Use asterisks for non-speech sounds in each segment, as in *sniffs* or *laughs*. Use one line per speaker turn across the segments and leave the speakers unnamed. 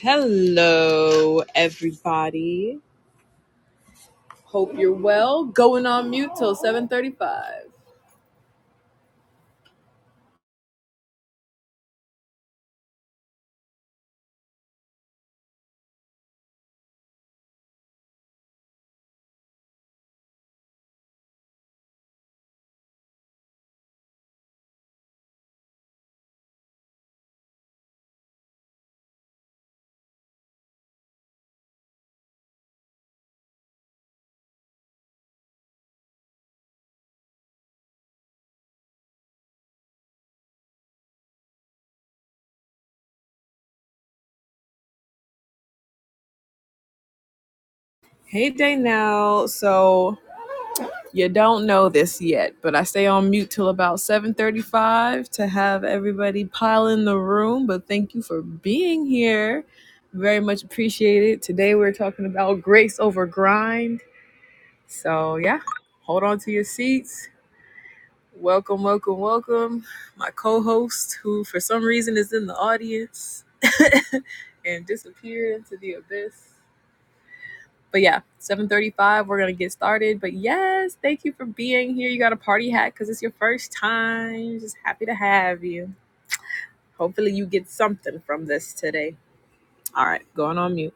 Hello, everybody. Hope you're well. Going on mute till 7:35. Hey, Daynell. So you don't know this yet, but I stay on mute till about 7:35 to have everybody pile in the room. But thank you for being here. Very much appreciated. Today we're talking about grace over grind. So yeah, hold on to your seats. Welcome, welcome, welcome. My co host, who for some reason is in the audience *laughs* and disappeared into the abyss. But yeah, 735, we're going to get started. But yes, thank you for being here. You got a party hat because it's your first time. Just happy to have you. Hopefully, you get something from this today. All right, going on mute.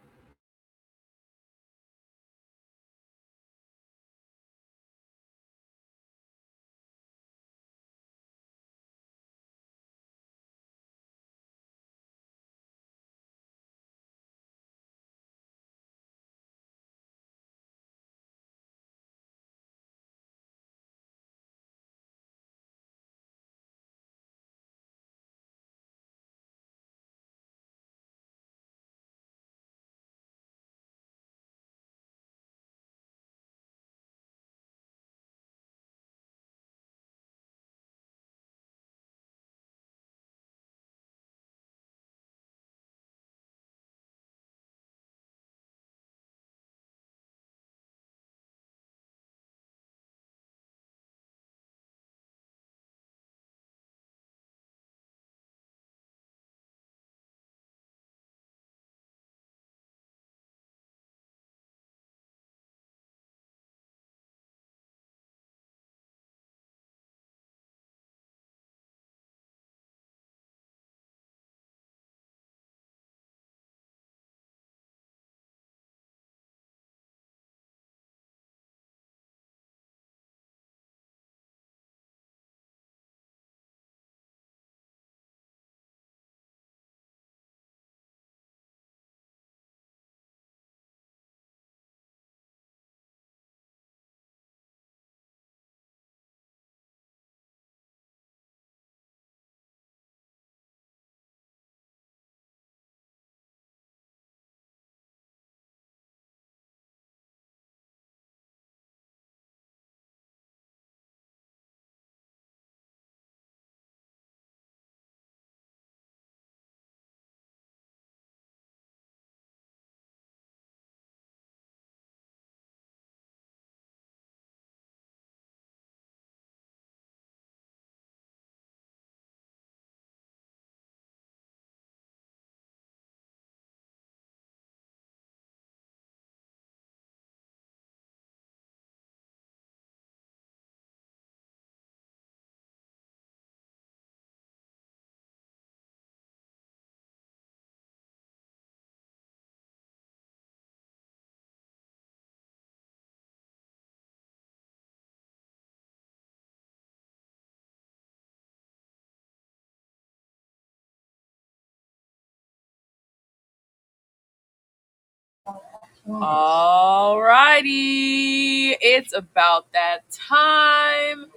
All righty. It's about that time.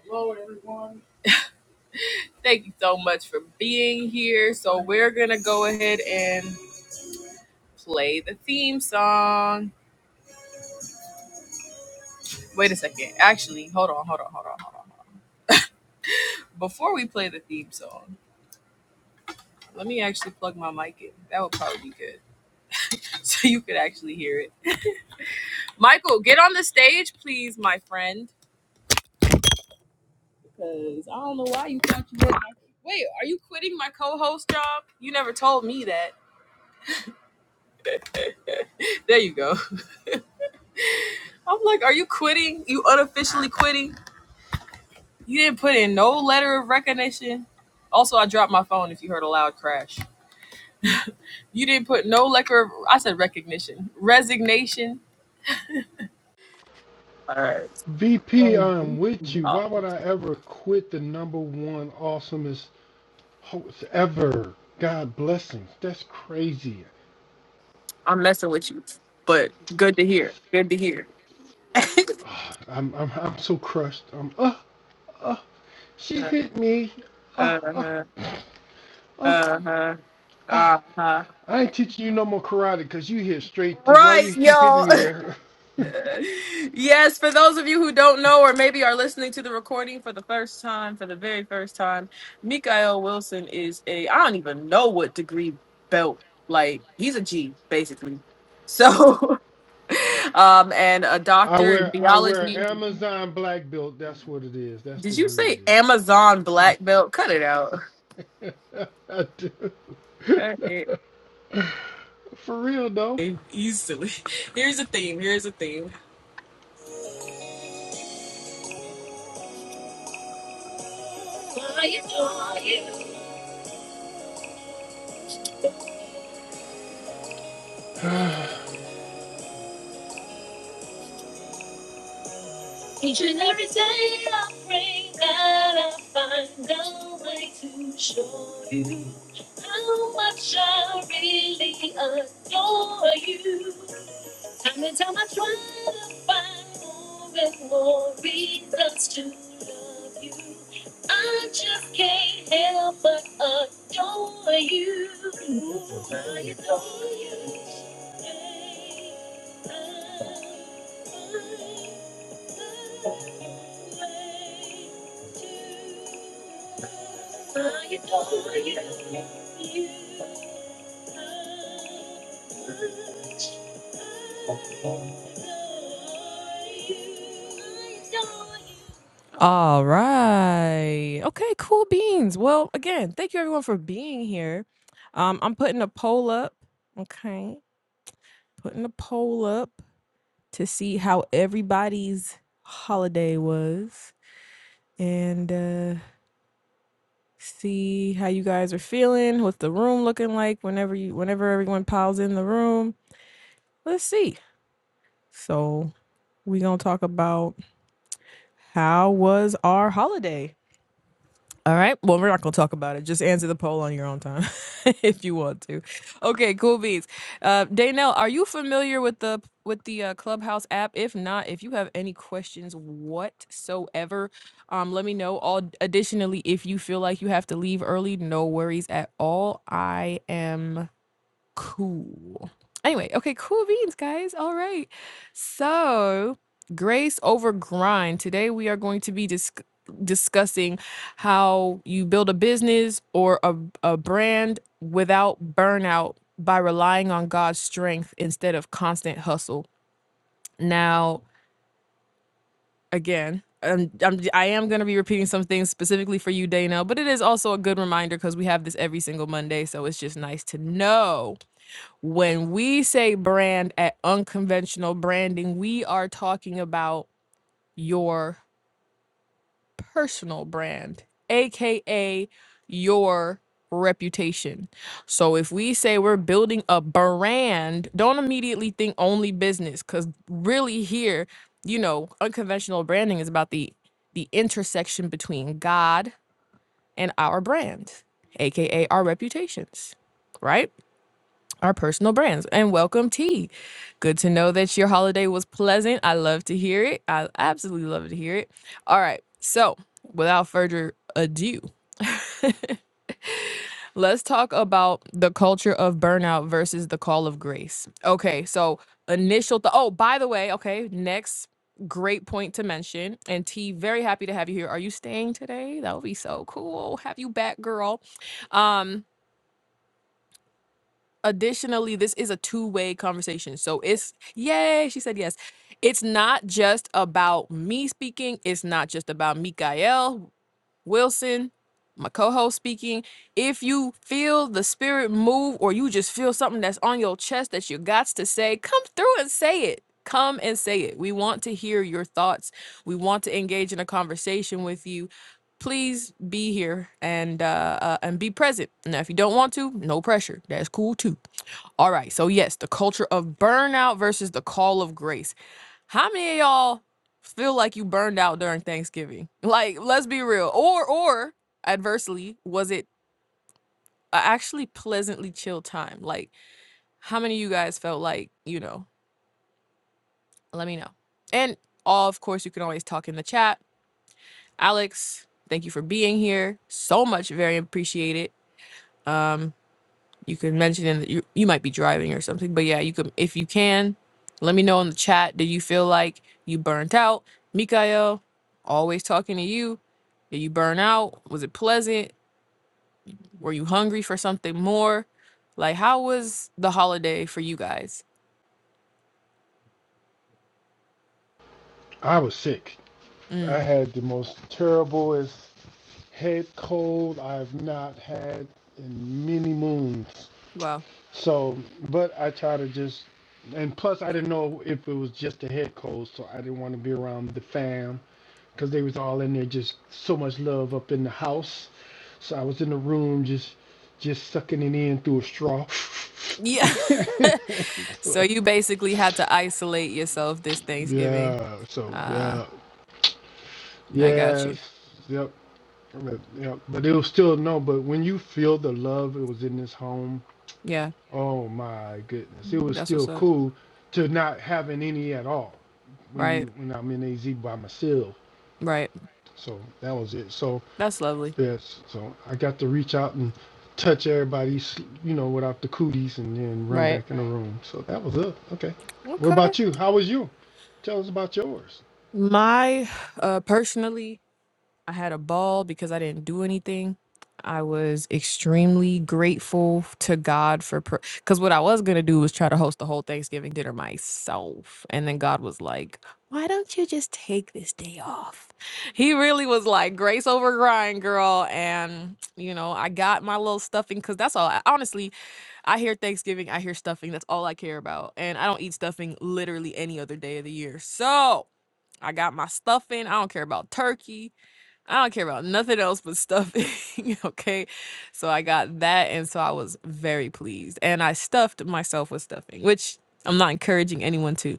Thank you so much for being here. So we're gonna go ahead and play the theme song. Wait a second. Actually, hold on, hold on, hold on, hold on. Before we play the theme song, let me actually plug my mic in. That would probably be good, *laughs* so you could actually hear it. Michael, get on the stage, please, my friend. Because I don't know why you thought you were. Wait, are you quitting my co-host job? You never told me that. There you go. *laughs* I'm like, are you quitting? You unofficially quitting? You didn't put in no letter of recognition. Also, I dropped my phone if you heard a loud crash. You didn't put no letter of, I said recognition, resignation. All right.
VP, I'm with you.
Oh,
Why would I ever quit the number one awesomest host ever? God blessings. That's crazy.
I'm messing with you, but good to hear. Good to hear. *laughs*
Ah, I'm I'm I'm so crushed. I'm uh uh. She hit me. Uh
Uh
uh
huh.
uh.
Uh huh.
uh.
Uh huh.
I ain't teaching you no more karate because you hit straight. Why
Right,
you keep hitting
y'all.
me
*laughs*
there? *laughs*
yes, for those of you who don't know or maybe are listening to the recording for the first time, for the very first time, Mikael Wilson is a I don't even know what degree belt. Like he's a G basically. So *laughs* um and a
I
doctor in
wear I wear
biology.
Amazon black belt. That's what it is. That's the
Did you
degree
say Amazon black belt? Cut it out.
it is. *laughs* I
Cut it
do. *laughs* For real though.
easily. Here's a theme. Here's a theme.
*sighs*
Each and every day I pray that I find a way to show you how much I really adore you. Time and time I try to find more and more reasons to love you. I just can't help but adore you. Ooh, I adore you. All right. Okay, cool beans. Well, again, thank you everyone for being here. Um, I'm putting a poll up. Okay. Putting a poll up to see how everybody's holiday was and uh, see how you guys are feeling, what's the room looking like whenever you whenever everyone piles in the room. Let's see. So we're gonna talk about how was our holiday? All right. Well, we're not going to talk about it. Just answer the poll on your own time *laughs* if you want to. Okay, cool beats. Uh Danelle, are you familiar with the with the uh, Clubhouse app? If not, if you have any questions whatsoever, um let me know. All additionally, if you feel like you have to leave early, no worries at all. I am Cool. Anyway, okay, cool beans, guys. All right. So, grace over grind. Today we are going to be dis- discussing how you build a business or a, a brand without burnout by relying on God's strength instead of constant hustle. Now, again, I'm, I'm, I am going to be repeating some things specifically for you, Dana, but it is also a good reminder because we have this every single Monday. So it's just nice to know when we say brand at unconventional branding, we are talking about your personal brand, aka your reputation. So if we say we're building a brand, don't immediately think only business cuz really here, you know, unconventional branding is about the the intersection between God and our brand, aka our reputations, right? our personal brands and welcome T. good to know that your holiday was pleasant i love to hear it i absolutely love to hear it all right so without further ado *laughs* let's talk about the culture of burnout versus the call of grace okay so initial th- oh by the way okay next great point to mention and t very happy to have you here are you staying today that would be so cool have you back girl um additionally this is a two-way conversation so it's yay she said yes it's not just about me speaking it's not just about mikael wilson my co-host speaking if you feel the spirit move or you just feel something that's on your chest that you got to say come through and say it come and say it we want to hear your thoughts we want to engage in a conversation with you please be here and uh, uh and be present now if you don't want to no pressure that's cool too all right. So, yes, the culture of burnout versus the call of grace. How many of y'all feel like you burned out during Thanksgiving? *laughs* Like, let's be real. Or, or adversely, was it a actually pleasantly chill time? Like, how many of you guys felt like, you know, let me know. And all, of course, you can always talk in the chat. Alex, thank you for being here. So much, very appreciated. Um. you could mention in the, you, you might be driving or something but yeah you could if you can let me know in the chat did you feel like you burnt out mikael always talking to you did you burn out was it pleasant were you hungry for something more like how was the holiday for you guys
I was sick. I
mm,
had the most terriblest head cold I've not had in many moons.
wow
So, but I try to just, and plus I didn't know if it was just a head cold, so I didn't want to be around the fam because they was all in there just so much love up in the house. So I was in the room just, just sucking it in through a straw.
yeah *laughs* so you
*laughs*
basically had to isolate yourself this thanksgiving
yeah. So
uh
yeah.
i got you
Yes. Yep. But, yeah, but it was still no. But when you feel the love, it was in this home.
yeah
Oh my goodness, it was
that's what's
still
up
cool to not having any at all when
right
you when I'm in AZ by myself.
right
So that was it. So
that's lovely
yes, so I got to reach out and touch everybody's, you know, without the cooties, and then run
right
back in the room. So that was it. Okay. What
okay
about you? How was you? Tell us about yours.
My uh personally, I had a ball because I didn't do anything. I was extremely grateful to God for because what I was gonna do was try to host the whole Thanksgiving dinner myself, and then God was like, "Why don't you just take this day off?" He really was like, "Grace over grind, girl," and you know, I got my little stuffing because that's all. I, honestly, I hear Thanksgiving, I hear stuffing. That's all I care about. And I don't eat stuffing literally any other day of the year. So I got my stuffing. I don't care about turkey. I don't care about nothing else but stuffing. *laughs* okay. So I got that. And so I was very pleased. And I stuffed myself with stuffing, which I'm not encouraging anyone to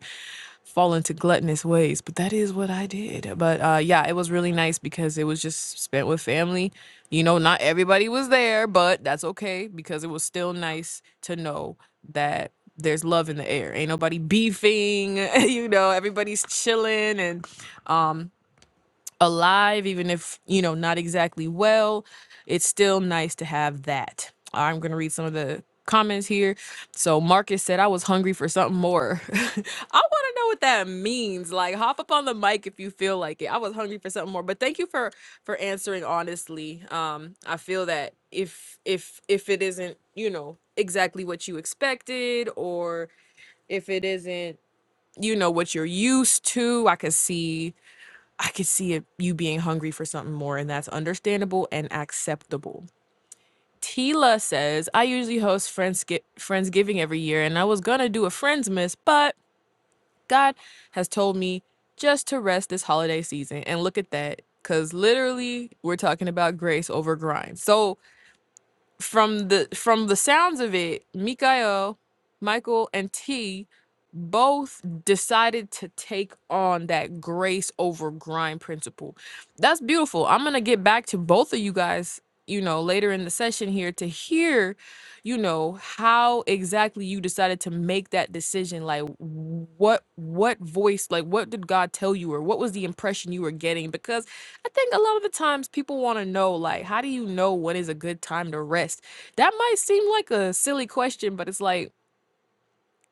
fall into gluttonous ways, but that is what I did. But uh, yeah, it was really nice because it was just spent with family. You know, not everybody was there, but that's okay because it was still nice to know that there's love in the air. Ain't nobody beefing, *laughs* you know, everybody's chilling and um alive, even if, you know, not exactly well, it's still nice to have that. I'm going to read some of the comments here. So Marcus said, I was hungry for something more. *laughs* I want to know what that means. Like hop up on the mic if you feel like it. I was hungry for something more, but thank you for, for answering honestly. Um, I feel that if, if, if it isn't, you know, exactly what you expected or if it isn't, you know, what you're used to, I can see I could see it, you being hungry for something more, and that's understandable and acceptable. Tila says, I usually host Friends Friendsgiving every year, and I was gonna do a Friends Miss, but God has told me just to rest this holiday season. And look at that, because literally, we're talking about grace over grind. So, from the from the sounds of it, Mikael, Michael, and T both decided to take on that grace over grind principle. That's beautiful. I'm gonna get back to both of you guys, you know, later in the session here to hear, you know, how exactly you decided to make that decision. Like what what voice, like what did God tell you or what was the impression you were getting? Because I think a lot of the times people want to know, like, how do you know when is a good time to rest? That might seem like a silly question, but it's like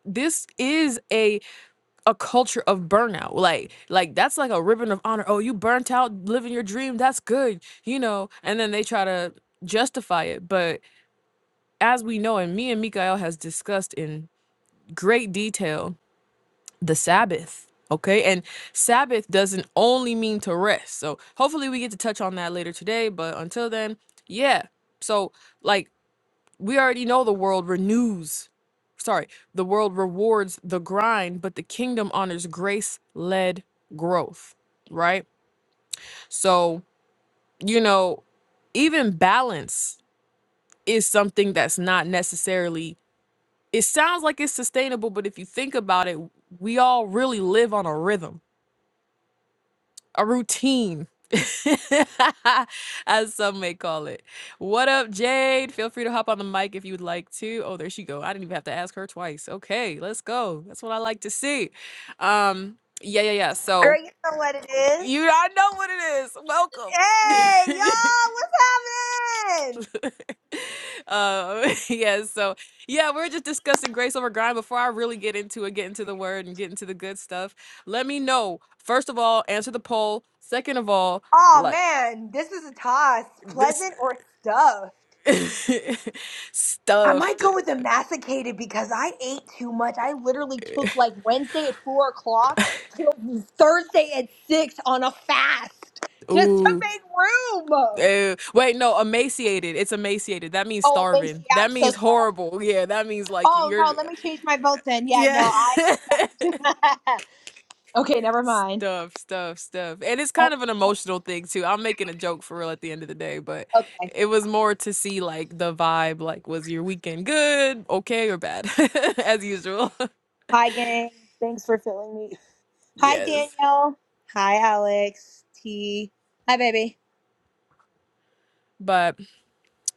this is a a culture of burnout. Like, like that's like a ribbon of honor. Oh, you burnt out living your dream. That's good, you know. And then they try to justify it, but as we know, and me and Mikael has discussed in great detail, the Sabbath. Okay. And Sabbath doesn't only mean to rest. So hopefully we get to touch on that later today. But until then, yeah. So, like, we already know the world renews. Sorry, the world rewards the grind, but the kingdom honors grace led growth. Right. So, you know, even balance is something that's not necessarily, it sounds like it's sustainable, but if you think about it, we all really live on a rhythm a routine, *laughs* as some may call it. What up, Jade? Feel free to hop on the mic if you would like to. Oh, there she go. I didn't even have to ask her twice. Okay, let's go. That's what I like to see. Um, yeah, yeah, yeah.
Girl,
So
you know what it is.
you I know what
Hey,
it
y'all, what's happening?
is. Welcome. *laughs* uh, *laughs* yeah, so yeah, we're just discussing grace over grind. Before I really get into it, get into the word and get into the good stuff, let me know. First of all, answer the poll. Second of all,
Oh
like
man, this is a toss.
this.
Pleasant or stuffed?
*laughs*
I might
Stuffed.
go with the masticated because I ate too much. I literally took like Wednesday at four o'clock till Thursday at six on a fast just to
Ooh.
make room. Oh,
Uh, wait, no, emaciated. It's emaciated. That means
and
starving.
Macy,
That
I'm so
means
sorry.
horrible. Yeah, that means like
Oh
you're,
no, let me change my vote then. Yeah,
yeah.
no,
*laughs*
I stuffed. *laughs* okay, never mind.
stuff, stuff, stuff. And it's kind
Oh,
of an emotional thing too. I'm making a joke for real at the end of the day, but
okay.
it was more to see like the vibe. Like, was your weekend good, okay, or bad, *laughs* as usual? *laughs*
Hi, gang. Thanks for filling me. Hi,
yes.
Danielle. Hi, Alex. T. Hi, baby.
But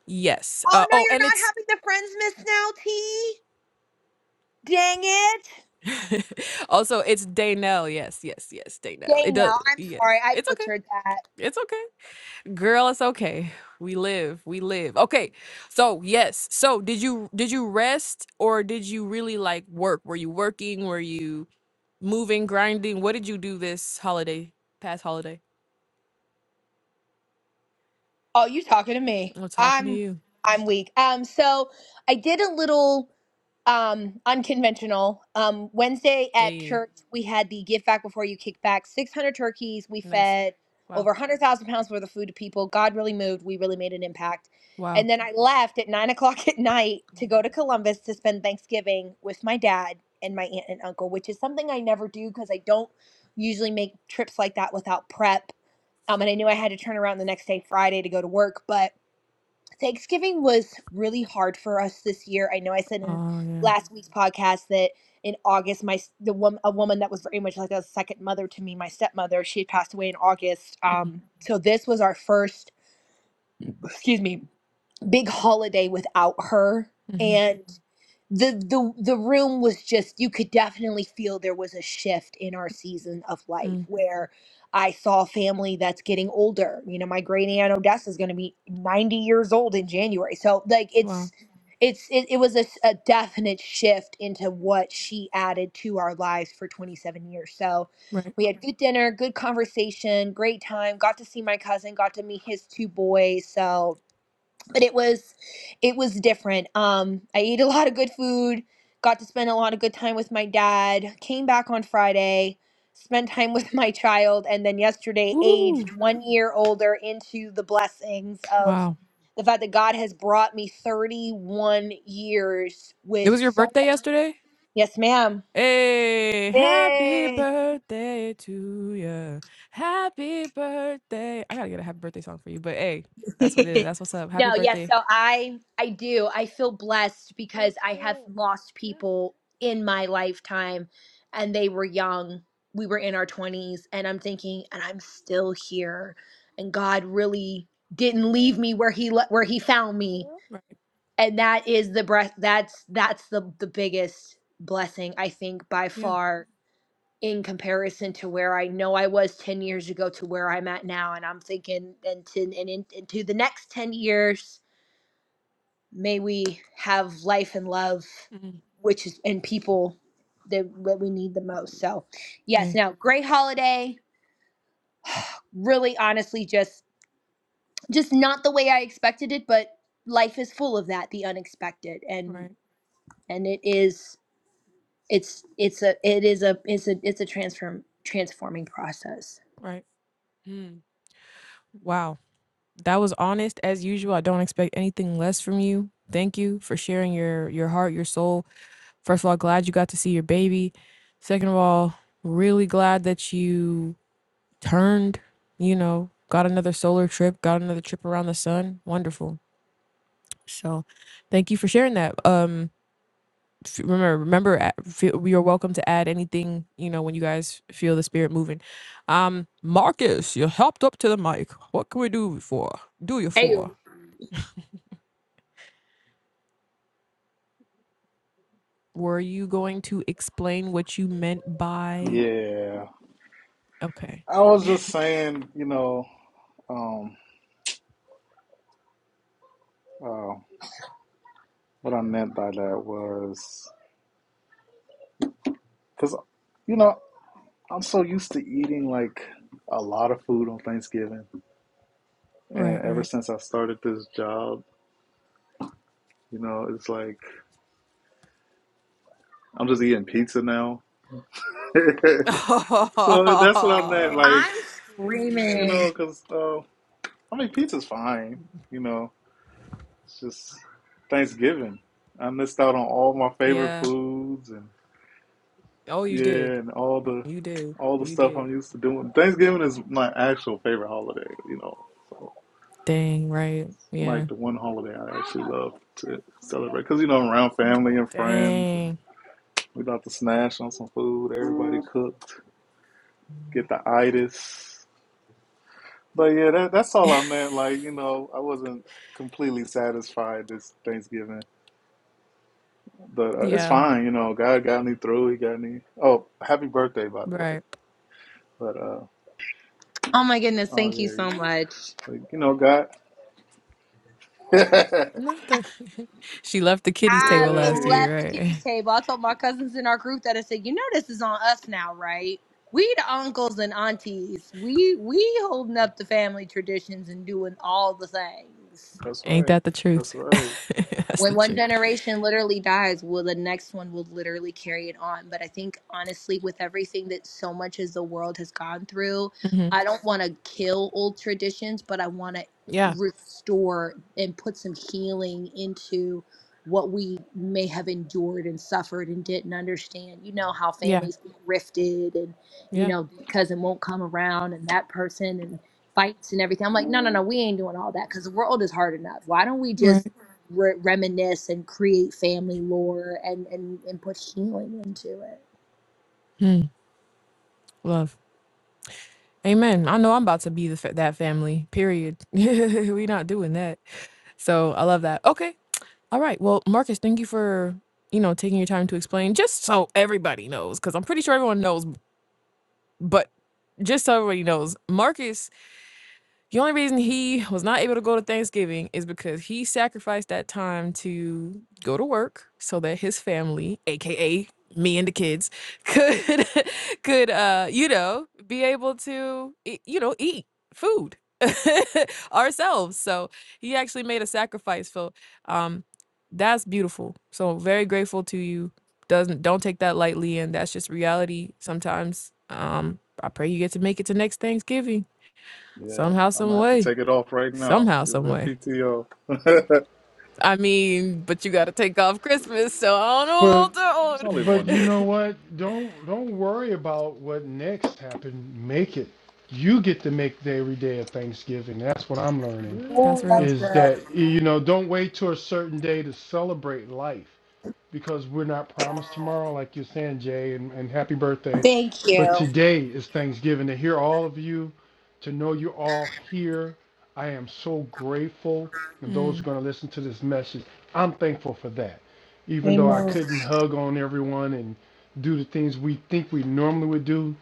yes. Uh,
Oh, no,
oh,
you're
and it's
not having the Friends Miss now, T. Dang it.
*laughs* also, it's Daynell. Yes, yes, yes, Daynell. It does.
Danielle, I'm sorry.
Yes,
I
it's okay.
butchered that.
It's okay, girl. It's okay. We live. We live. Okay. So yes. So did you did you rest or did you really like work? Were you working? Were you moving, grinding? What did you do this holiday? Past holiday.
Oh, you talking to me.
I'm talking to
I'm
you.
I'm weak. Um, so I did a little um unconventional um wednesday
Yeah.
at
yeah, yeah.
church we had the give back before you kick back 600 turkeys we
Nice.
fed
Wow.
over 100000 pounds worth of food to people god really moved we really made an impact
Wow.
and then i left at nine o'clock at night to go to columbus to spend thanksgiving with my dad and my aunt and uncle which is something i never do because i don't usually make trips like that without prep um and i knew i had to turn around the next day friday to go to work but Thanksgiving was really hard for us this year. I know I said in
Oh yeah.
last week's podcast that in August, my s- the woman a woman that was very much like a second mother to me, my stepmother, she had passed away in August. Um, so this was our first, excuse me, big holiday without her
Mm-hmm.
and the the the room was just you could definitely feel there was a shift in our season of life
Mm.
where I saw family that's getting older. You know, my great aunt Odessa is going to be 90 years old in January. So like
Wow.
it's it's it, it was a, s- a definite shift into what she added to our lives for 27 years. So
Right.
we had good dinner, good conversation, great time. Got to see my cousin, got to meet his two boys. So but it was it was different um i ate a *laughs* lot of good food got to spend a lot of good time with my dad came back on friday spent time *laughs* with my child and then yesterday
Woo.
aged one year older into the blessings of
Wow.
the fact that god has brought me 31 years
It
with
was your
so
birthday
much
yesterday.
yes ma'am
Hey, happy
Yay.
birthday to you. Happy birthday. I gotta get a happy birthday song for you, but hey,
*laughs*
that's what it is. That's what's up. Happy
no, yes.
birthday.
So I I do. I feel blessed because I have lost people in my lifetime and they were young. We were in our 20s and I'm thinking and I'm still here and God really didn't leave me where he le- where he found me.
Right.
And that is the breath that's that's the the biggest blessing I think by
Yeah.
far in comparison to where I know I was 10 years ago to where I'm at now. And I'm thinking, and to, and in, into the next 10 years, may we have life and love,
Mm.
which is, and people that, that we need the most. So, yes,
Hey.
now, great holiday. Really, honestly, just, just not the way I expected it, but life is full of that, the unexpected. And,
Right.
and it is, it's, it's a, it is a, it's a, it's a transform, transforming process.
Right. Mm. Wow. That was honest as usual. I don't expect anything less from you. Thank you for sharing your your heart, your soul. First of all, glad you got to see your baby. Second of all, really glad that you turned, you know, got another solar trip, got another trip around the sun. Wonderful. So, thank you for sharing that. Um, f- remember, remember, a- feel, you're welcome to add anything, you know, when you guys feel the spirit moving. Um, Marcus, you helped up to the mic. What can we do for? Do you
Ayo.
for? Were you going to explain what you meant by?
Yeah.
Okay.
I was just saying, you know, um, uh, what I meant by that was because, you know, I'm so used to eating like a lot of food on Thanksgiving.
Right,
And ever
right.
since I started this job, you know, it's like I'm just eating pizza now. *laughs* so that's what I meant.
*laughs*
Like,
I'm
you
screaming.
know, because, uh, I mean, pizza's fine, you know, it's just Thanksgiving. I missed out on all my favorite
yeah.
foods and
Oh, you did.
yeah, and all the
You did.
all the
You
stuff
did.
I'm used to doing. Thanksgiving is my actual favorite holiday, you know. So
Dang, right. Yeah.
like the one holiday I actually love to celebrate because you know I'm around family and friends, and
Dang.
we about to snash on some food. Everybody cooked, get the itis. But yeah, that, that's
*laughs*
all I meant. Like you know, I wasn't completely satisfied this Thanksgiving, but uh, it's
Yeah,
fine. You know, God got me through. He got me. Oh, happy birthday, by the way.
right.
But uh,
Oh my goodness,
oh
thank you
yeah,
so
Well,
much.
like you know, God. *laughs* hey,
Not the *laughs* she left the kiddies table
I've
last year,
left the kitty's
right?
table. I told my cousins in our group that I said, you know this is on us now, right? We the uncles and aunties. We we holding up the family traditions and doing all the things.
*laughs*
that's
Ain't
right.
that the truth?
That's
*laughs*
right.
That's the
when one
truth.
generation literally dies well, the next one will literally carry it on but i think honestly with everything that so much as the world has gone through
hmm
i don't want to kill old traditions but i want to
Yeah,
restore and put some healing into what we may have endured and suffered and didn't understand you know how
yeah,
families get rifted and you
yeah.
know this cousin won't come around and that person and fights and everything i'm like no no no we ain't doing all that because the world is hard enough why don't we just
Right.
re- reminisce and create family lore and, and, and put healing into it.
Mm, love. Amen. I know I'm about to be the fa- that family. Period. *laughs* we not doing that. So I love that. Okay. All right. Well, Marcus, thank you for you know taking your time to explain. Just so everybody knows, because I'm pretty sure everyone knows. But just so everybody knows, Marcus the only reason he was not able to go to Thanksgiving is because he sacrificed that time to go to work so that his family, aka me and the kids, could *laughs* could uh, you know, be able to e- you know, eat food *laughs* ourselves. So he actually made a sacrifice. So um that's beautiful. So very grateful to you. Doesn't don't take that lightly and that's just reality sometimes. Um I pray you get to make it to next Thanksgiving
Yeah,
somehow,
I'm
some
gonna have to
way.
take it off right now.
Somehow,
Give
some
that
way.
PTO. *laughs*
I mean, but you got to take off Christmas, so I don't know
But
about that
it's
one.
only
But
one
you
day.
know what? Don't don't worry about what next happened. Make it. You get to make the every day of Thanksgiving. That's what I'm learning.
That's
Yeah.
Oh,
real.
that's
Is
good.
that you know, don't wait till a certain day to celebrate life because we're not promised tomorrow, like you're saying, Jay, and, and happy birthday.
Thank
But
you.
today is Thanksgiving. To hear all of you, to know you're all here, I am so grateful. And those who are
Mm,
going to listen to this message, I'm thankful for that. Even though I
Amen.
couldn't hug on everyone and do the things we think we normally would do,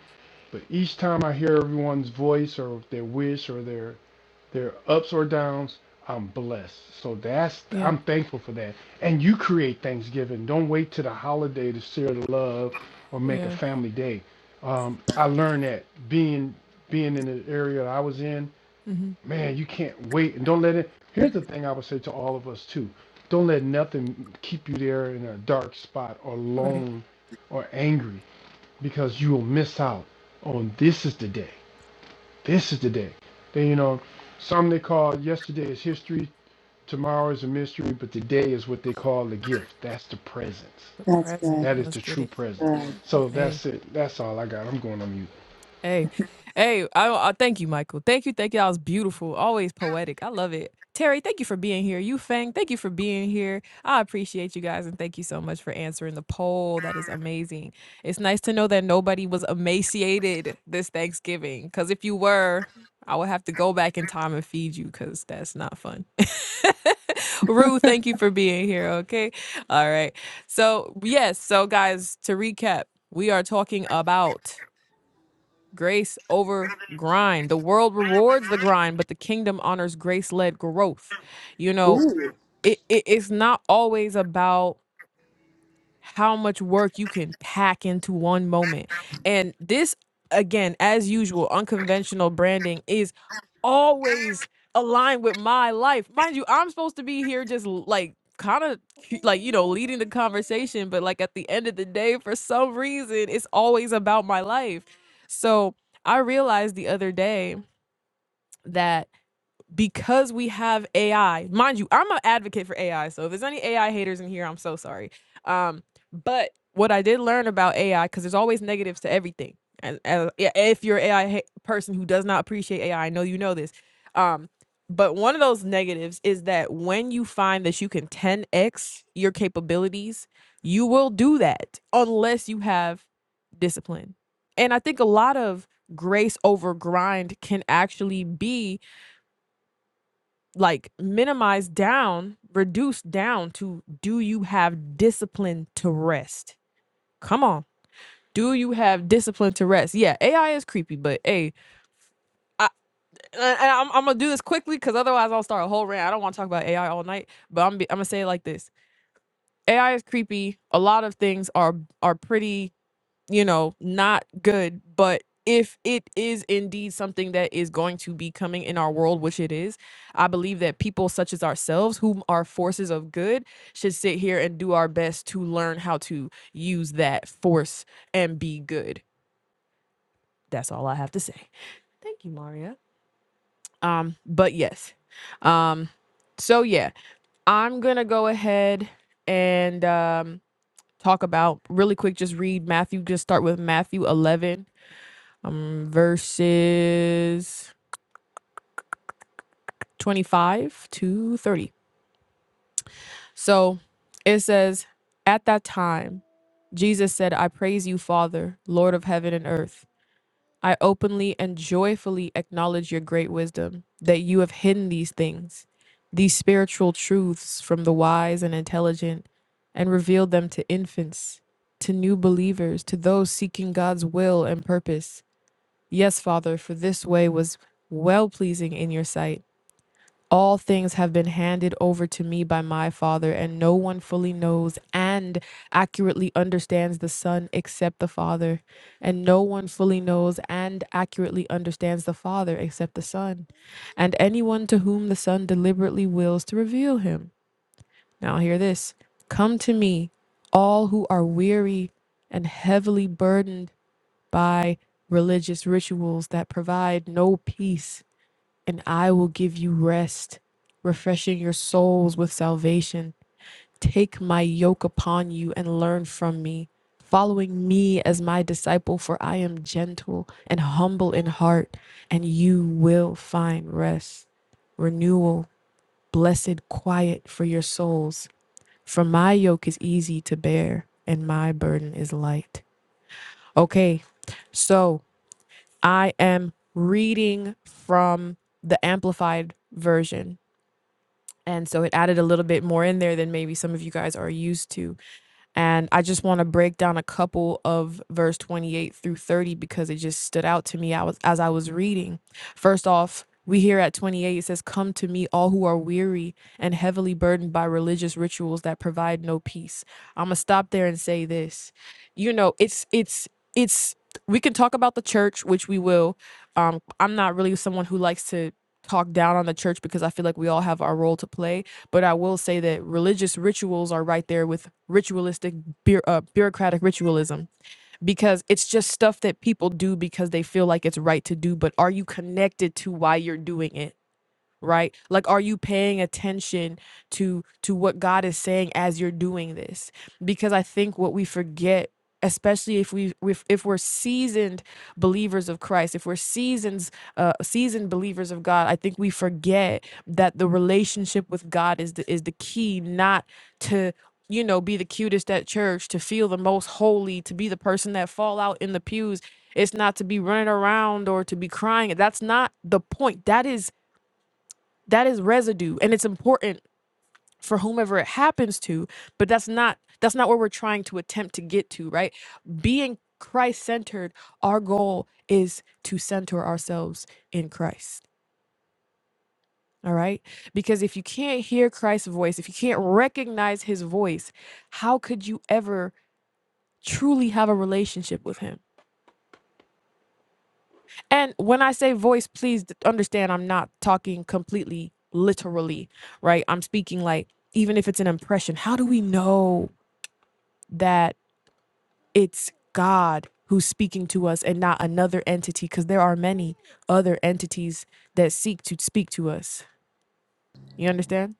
but each time I hear everyone's voice or their wish or their their ups or downs. I'm blessed. So that's
yeah,
I'm thankful for that. And you create Thanksgiving. Don't wait to the holiday to share the love or make a
yeah.
family day. Um, I learned that being being in the area I was in,
hmm
man, you can't wait and don't let it here's the thing I would say to all of us too. Don't let nothing keep you there in a dark spot or
Right.
alone or angry because you will miss out on this is the day. This is the day. Then you know, some they call yesterday is history, tomorrow is a mystery, but today is what they call the gift. That's the presence.
The
That
present.
is
Let's
the
get
true
it.
present. So
Hey.
that's it. That's all I got. I'm going on mute.
Hey, hey, I, I thank you, Michael. Thank you, thank you. That was beautiful, always poetic. I love it. Terry, thank you for being here. You Fang, thank you for being here. I appreciate you guys and thank you so much for answering the poll. That is amazing. It's nice to know that nobody was emaciated this Thanksgiving. Cause if you were, I would have to go back in time and feed you because that's not fun. *laughs* Rue, thank you for being here. Okay. All right. So, yes. So, guys, to recap, we are talking about grace over grind. The world rewards the grind, but the kingdom honors grace led growth. You know,
Ooh.
it, it, it's not always about how much work you can pack into one moment. And this, again, as usual, unconventional branding is always aligned with my life. Mind you, I'm supposed to be here just l- like kind of like, you know, leading the conversation, but like at the end of the day, for some reason, it's always about my life. So I realized the other day that because we have AI, mind you, I'm an advocate for AI. So if there's any AI haters in here, I'm so sorry. Um, but what I did learn about AI, because there's always negatives to everything. And, and yeah, if you're an AI ha- person who does not appreciate AI, I I know you know this. Um, but one of those negatives is that when you find that you can 10x your capabilities, you will do that unless you have discipline. And I think a lot of grace over grind can actually be like minimize down, reduce down to do you have discipline to rest? Come on. Do you have discipline to rest? Yeah, AI is creepy, but hey, I, I'm, I'm gonna do this quickly because otherwise I'll start a whole rant. I don't want to talk about AI all night, but I'm, I'm gonna say it like this: AI is creepy. A lot of things are are pretty you know, not good. But if it is indeed something that is going to be coming in our world, which it is, I believe that people such as ourselves, whom are forces of good, should sit here and do our best to learn how to use that force and be good. That's all I have to say. Thank you, Maria. Um, but yes. Um, so yeah, I'm gonna go ahead and um talk about really quick, just read Matthew, just start with Matthew 11 um, verses 25 to 30. So it says, At that time, Jesus said, I praise you, Father, Lord of heaven and earth. I openly and joyfully acknowledge your great wisdom, that you have hidden these things, these spiritual truths from the wise and intelligent, and revealed them to infants, to new believers, to those seeking God's will and purpose. Yes, Father, for this way was well pleasing in your sight. All things have been handed over to me by my Father, and no one fully knows and accurately understands the Son except the Father. And no one fully knows and accurately understands the Father except the Son, and anyone to whom the Son deliberately wills to reveal him. Now, hear this Come to me, all who are weary and heavily burdened by religious rituals that provide no peace and I will give you rest, refreshing your souls with salvation. Take my yoke upon you and learn from me, following me as my disciple, for I am gentle and humble in heart, and you will find rest, renewal, blessed quiet for your souls. For my yoke is easy to bear, and my burden is light. Okay, so I am reading from the Amplified Version And so it added a little bit more in there than maybe some of you guys are used to. And I just want to break down a couple of verse 28 through 30 because it just stood out to me I was, as I was reading. First off, we hear at 28, it says, Come to me, all who are weary and heavily burdened by religious rituals that provide no peace. I'm going to stop there and say this. You know, it's, it's, it's, we can talk about the church, which we will. Um, I'm not really someone who likes to talk down on the church because I feel like we all have our role to play but I will say that religious rituals are right there with ritualistic, bu- uh, bureaucratic ritualism because it's just stuff that people do because they feel like it's right to do. But are you connected to why you're doing it? right like are you paying attention to to what god is saying as you're doing this because i think what we forget especially if we if, if we're seasoned believers of christ if we're seasons uh seasoned believers of god i think we forget that the relationship with god is the is the key not to you know be the cutest at church to feel the most holy to be the person that fall out in the pews it's not to be running around or to be crying that's not the point that is that is residue and it's important for whomever it happens to but that's not that's not where we're trying to attempt to get to right being christ centered our goal is to center ourselves in christ all right because if you can't hear christ's voice if you can't recognize his voice how could you ever truly have a relationship with him And when I say voice, please understand I'm not talking completely literally, right? I'm speaking like, even if it's an impression, how do we know that it's God who's speaking to us and not another entity? Because there are many other entities that seek to speak to us. You understand?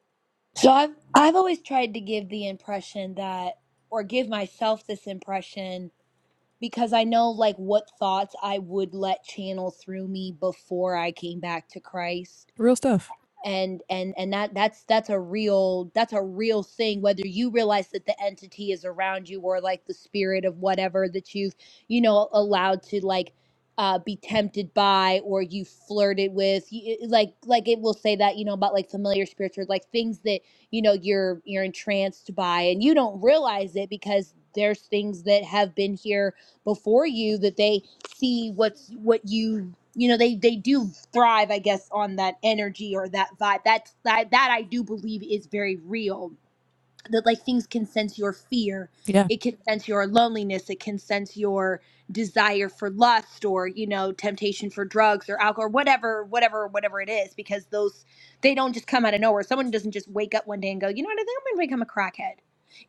So I've I've always tried to give the impression that or give myself this impression because I know like what thoughts I would let channel through me before I came back to Christ
Real stuff.
and and and that that's that's a real that's a real thing whether you realize that the entity is around you or like the spirit of whatever that you've you know allowed to like uh be tempted by or you flirted with y- y- like like it will say that you know about like familiar spirits or like things that you know you're you're entranced by and you don't realize it because there's things that have been here before you that they see what's what you you know they they do thrive i guess on that energy or that vibe that's that that i do believe is very real that like things can sense your fear
Yeah.
it can sense your loneliness it can sense your desire for lust or you know temptation for drugs or alcohol whatever whatever whatever it is because those they don't just come out of nowhere someone doesn't just wake up one day and go you know what i think i'm gonna become a crackhead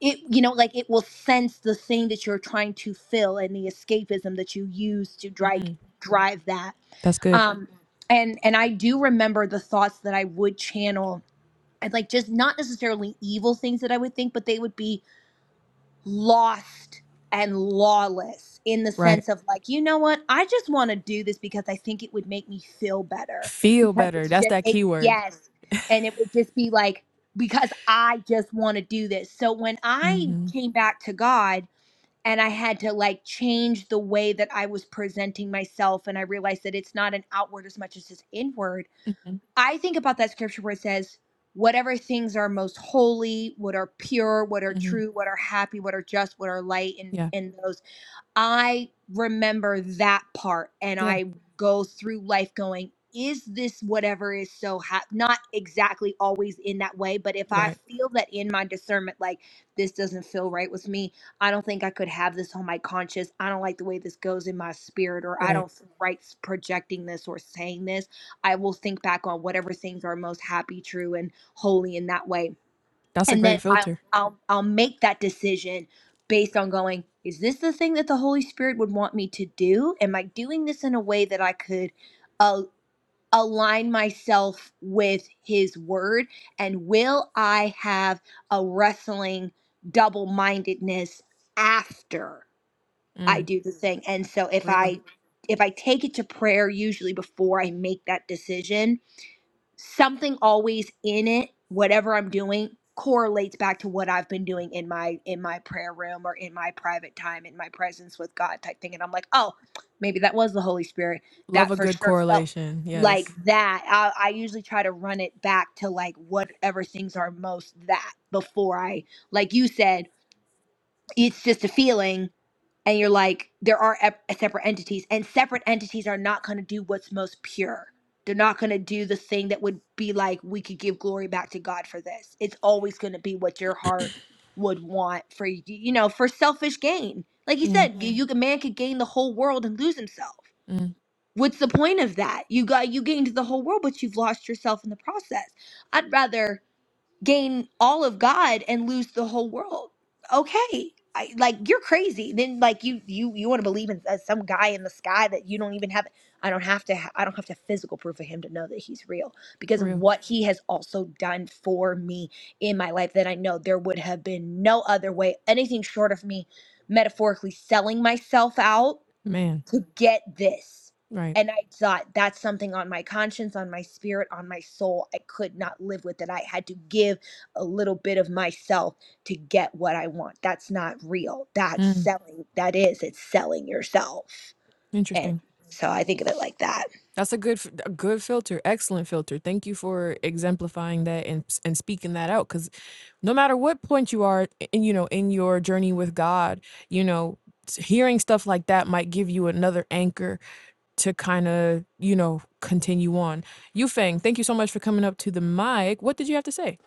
it you know like it will sense the thing that you're trying to fill and the escapism that you use to drive
Mm,
drive that
that's good.
um and and i do remember the thoughts that i would channel and like just not necessarily evil things that I would think, but they would be lost and lawless in the
Right.
sense of like, you know what? I just want to do this because I think it would make me feel better
Feel
because
better.
it's
That's
just
that
it,
key word.
yes, and it would just be like because I just want to do this. So when I
Mm-hmm.
came back to God and I had to like change the way that I was presenting myself and I realized that it's not an outward as much as it's inward
Mm-hmm.
I think about that scripture where it says, whatever things are most holy, what are pure, what are
Mm-hmm.
true, what are happy, what are just, what are light, and,
Yeah.
and those. I remember that part and
Yeah.
I go through life going, is this whatever is so hap Not exactly always in that way, but if I
Right.
feel that in my discernment, like this doesn't feel right with me, I don't think I could have this on my conscience. I don't like the way this goes in my spirit, or I
Right.
don't feel right s- projecting this or saying this. I will think back on whatever things are most happy, true, and holy in that way
That's a
and
great
then I'll
filter.
I'll I'll make that decision based on going is this the thing that the Holy Spirit would want me to do? Am I doing this in a way that I could uh, align myself with His Word? And will I have a wrestling double mindedness after I
Mm.
do the thing? And so if
Real.
I if I take it to prayer usually before I make that decision, something always in it whatever i'm doing correlates back to what i've been doing in my in my prayer room or in my private time in my presence with god type thing and i'm like oh maybe that was the holy spirit
Love
that
a
for
good
sure felt
correlation.
like
Yes.
that I, I usually try to run it back to like whatever things are most that before i like you said it's just a feeling and you're like there are ep- separate entities and separate entities are not going to do what's most pure they're not going to do the thing that would be like we could give glory back to god for this it's always going to be what your heart would want for y- you know for selfish gain like you
Mm,
said you, you a man could gain the whole world and lose himself
mm,
what's the point of that you got you gained the whole world but you've lost yourself in the process i'd rather gain all of God and lose the whole world. Okay. I, like you're crazy. Then like you you you want to believe in uh, some guy in the sky that you don't even have. I don't have to. ha- I don't have to physical proof of him to know that he's real because of
real
what he has also done for me in my life. That I know there would have been no other way. Anything short of me metaphorically selling myself out
man.
to get this.
Right.
And I thought that's something on my conscience, on my spirit, on my soul. I could not live with it. I had to give a little bit of myself to get what I want. That's not real. That's
Mm,
selling. That is, it's selling yourself. And
interesting.
so I think of it like that.
That's a good, f- a good filter. Excellent filter. Thank you for exemplifying that and s- and speaking that out. Because no matter what point you are, i- in, you know, in your journey with God, you know, s- hearing stuff like that might give you another anchor to kind of, you know, continue on. Yufeng, thank you so much for coming up to the mic. What did you have to say?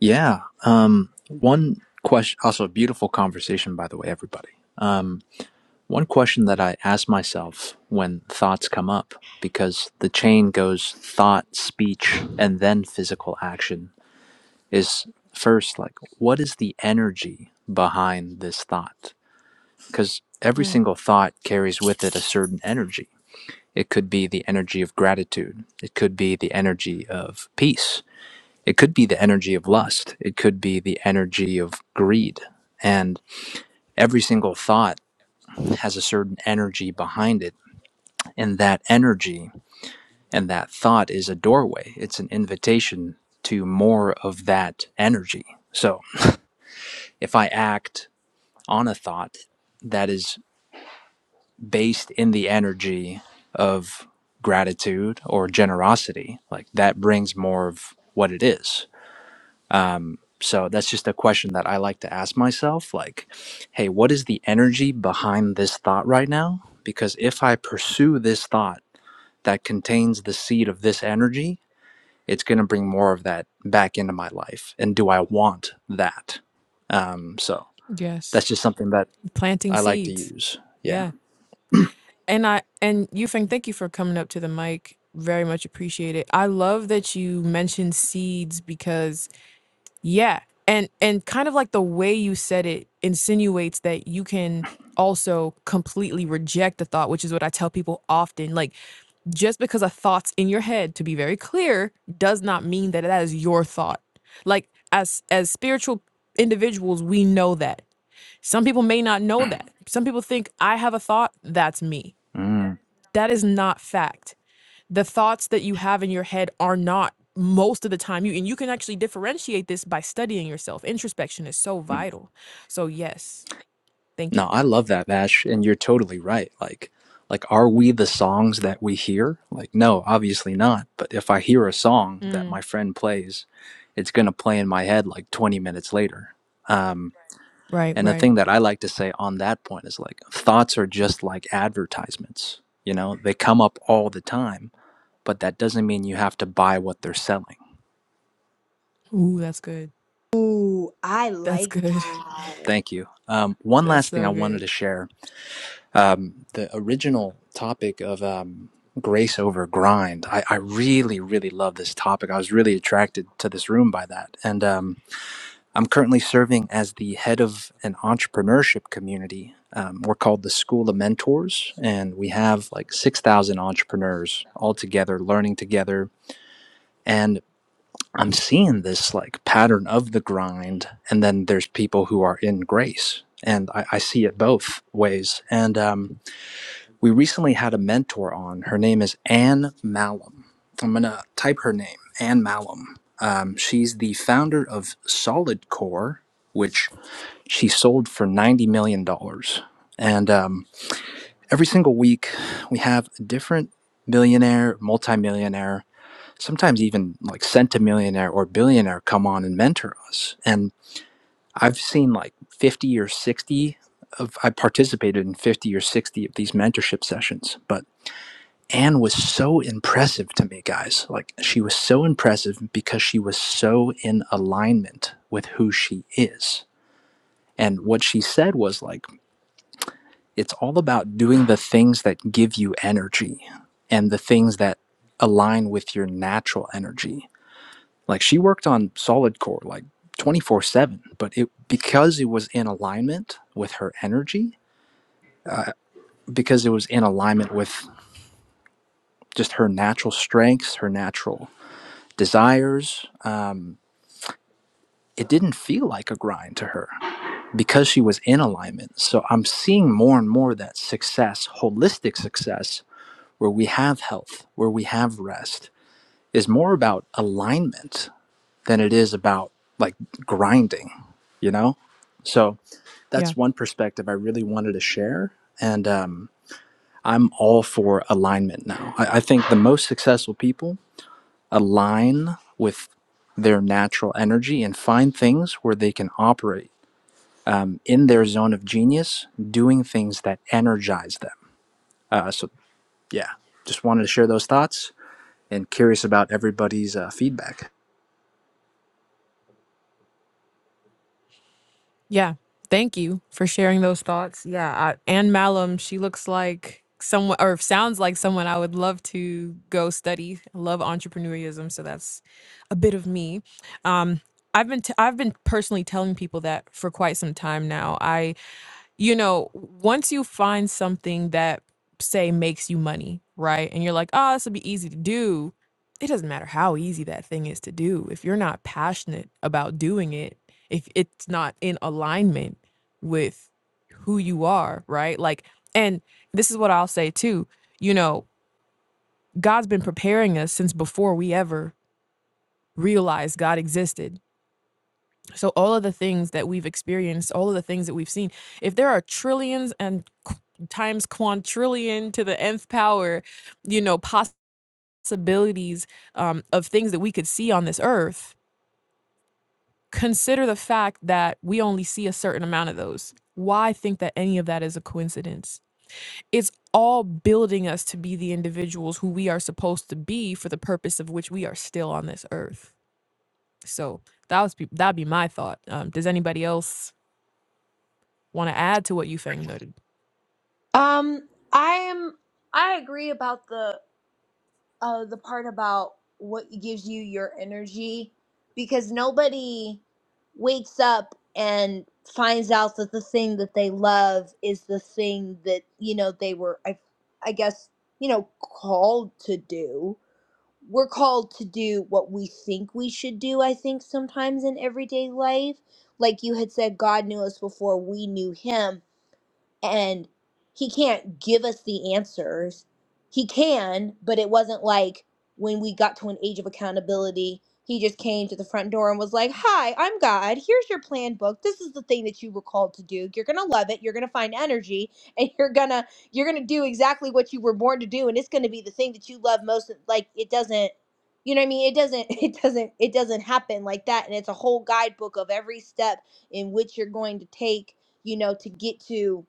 Yeah. Um, one question, also, a beautiful conversation, by the way, everybody. Um, one question that I ask myself when thoughts come up, because the chain goes thought, speech, and then physical action, is first, like, what is the energy behind this thought? Because every
Mm,
single thought carries with it a certain energy. It could be the energy of gratitude, it could be the energy of peace, it could be the energy of lust, it could be the energy of greed. And every single thought has a certain energy behind it. And that energy and that thought is a doorway, it's an invitation to more of that energy. So if I act on a thought that is based in the energy of gratitude or generosity, like that brings more of what it is So that's just a question that I like to ask myself like, hey, what is the energy behind this thought right now? Because if I pursue this thought that contains the seed of this energy, it's going to bring more of that back into my life. And do I want that? Um, so
yes,
that's just something that
planting
I like to
seeds.
use. Yeah.
Yeah. And I and you Feng, thank you for coming up to the mic. Very much appreciate it. I love that you mentioned seeds because yeah, and and kind of like the way you said it insinuates that you can also completely reject the thought, which is what I tell people often. Like just because a thought's in your head, to be very clear, does not mean that that is your thought. Like as as spiritual individuals, we know that. Some people may not know that. Some people think I have a thought, that's me
Mm,
that is not fact. The thoughts that you have in your head are not most of the time you and you can actually differentiate this by studying yourself. Introspection is so vital. So yes, thank you.
No, I love that, Vash, and you're totally right. Like, like, are we the songs that we hear? Like, no, obviously not. But if I hear a song that
Mm,
my friend plays, it's gonna play in my head like 20 minutes later. Um,
right,
and the
right.
thing that I like to say on that point is like, thoughts are just like advertisements. You know, they come up all the time, but that doesn't mean you have to buy what they're selling.
Ooh, that's good.
Ooh, I
That's
like
good.
that.
Thank you. Um,
*laughs*
one
That's
last thing
so
I wanted
good.
to share um, the original topic of um, grace over grind. I, I really, really love this topic. I was really attracted to this room by that. And um, I'm currently serving as the head of an entrepreneurship community. Um, we're called the School of Mentors, and we have like 6,000 entrepreneurs all together, learning together. And I'm seeing this like pattern of the grind. And then there's people who are in grace. And I, I see it both ways. And um, we recently had a mentor on. Her name is Anne Malum. I'm going to type her name, Anne Malum. Um, she's the founder of Solid Core, which she sold for $90 million. dollars. And um, every single week, we have a different millionaire, multimillionaire, sometimes even like centimillionaire or billionaire come on and mentor us. And I've seen like 50 or 60 of, I participated in 50 or 60 of these mentorship sessions, but Anne was so impressive to me, guys. Like, she was so impressive because she was so in alignment with who she is. And what she said was, like, it's all about doing the things that give you energy and the things that align with your natural energy. Like, she worked on solid core, like, 24 7, but it because it was in alignment with her energy, uh, because it was in alignment with just her natural strengths, her natural desires. Um, it didn't feel like a grind to her because she was in alignment. So I'm seeing more and more that success, holistic success, where we have health, where we have rest, is more about alignment than it is about like grinding, you know? So
Yeah.
that's one perspective I really wanted to share. And um, I'm all for alignment now. I, I think the most successful people align with their natural energy and find things where they can operate um, in their zone of genius, doing things that energize them. Uh, so, yeah, just wanted to share those thoughts and curious about everybody's uh, feedback.
Yeah. Thank you for sharing those thoughts. Yeah. I, Anne Malum, she looks like someone or sounds like someone I would love to go study. I love entrepreneurism. So that's a bit of me. Um, I've been, t- I've been personally telling people that for quite some time now you know, once you find something that say makes you money, right? And you're like, oh, this will be easy to do. It doesn't matter how easy that thing is to do. If you're not passionate about doing it, if it's not in alignment with who you are, right? Like, and this is what I'll say too, you know, God's been preparing us since before we ever realized God existed so all of the things that we've experienced, all of the things that we've seen, if there are trillions and qu- times quantrillion to the nth power, you know, possibilities um, of things that we could see on this earth, consider the fact that we only see a certain amount of those. Why think that any of that is a coincidence? It's all building us to be the individuals who we are supposed to be for the purpose of which we are still on this earth. So that was be- that'd be my thought. Um, does anybody else Want to add to what you think noted?
Um, I am I agree about the uh, the part about what gives you your energy because nobody wakes up and finds out that the thing that they love is the thing that you know they were I, I guess you know called to do we're called to do what we think we should do i think sometimes in everyday life like you had said god knew us before we knew him and he can't give us the answers. He can, but it wasn't like when we got to an age of accountability, he just came to the front door and was like, Hi, I'm God. Here's your plan book. This is the thing that you were called to do. You're gonna love it. You're gonna find energy and *laughs* you're gonna you're gonna do exactly what you were born to do and it's gonna be the thing that you love most. Like it doesn't you know what I mean? It doesn't *laughs* it doesn't it doesn't happen like that. And it's a whole guidebook of every step in which you're going to take, you know, to get to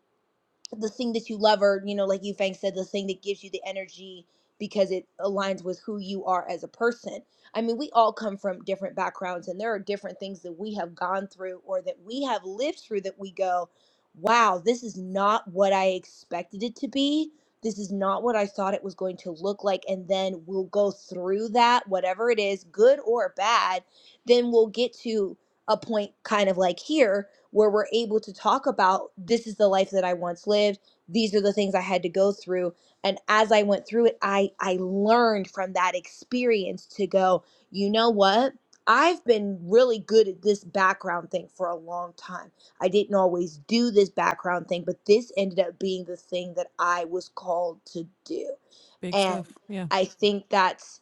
the thing that you love or you know like you fang said the thing that gives you the energy because it aligns with who you are as a person i mean we all come from different backgrounds and there are different things that we have gone through or that we have lived through that we go wow this is not what i expected it to be this is not what i thought it was going to look like and then we'll go through that whatever it is good or bad then we'll get to a point kind of like here where we're able to talk about this is the life that I once lived. These are the things I had to go through. And as I went through it, I, I learned from that experience to go, you know what? I've been really good at this background thing for a long time. I didn't always do this background thing, but this ended up being the thing that I was called to do.
Big
And
stuff. Yeah.
I think that's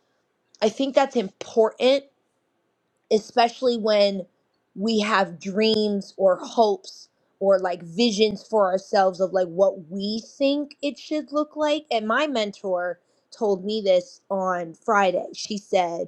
I think that's important especially when we have dreams or hopes or like visions for ourselves of like what we think it should look like. And my mentor told me this on Friday. She said,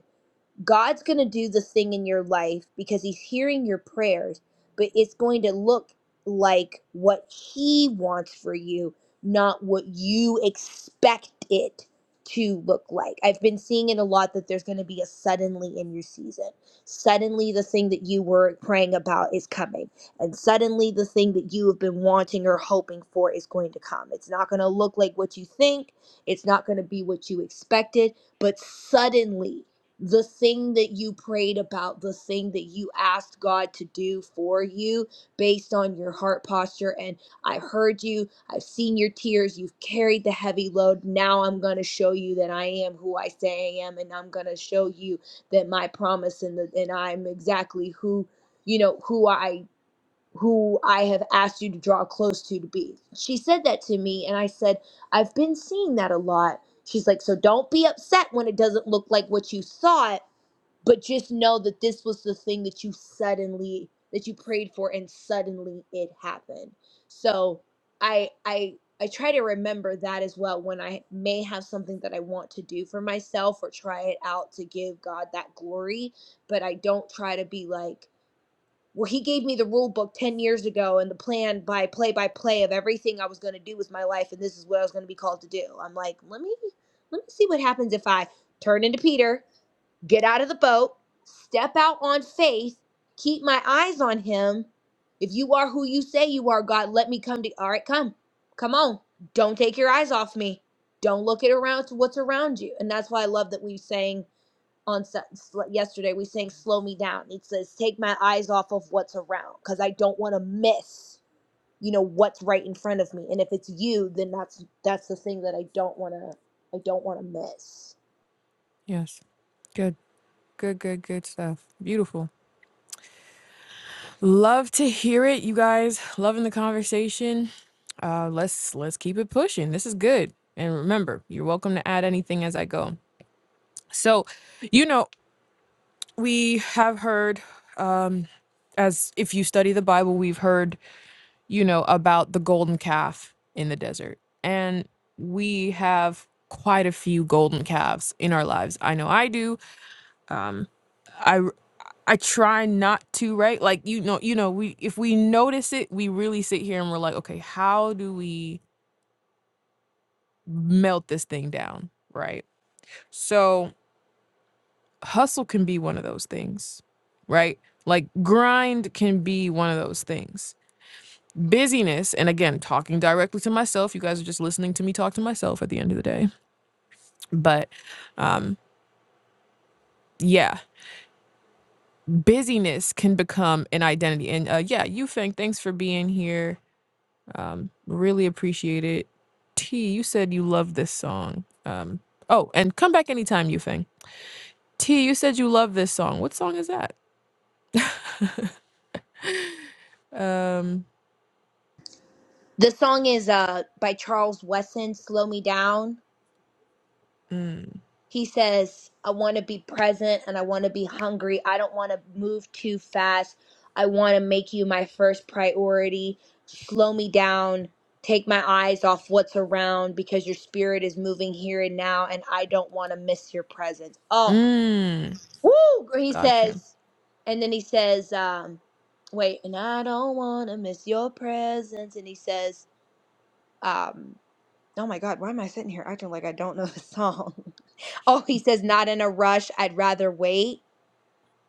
God's going to do the thing in your life because he's hearing your prayers, but it's going to look like what he wants for you, not what you expect it to look like. I've been seeing it a lot that there's going to be a suddenly in your season. Suddenly the thing that you were praying about is coming, and suddenly the thing that you have been wanting or hoping for is going to come. It's not going to look like what you think, it's not going to be what you expected, but suddenly the thing that you prayed about, the thing that you asked God to do for you based on your heart posture. And I heard you, I've seen your tears, you've carried the heavy load. Now I'm going to show you that I am who I say I am, and I'm going to show you that my promise and, the, and I'm exactly who, you know, who I who I have asked you to draw close to to be. She said that to me and I said, I've been seeing that a lot. She's like, "So don't be upset when it doesn't look like what you thought but just know that this was the thing that you suddenly that you prayed for and suddenly it happened so i i i try to remember that as well when i may have something that i want to do for myself or try it out to give god that glory but i don't try to be like well he gave me the rule book 10 years ago and the plan by play by play of everything i was going to do with my life and this is what i was going to be called to do i'm like let me let me see what happens if i turn into peter get out of the boat, step out on faith, keep my eyes on him. If you are who you say you are, God, let me come to all right, come. Come on. Don't take your eyes off me. Don't look at around to what's around you. And that's why I love that we sang on Su- sl- yesterday, we sang slow me down. It says take my eyes off of what's around cuz I don't want to miss, you know, what's right in front of me. And if it's you, then that's that's the thing that I don't want to I don't want to miss.
Yes. Good. Good, good, good stuff. Beautiful. Love to hear it, you guys. Loving the conversation. Uh let's let's keep it pushing. This is good. And remember, you're welcome to add anything as I go. So, you know, we have heard um as if you study the Bible, we've heard you know, about the golden calf in the desert. And we have quite a few golden calves in our lives. I know I do. Um, I I try not to, right? Like you know, you know, we if we notice it, we really sit here and we're like, okay, how do we melt this thing down, right? So hustle can be one of those things, right? Like grind can be one of those things busyness and again talking directly to myself you guys are just listening to me talk to myself at the end of the day but um yeah busyness can become an identity and uh yeah Yufeng, thanks for being here um really appreciate it t you said you love this song um oh and come back anytime Yufeng. t you said you love this song what song is that *laughs* um
The song is uh by Charles Wesson, Slow Me Down.
mm,
He says, I want to be present and I want to be hungry. I don't want to move too fast. I want to make you my first priority. Slow me down. Take my eyes off what's around because your spirit is moving here and now and I don't want to miss your presence. Oh,
mm,
woo! He
gotcha
says, and then he says, um, wait, and I don't want to miss your presence. And he says, um, Oh my God, why am I sitting here acting like I don't know the song? *laughs* Oh, he says, Not in a rush, I'd rather wait.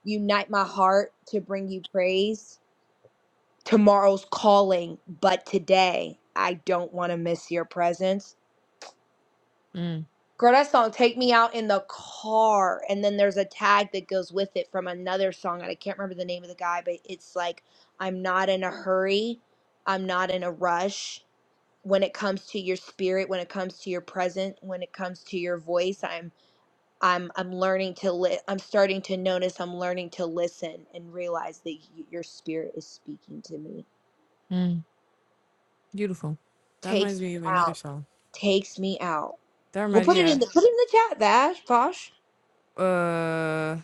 Unite my heart to bring you praise. Tomorrow's calling, but today I don't want to miss your presence.
Mm,
Girl, that song, Take Me Out in the Car. And then there's a tag that goes with it from another song. And I can't remember the name of the guy, but it's like, I'm not in a hurry. I'm not in a rush. When it comes to your spirit, when it comes to your presence. when it comes to your voice, I'm I'm I'm learning to li- I'm starting to notice I'm learning to listen and realize that y- your spirit is speaking to me.
mm. Beautiful. That reminds
Takes
me
me
of another
out.
song.
Takes me out.
That
We'll
reminds
put it in
yeah.
the put it in the chat, Vash, Posh.
Uh,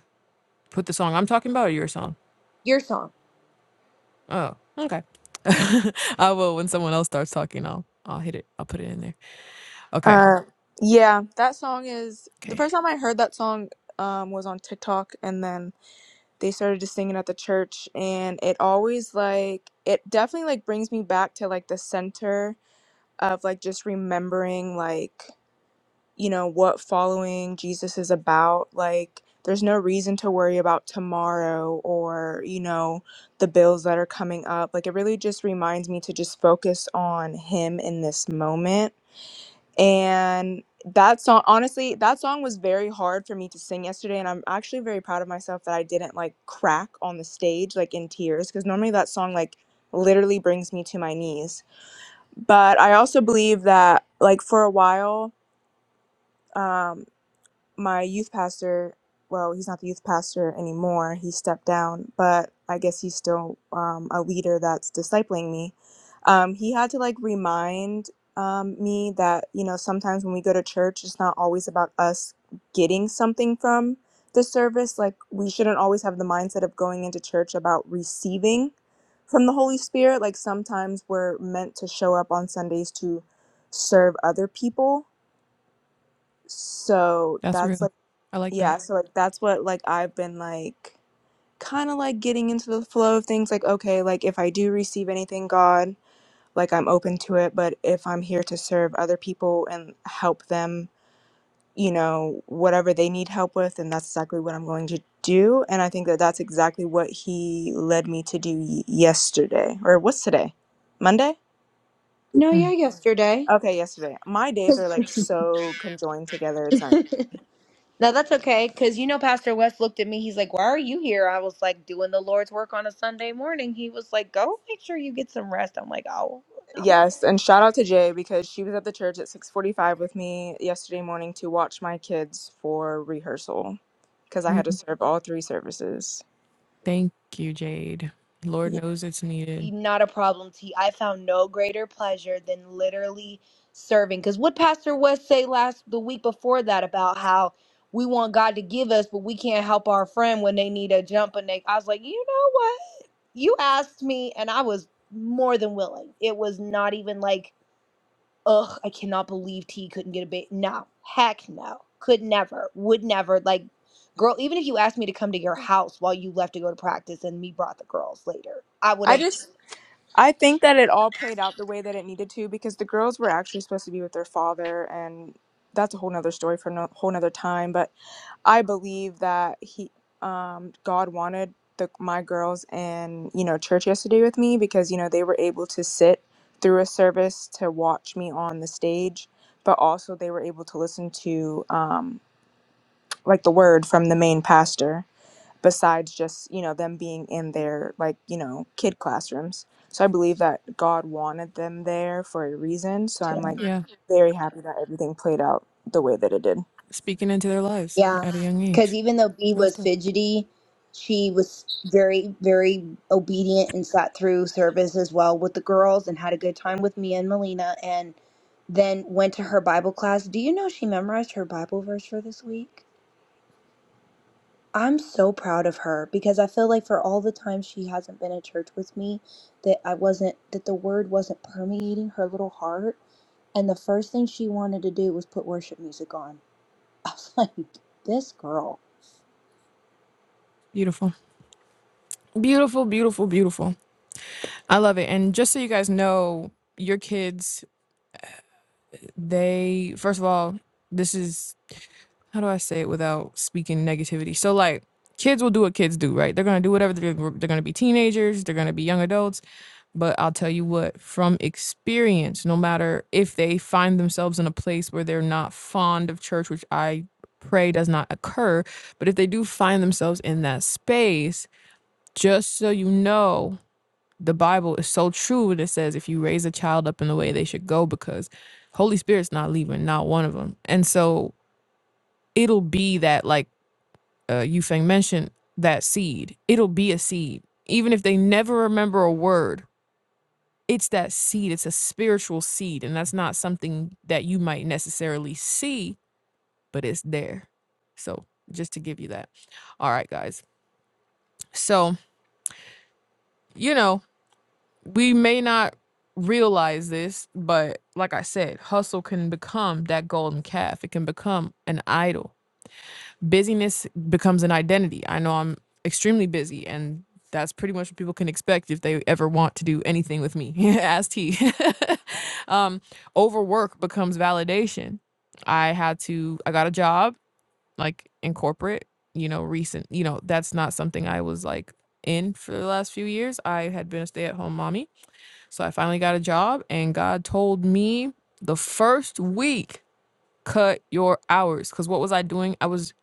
put the song I'm talking about or your song?
Your song.
Oh, okay. *laughs* I will when someone else starts talking. I'll I'll hit it. I'll put it in there. Okay.
Uh, yeah, that song is the
Okay.
first time I heard that song um was on TikTok and then they started to sing it at the church and it always like it definitely like brings me back to like the center of like just remembering like you know what following Jesus is about like there's no reason to worry about tomorrow or you know the bills that are coming up like it really just reminds me to just focus on him in this moment and that song honestly that song was very hard for me to sing yesterday and i'm actually very proud of myself that i didn't like crack on the stage like in tears because normally that song like literally brings me to my knees but i also believe that like for a while um my youth pastor, well, he's not the youth pastor anymore. He stepped down, but I guess he's still um, a leader that's discipling me. Um, he had to like remind um, me that, you know, sometimes when we go to church, it's not always about us getting something from the service. Like, we shouldn't always have the mindset of going into church about receiving from the Holy Spirit. Like, sometimes we're meant to show up on Sundays to serve other people. So
That's
that's like,
real. I like that.
yeah, so like that's what like I've been like kind of like getting into the flow of things like okay, like if I do receive anything, God, like I'm open to it, but if I'm here to serve other people and help them, you know, whatever they need help with, then that's exactly what I'm going to do, and I think that that's exactly what he led me to do y- yesterday. Or what's today? Monday?
No, yeah,
Mm,
yesterday.
Okay, yesterday. My days are like so conjoined together. It's not
*laughs* No, that's okay, cause you know Pastor West looked at me. He's like, "Why are you here?" I was like, "Doing the Lord's work on a Sunday morning." He was like, "Go make sure you get some rest." I'm like, "Oh, not my
Yes, and shout out to Jay because she was at the church at 6:45 with me yesterday morning to watch my kids for rehearsal because I
real.
had to serve all three services.
Thank you, Jade. Lord
Yeah.
knows it's needed.
not a problem t i found no greater pleasure than literally serving because what pastor west say last the week before that about how we want god to give us but we can't help our friend when they need a jump and they i was like you know what you asked me and i was more than willing it was not even like ugh i cannot believe t couldn't get a bit no heck no could never would never like girl even if you asked me to come to your house while you left to go to practice and me brought the girls later i would
I
have
just I think that it all played out the way that it needed to because the girls were actually supposed to be with their father and that's a whole nother story for a no, whole nother time. But I believe that he, um, God wanted the my girls in you know church yesterday with me because you know they were able to sit through a service to watch me on the stage, but also they were able to listen to um, like the word from the main pastor. Besides just you know them being in their like you know kid classrooms, so I believe that God wanted them there for a reason. So
too
I'm like
Yeah.
very happy that everything played out the way that it did.
Speaking into their lives
Yeah,
at a young
because
age.
even though B
Real
was
stuff.
fidgety, she was very, very obedient and sat through service as well with the girls and had a good time with me and Melina, and then went to her Bible class. Do you know she memorized her Bible verse for this week? I'm so proud of her because I feel like for all the time she hasn't been at church with me, that I wasn't, that the word wasn't permeating her little heart. And the first thing she wanted to do was put worship music on. *laughs* I was like, this girl.
Beautiful. Beautiful, beautiful, beautiful. I love it. And just so you guys know, your kids, they, first of all, this is how do I say it without speaking negativity? So like kids will do what kids do, right? They're gonna do whatever they're, they're gonna be teenagers, they're gonna be young adults. But I'll tell you what, from experience, no matter if they find themselves in a place where they're not fond of church, which I pray does not occur, but if they do find themselves in that space, just so you know, the Bible is so true when it says if you raise a child up in the way they should go, because Holy Spirit's not leaving, not one of them. And so it'll be that like uh, Yufeng mentioned, that seed. It'll be a seed. Even if they never remember a word, it's that seed. It's a spiritual seed. And that's not something that you might necessarily see, but it's there. So just to give you that. All right, guys. So, you know, we may not realize this, but like I said, hustle can become that golden calf. It can become an idol busyness becomes an identity. I know I'm extremely busy and that's pretty much what people can expect if they ever want to do anything with me. *laughs* Ask T. *laughs* um, overwork becomes validation. I had to, I got a job like in corporate, you know, recent, you know, that's not something I was like in for the last few years. I had been a stay at home mommy. So I finally got a job and God told me the first week cut your hours because what was i doing i was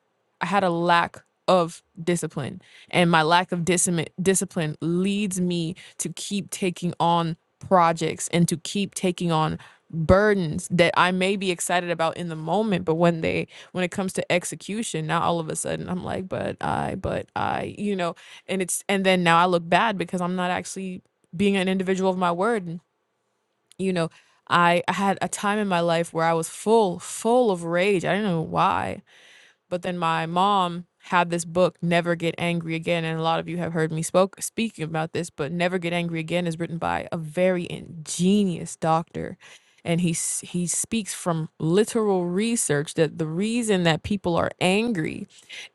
i had a lack of discipline and my lack of discipline discipline leads me to keep taking on projects and to keep taking on burdens that i may be excited about in the moment but when they when it comes to execution now all of a sudden i'm like but i but i you know and it's and then now i look bad because i'm not actually being an individual of my word you know, I I had a time in my life where I was full, full of rage. I didn't know why. But then my mom had this book, Never Get Angry Again, and a lot of you have heard me spoke speaking about this. But Never Get Angry Again is written by a very ingenious doctor, and he s- he speaks from literal research that the reason that people are angry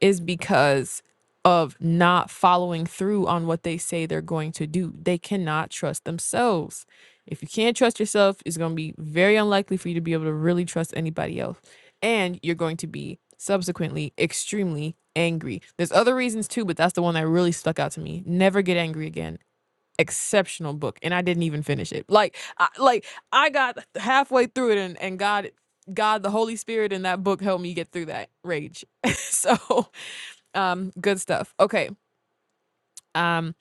is because of not following through on what they say they're going to do. They cannot trust themselves. If you can't trust yourself, it's going to be very unlikely for you to be able to really trust anybody else and you're going to be subsequently extremely angry. There's other reasons too, but that's the one that really stuck out to me. Never Get Angry Again. Exceptional book, and I didn't even finish it. Like, I, like I got halfway through it, and and God, God, the Holy Spirit in that book helped me get through that rage. *laughs* so, um, good stuff. Okay, um,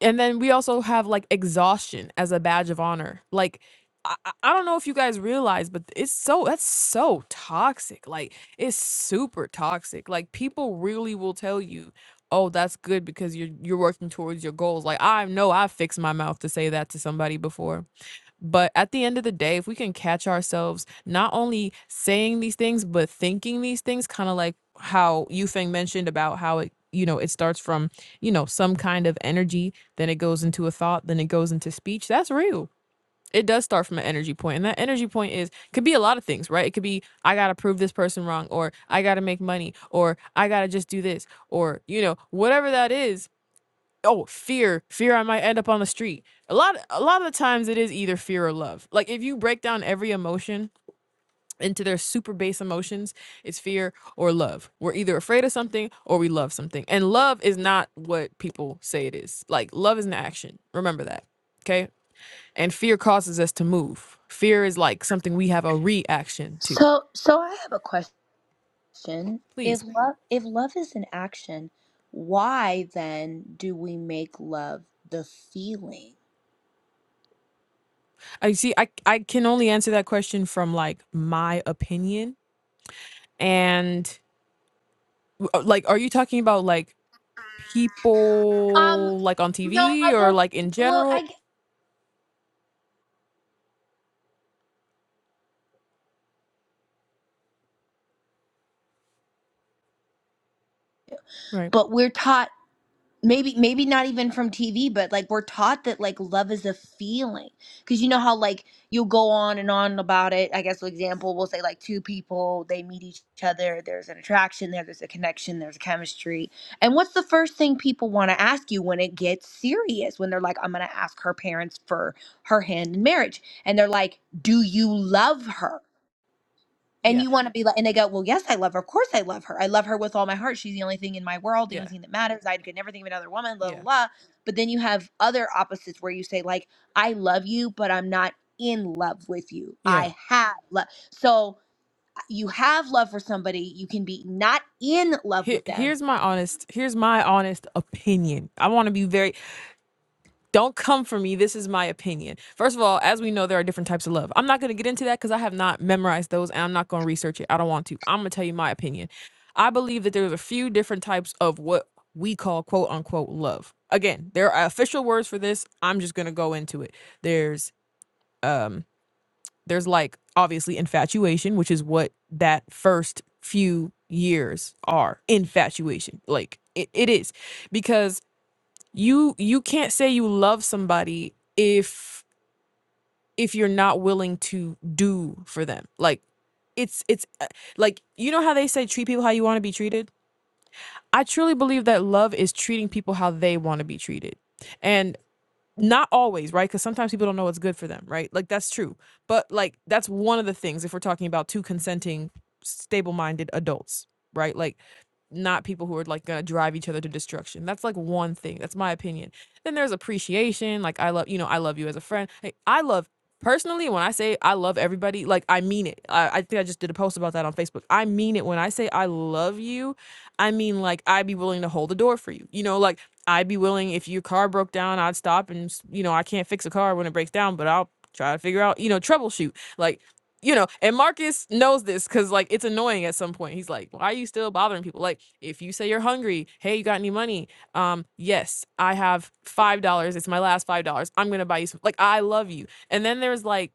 and then we also have like exhaustion as a badge of honor like I, I don't know if you guys realize but it's so that's so toxic like it's super toxic like people really will tell you oh that's good because you're you're working towards your goals like i know i fixed my mouth to say that to somebody before but at the end of the day, if we can catch ourselves not only saying these things, but thinking these things, kind of like how Yufeng mentioned about how it, you know, it starts from, you know, some kind of energy, then it goes into a thought, then it goes into speech. That's real. It does start from an energy point, And that energy point is could be a lot of things, right? It could be I gotta prove this person wrong, or I gotta make money, or I gotta just do this, or you know, whatever that is oh fear fear i might end up on the street a lot a lot of the times it is either fear or love like if you break down every emotion into their super base emotions it's fear or love we're either afraid of something or we love something and love is not what people say it is like love is an action remember that okay and fear causes us to move fear is like something we have a reaction to
So, so I have a question. If
please
love, if love is an action, why then do we make love the feeling?
i see i i can only answer that question from like my opinion and uh, like are you talking about like
Um,
people like on
no,
TV
I
or
guess
like in
Well, I.
general?
gue-
Right.
But we're taught. maybe maybe not even from TV, but like we're taught that like love is a feeling because you know how like you'll go on and on about it. I guess for example, we'll say like two people they meet each other, there's an attraction there, there's a connection, there's a chemistry, and what's the first thing people want to ask you when it gets serious? When they're like, I'm gonna ask her parents for her hand in marriage, and they're like, Do you love her? and
Yeah,
you want to be like, and they go, well, yes, I love her. Of course, I love her. I love her with all my heart. She's the only thing in my world, the
yeah,
only thing that matters. I could never think of another woman, la la
yeah,
la. But then you have other opposites where you say, like, I love you, but I'm not in love with you.
yeah.
I have love. So uh, you have love for somebody. You can be not in love
Here,
with them.
here's my honest. Here's my honest opinion. I want to be very. Don't come for me. This is my opinion. First of all, as we know, there are different types of love. I'm not going to get into that because I have not memorized those, and I'm not going to research it. I don't want to. I'm going to tell you my opinion. I believe that there's a few different types of what we call quote unquote love. Again, there are official words for this. I'm just going to go into it. There's um there's like obviously infatuation, which is what that first few years are infatuation. Like it, it is because you you can't say you love somebody if if you're not willing to do for them. Like it's it's uh, like you know how they say treat people how you want to be treated. I truly believe that love is treating people how they want to be treated. And not always, right? Because sometimes people don't know what's good for them, right? Like that's true. But like that's one of the things if we're talking about two consenting, stable minded adults, right? Like not people who are like gonna drive each other to destruction. That's like one thing. That's my opinion. Then there's appreciation. Like I love you know I love you as a friend. Hey, I love personally when I say I love everybody. Like I mean it. I, I think I just did a post about that on Facebook. I mean it when I say I love you. I mean like I'd be willing to hold the door for you. You know like I'd be willing if your car broke down I'd stop and you know I can't fix a car when it breaks down but I'll try to figure out you know troubleshoot like you know, and Marcus knows this because like it's annoying at some point. He's like, "Why are you still bothering people?" Like, if you say you're hungry, hey, you got any money? Um, yes, I have five dollars. It's my last five dollars. I'm gonna buy you some. Like, I love you. And then there's like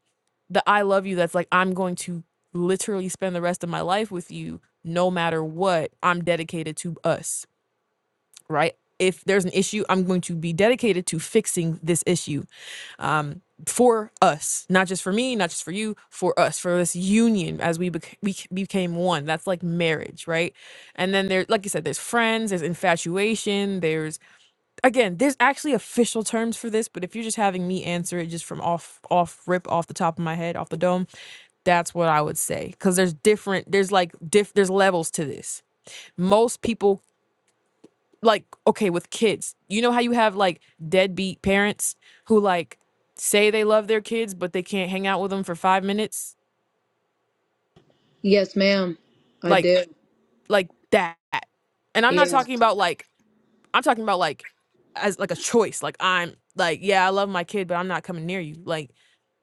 the I love you. That's like I'm going to literally spend the rest of my life with you, no matter what. I'm dedicated to us, right? If there's an issue, I'm going to be dedicated to fixing this issue um, for us, not just for me, not just for you, for us, for this union as we bec- we c- became one. That's like marriage, right? And then there, like you said, there's friends, there's infatuation, there's again, there's actually official terms for this. But if you're just having me answer it just from off off rip off the top of my head, off the dome, that's what I would say because there's different, there's like diff, there's levels to this. Most people like okay with kids you know how you have like deadbeat parents who like say they love their kids but they can't hang out with them for five minutes
Yes, ma'am. I
like
do.
like that and i'm not
Yeah.
talking about like i'm talking about like as like a choice like i'm like yeah i love my kid but i'm not coming near you like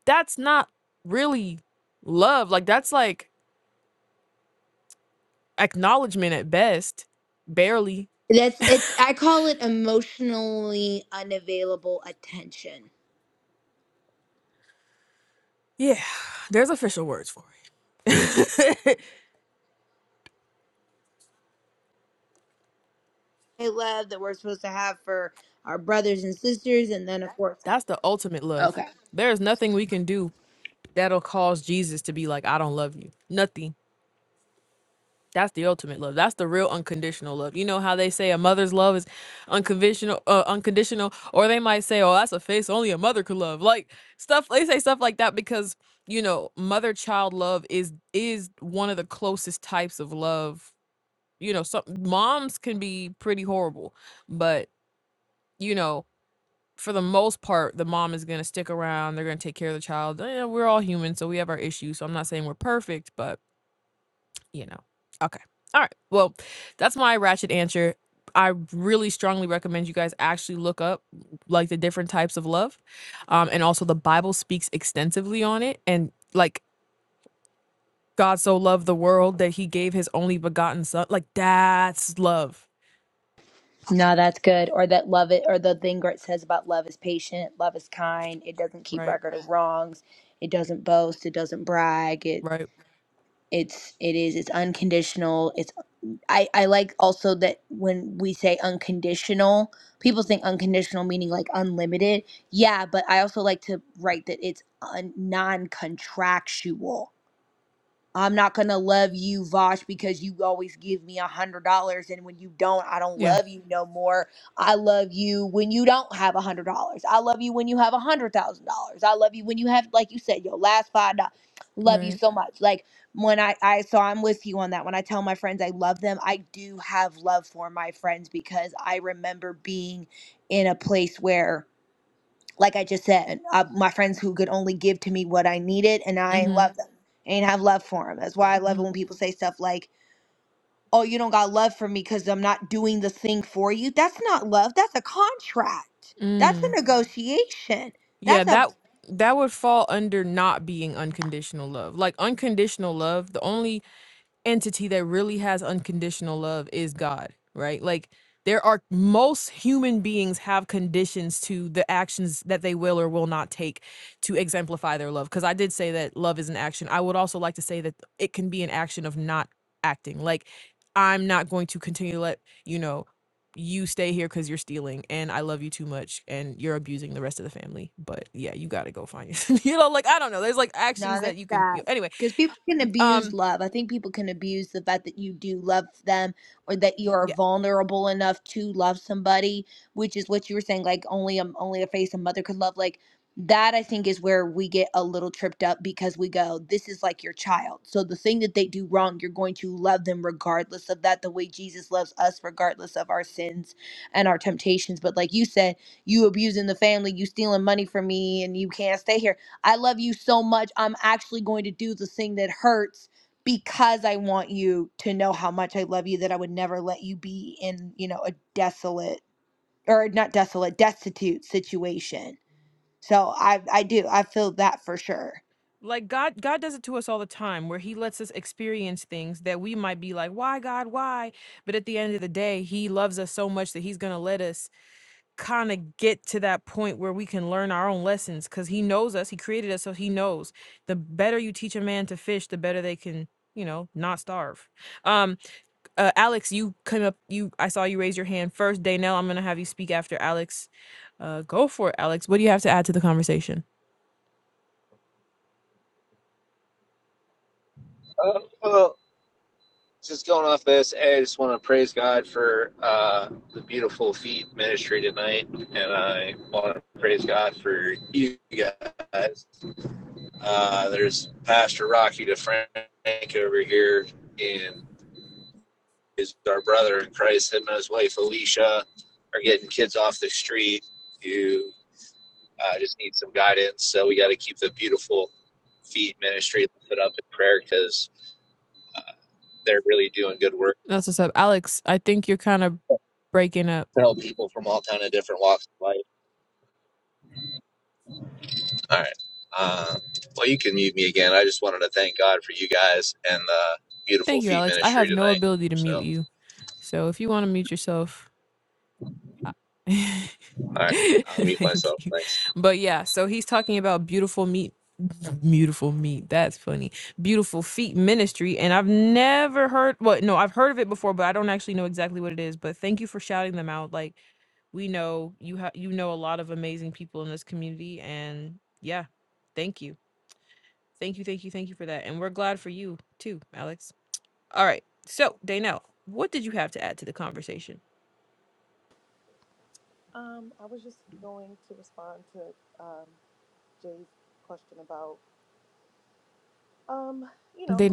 that's not really love like that's like acknowledgement at best barely
That's it's I call it emotionally unavailable attention.
yeah *sighs* there's official words for it
love that we're supposed to have for our brothers and sisters, and then of course,
*laughs* that's the ultimate love
okay,
there's nothing we can do that'll cause Jesus to be like, I don't love you. Nothing. That's the ultimate love. That's the real unconditional love. You know how they say a mother's love is unconditional, uh, unconditional, or they might say, "Oh, that's a face only a mother could love." Like stuff they say stuff like that because you know mother-child love is is one of the closest types of love. You know, some moms can be pretty horrible, but you know, for the most part, the mom is gonna stick around. They're gonna take care of the child. Eh, we're all human, so we have our issues. So I'm not saying we're perfect, but you know. Okay. All right. Well, that's my ratchet answer. I really strongly recommend you guys actually look up like the different types of love. Um, and also the Bible speaks extensively on it. And like God so loved the world that he gave his only begotten son. Like that's love.
No, that's good. Or that love it, or the thing where it says about love is patient, love is kind, it doesn't keep
Right.
record of wrongs, it doesn't boast, it doesn't brag, it
Right.
it's it is it's unconditional. It's I I like also that when we say unconditional, people think unconditional meaning like unlimited. Yeah, but I also like to write that it's un, non-contractual. I'm not gonna love you, Vosh, because you always give me a one hundred dollars, and when you don't, I don't
Yeah.
love you no more. I love you when you don't have a one hundred dollars. I love you when you have a one hundred thousand dollars. I love you when you have, like you said, your last five dollars. Love you
Right.
so much. Like when I, I, so I'm with you on that. When I tell my friends I love them, I do have love for my friends because I remember being in a place where like I just said, uh, my friends who could only give to me what I needed, and I ain't
Mm-hmm.
love them. I ain't have love for them. That's why I love
mm-hmm.
it when people say stuff like, "Oh, you don't got love for me because I'm not doing the thing for you." That's not love. That's a contract. That's a
Mm.
negotiation.
Yeah,
That's a
that that would fall under not being unconditional love. Like unconditional love, the only entity that really has unconditional love is God, right? Like there are most human beings have conditions to the actions that they will or will not take to exemplify their love. Because I did say that love is an action. I would also like to say that it can be an action of not acting. Like I'm not going to continue to let you know you stay here because you're stealing and I love you too much and you're abusing the rest of the family. But yeah, you got to go find your, *laughs* you know, like I don't know. There's like actions
No, there's
that you can.
that.
You anyway,
Because people can abuse
um,
love. I think people can abuse the fact that you do love them or that you are
yeah.
vulnerable enough to love somebody, which is what you were saying, like only a, only a face a mother could love. Like that I think is where we get a little tripped up because we go, This is like your child. So the thing that they do wrong, you're going to love them regardless of that, the way Jesus loves us, regardless of our sins and our temptations. But like you said, you abusing the family, you stealing money from me, and you can't stay here I love you so much. I'm actually going to do the thing that hurts because I want you to know how much I love you that I would never let you be in, you know, a desolate or not desolate, destitute situation. So I I do. I feel that for sure.
Like God God does it to us all the time where he lets us experience things that we might be like, "Why God, why?" But at the end of the day, he loves us so much that he's going to let us kind of get to that point where we can learn our own lessons cuz he knows us, he created us so he knows. The better you teach a man to fish, the better they can, you know, not starve. Um uh, Alex, you came up you I saw you raise your hand first. Daynell, I'm going to have you speak after Alex. Uh go for it, Alex. What do you have to add to the conversation?
Uh, well, just going off this, hey, I just want to praise God for uh, the beautiful feet ministry tonight, and I want to praise God for you guys. Uh, there's Pastor Rocky DeFrank over here, and is our brother in Christ. Him and his wife Alicia are getting kids off the street who uh, just need some guidance. So we got to keep the beautiful feet ministry lifted up in prayer because they're really doing good work
That's what's up. Alex, I think you're kind of breaking up.
tell people from all kind of different walks of life. All right. Um, well, you can mute me again. I just wanted to thank God for you guys and the beautiful
Thank you,
feet
Alex. I
ministry
have no
tonight.
ability to
So,
mute you. So if you want to mute yourself, I-
all
*laughs*
right, I'll mute myself.
thank you.
Thanks.
But yeah, so he's talking about beautiful meat. Beautiful meat. That's funny. Beautiful feet ministry. And I've never heard, well, no, I've heard of it before, but I don't actually know exactly what it is. But thank you for shouting them out. Like, we know you have you know a lot of amazing people in this community and yeah thank you Thank you, thank you, thank you for that. And we're glad for you too, Alex. All right. So, Daynell, what did you have to add to the conversation? They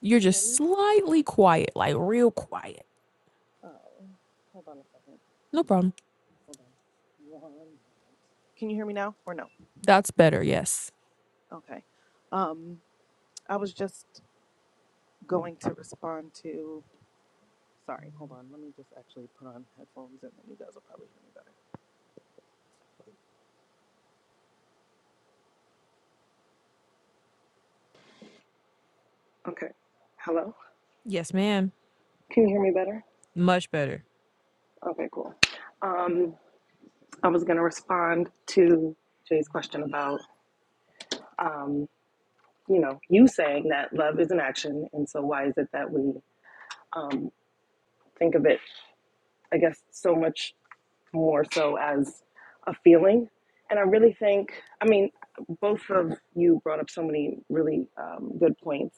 you're just slightly quiet, like real quiet. No problem. That's better. Yes. Yes, ma'am. Much better.
that, that we um, think of it, I guess, so much more so as a feeling. And I really think, I mean, both of you brought up so many really um, good points.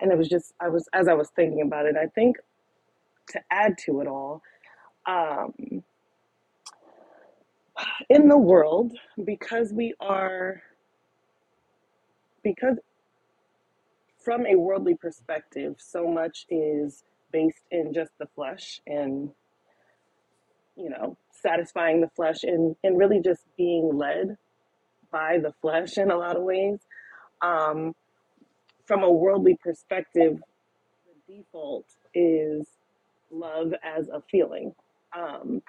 And it was just, I was, as I was thinking about it, I think to add to it all, um, in the world, because we are, because from a worldly perspective, so much is based in just the flesh and. you know, satisfying the flesh and, and really just being led by the flesh in a lot of ways. Um, from a worldly perspective, the default is love as a feeling um,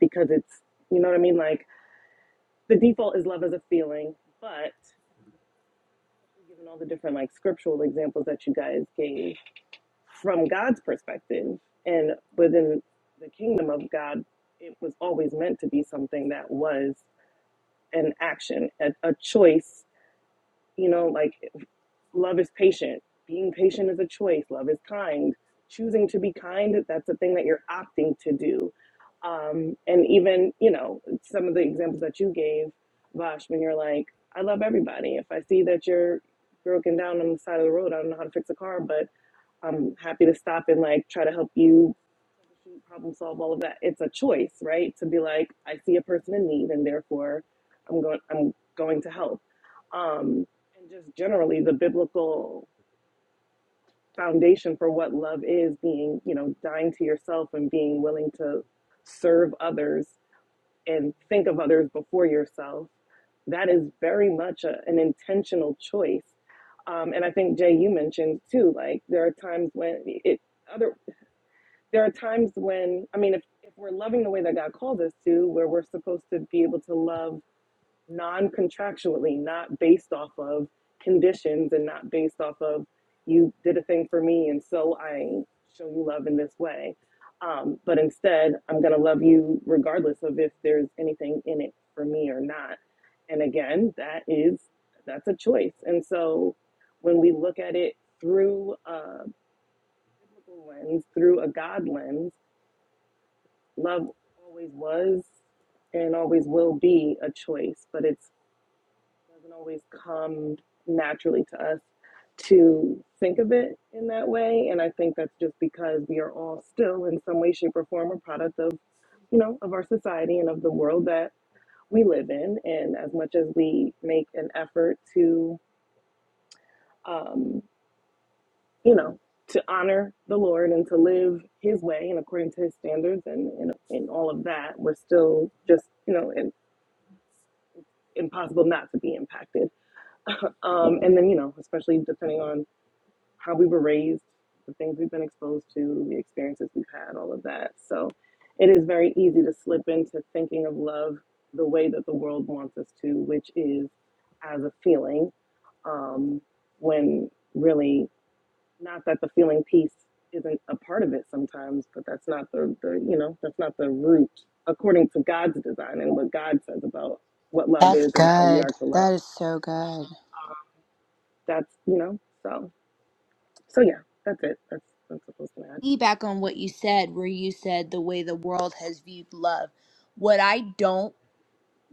because it's, you know what I mean? Like the default is love as a feeling, but given all the different like scriptural examples that you guys gave from God's perspective and within the kingdom of God, it was always meant to be something that was. an action, a, a choice. You know, like love is patient. Being patient is a choice. Love is kind. Choosing to be kind, that's a thing that you're opting to do. Um, and even, you know, some of the examples that you gave, Vash, when you're like, I love everybody. If I see that you're broken down on the side of the road, I don't know how to fix a car, but I'm happy to stop and like try to help you troubleshoot, problem solve, all of that. It's a choice, right? To be like, I see a person in need, and therefore, I'm going, I'm going to help. Um, and just generally, the biblical foundation for what love is being, you know, dying to yourself and being willing to serve others and think of others before yourself. That is very much a, an intentional choice. Um, and I think Jay, you mentioned too, like there are times when it other there are times when i mean if, if we're loving the way that god called us to where we're supposed to be able to love non-contractually not based off of conditions and not based off of you did a thing for me and so i show you love in this way um, but instead i'm going to love you regardless of if there's anything in it for me or not and again that is that's a choice and so when we look at it through a biblical lens through a god lens love always was and always will be a choice, but it doesn't always come naturally to us to think of it in that way. And I think that's just because we are all still in some way, shape, or form a product of, you know, of our society and of the world that we live in. And as much as we make an effort to, um, you know, to honor the Lord and to live His way and according to His standards and in, in all of that, we're still just, you know, in, impossible not to be impacted. *laughs* um, and then, you know, especially depending on how we were raised, the things we've been exposed to, the experiences we've had, all of that. So it is very easy to slip into thinking of love the way that the world wants us to, which is as a feeling, um, when really not that the feeling piece isn't a part of it sometimes, but that's not the, the you know, that's not the root according to God's design and what God says about what love
That's
is and how we
good.
are to love
That is so good.
that's you know so so yeah that's it that's that's what I was gonna add
Back on what you said, where you said the way the world has viewed love. What I don't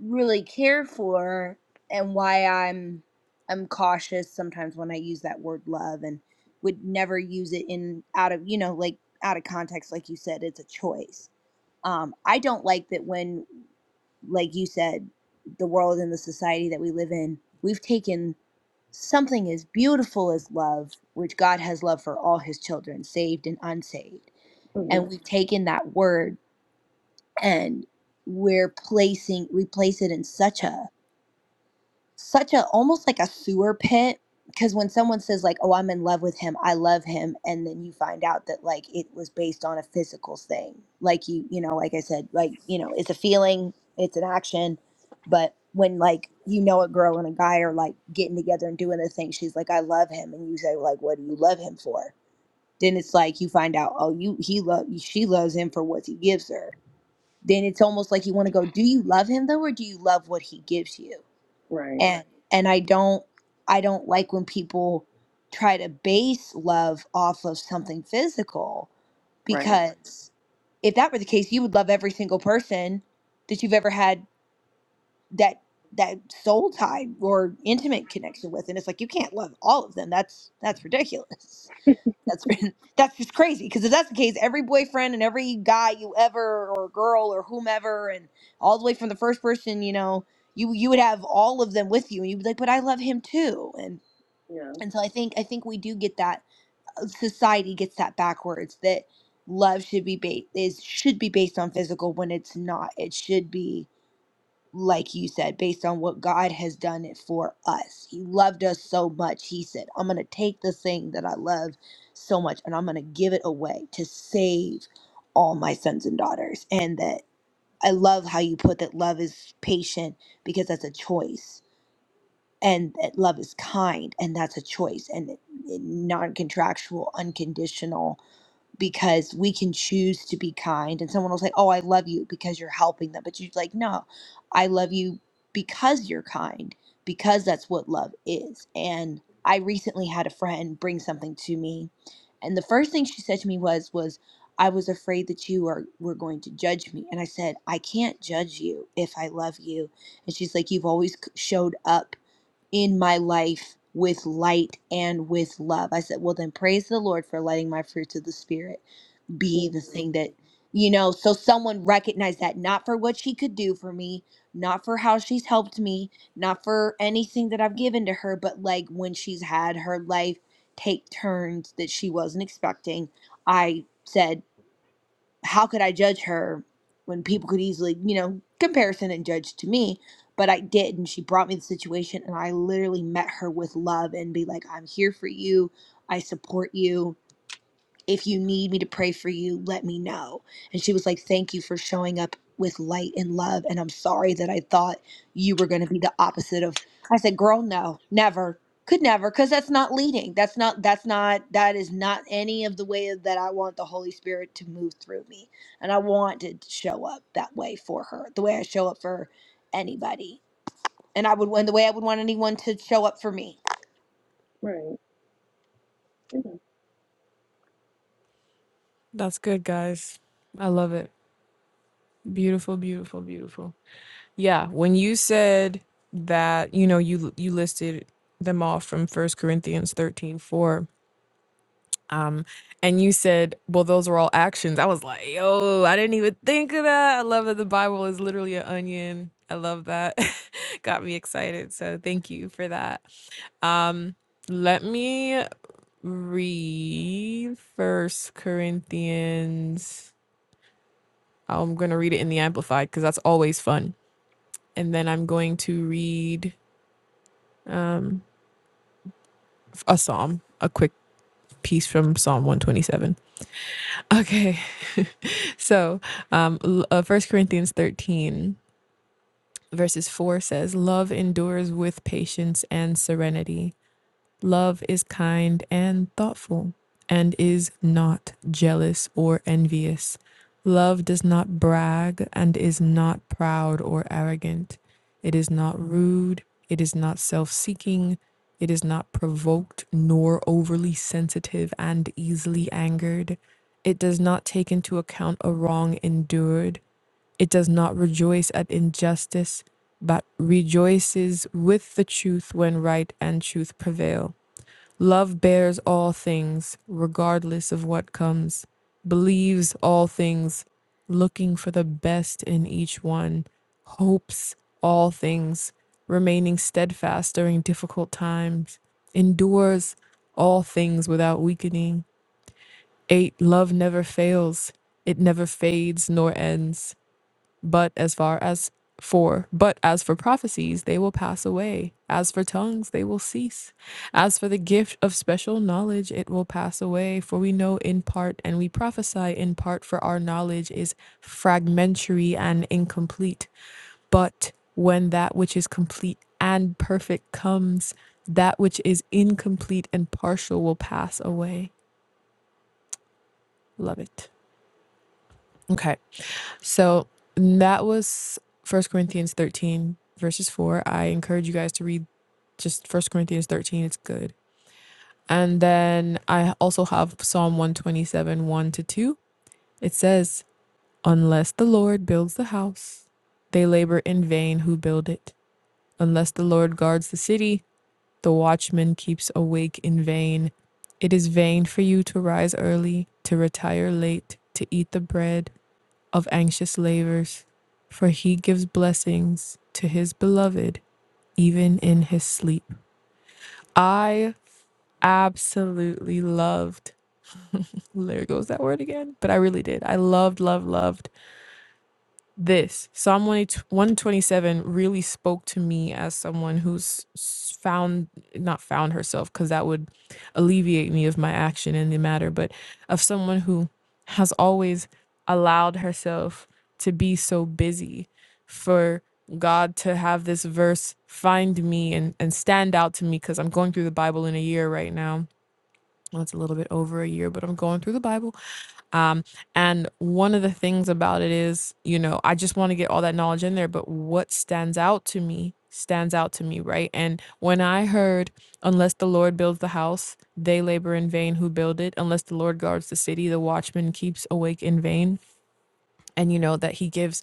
really care for and why I'm I'm cautious sometimes when I use that word love and would never use it in out of you know like out of context like you said it's a choice. Um I don't like that when like you said the world and the society that we live in we've taken something as beautiful as love which God has love for all his children saved and unsaved
hmm
and we've taken that word and we're placing we place it in such a such a almost like a sewer pit because when someone says like oh i'm in love with him i love him and then you find out that like it was based on a physical thing like you you know like i said like you know it's a feeling it's an action but when like you know a girl and a guy are like getting together and doing the thing she's like i love him and you say like what do you love him for then it's like you find out oh you he love she loves him for what he gives her then it's almost like you want to go do you love him though or do you love what he gives you
right
and and i don't i don't like when people try to base love off of something physical
right
because if that were the case you would love every single person that you've ever had that that soul tie or intimate connection with and it's like you can't love all of them that's that's ridiculous that's *laughs* that's just crazy because if that's the case, every boyfriend and every guy you ever or girl or whomever, and all the way from the first person, you know, you you would have all of them with you, and you'd be like, "But I love him too." And
yeah
and so I think I think we do get that uh, society gets that backwards that love should be based is should be based on physical when it's not. It should be like you said, based on what God has done it for us. He loved us so much. He said, I'm going to take the thing that I love so much and I'm going to give it away to save all my sons and daughters. And that I love how you put that love is patient because that's a choice. And that love is kind and that's a choice. And non contractual, unconditional because we can choose to be kind and someone will say oh i love you because you're helping them but you're like no i love you because you're kind because that's what love is and i recently had a friend bring something to me and the first thing she said to me was was i was afraid that you are were going to judge me and i said i can't judge you if i love you and she's like you've always c- showed up in my life with light and with love i said well then praise the lord for lighting my fruits of the spirit be
hmm
the thing that you know so someone recognized that not for what she could do for me not for how she's helped me not for anything that i've given to her but like when she's had her life take turns that she wasn't expecting i said how could i judge her when people could easily you know comparison and judge to me but i did and she brought me the situation and i literally met her with love and be like i'm here for you i support you if you need me to pray for you, let me know. And she was like, Thank you for showing up with light and love. And I'm sorry that I thought you were going to be the opposite of. I said, Girl, no, never. Could never, because that's not leading. That's not, that's not, that is not any of the way that I want the Holy Spirit to move through me. And I want to show up that way for her, the way I show up for anybody. And I would, and the way I would want anyone to show up for me.
right Amen.
That's good, guys. I love it. Beautiful, beautiful, beautiful. Yeah, when you said that, you know, you you listed them off from First Corinthians 13:4. Um, and you said, well, those are all actions. I was like, yo, I didn't even think of that. I love that the Bible is literally an onion. I love that. *laughs* Got me excited. So thank you for that. Um, let me read First Corinthians. I'm gonna read it in the Amplified because that's always fun. And then I'm going to read um a psalm, a quick piece from Psalm 127. *laughs* Okay. So, um, l- uh, 1 Corinthians 13, verses 4 says, Love endures with patience and serenity. Love is kind and thoughtful and is not jealous or envious. Love does not brag and is not proud or arrogant. It is not rude. It is not self seeking. It is not provoked nor overly sensitive and easily angered. It does not take into account a wrong endured it does not rejoice at injustice, but rejoices with the truth when right and truth prevail. Love bears all things, regardless of what comes, believes all things, looking for the best in each one, hopes all things, remaining steadfast during difficult times, endures all things without weakening. 8. Love never fails, it never fades nor ends. But as far as for but as for prophecies they will pass away as for tongues they will cease as for the gift of special knowledge it will pass away for we know in part and we prophesy in part for our knowledge is fragmentary and incomplete but when that which is complete and perfect comes that which is incomplete and partial will pass away love it okay So that was First Corinthians 13, verses 4. I encourage you guys to read just First Corinthians 13, it's good. And then I also have Psalm 127, 1 to 2. It says, Unless the Lord builds the house, they labor in vain who build it. Unless the Lord guards the city, the watchman keeps awake in vain. It is vain for you to rise early, to retire late, to eat the bread of anxious labors, for he gives blessings to his beloved even in his sleep. I absolutely loved. There goes that word again. But I really did. I loved, loved, loved this psalm 120 127 really spoke to me as someone who's found not found herself because that would alleviate me of my action in the matter but of someone who has always allowed herself to be so busy for god to have this verse find me and, and stand out to me because i'm going through the bible in a year right now well, it's a little bit over a year but i'm going through the bible um, and one of the things about it is, you know, I just want to get all that knowledge in there, but what stands out to me stands out to me, right? And when I heard, unless the Lord builds the house, they labor in vain who build it, unless the Lord guards the city, the watchman keeps awake in vain. And you know that he gives,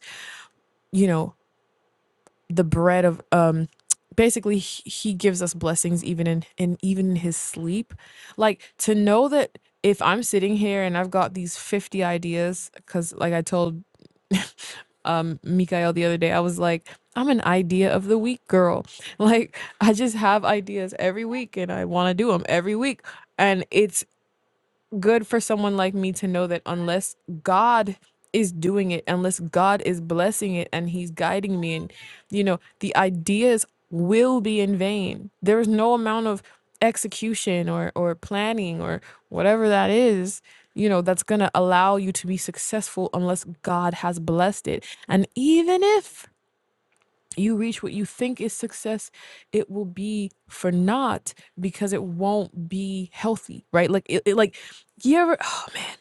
you know, the bread of um basically he gives us blessings even in in even in his sleep like to know that if i'm sitting here and i've got these 50 ideas because like i told *laughs* um mikael the other day i was like i'm an idea of the week girl *laughs* like i just have ideas every week and i want to do them every week and it's good for someone like me to know that unless God is doing it, unless God is blessing it and He's guiding me, and you know, the ideas will be in vain. There is no amount of execution or or planning or whatever that is you know that's going to allow you to be successful unless God has blessed it and even if you reach what you think is success, it will be for naught because it won't be healthy, right? Like it, it like you ever oh man,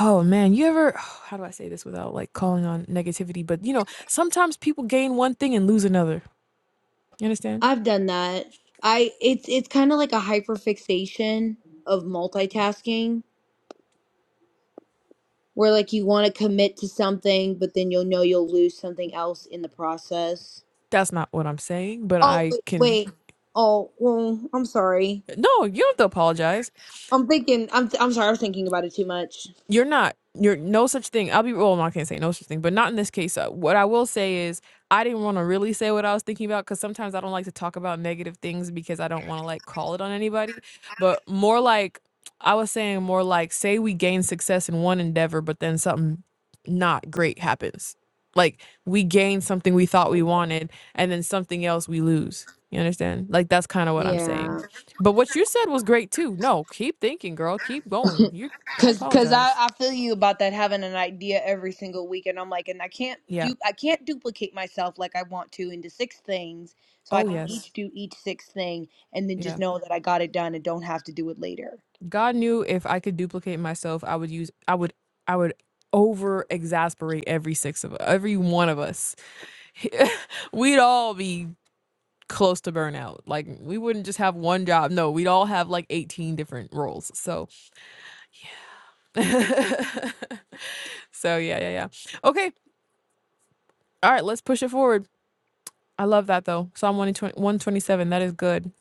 oh man, you ever *sighs* how do I say this without like calling on negativity? But you know, sometimes people gain one thing and lose another. You understand?
I've done that. I it's it's kind of like a hyperfixation of multitasking where like you want to commit to something but then you'll know you'll lose something else in the process.
That's not what I'm saying, but
Oh
I
wait,
can
wait. Oh, well, I'm sorry.
no, you don't have to apologize
I'm thinking I'm I'm sorry I was thinking about it too much.
you're not you're no such thing i'll be well no, i can't say no such thing but not in this case uh, what i will say is i didn't want to really say what i was thinking about because sometimes i don't like to talk about negative things because i don't want to like call it on anybody but more like i was saying more like say we gain success in one endeavor but then something not great happens like we gain something we thought we wanted and then something else we lose you understand like that's kind of what i'm saying
Yeah.
but what you said was great too no keep thinking girl keep going you don't
Cause, cause
apologize
I, I feel you about that having an idea every single week, and I'm like, and I can't
Yeah.
do I can't duplicate myself like I want to into six things, so I
Oh,
can Mhm.
yes.
each do each six thing, and then just
Yeah.
know that I got it done and don't have to do it later.
God knew if I could duplicate myself, I would use, I would, I would over exasperate every six of every one of us. *laughs* We'd all be close to burnout. Like we wouldn't just have one job. No, we'd all have like 18 different roles. So, *laughs* so yeah, yeah, yeah. Okay. All right. Let's push it forward. I love that though. Psalm 120 127. That is good.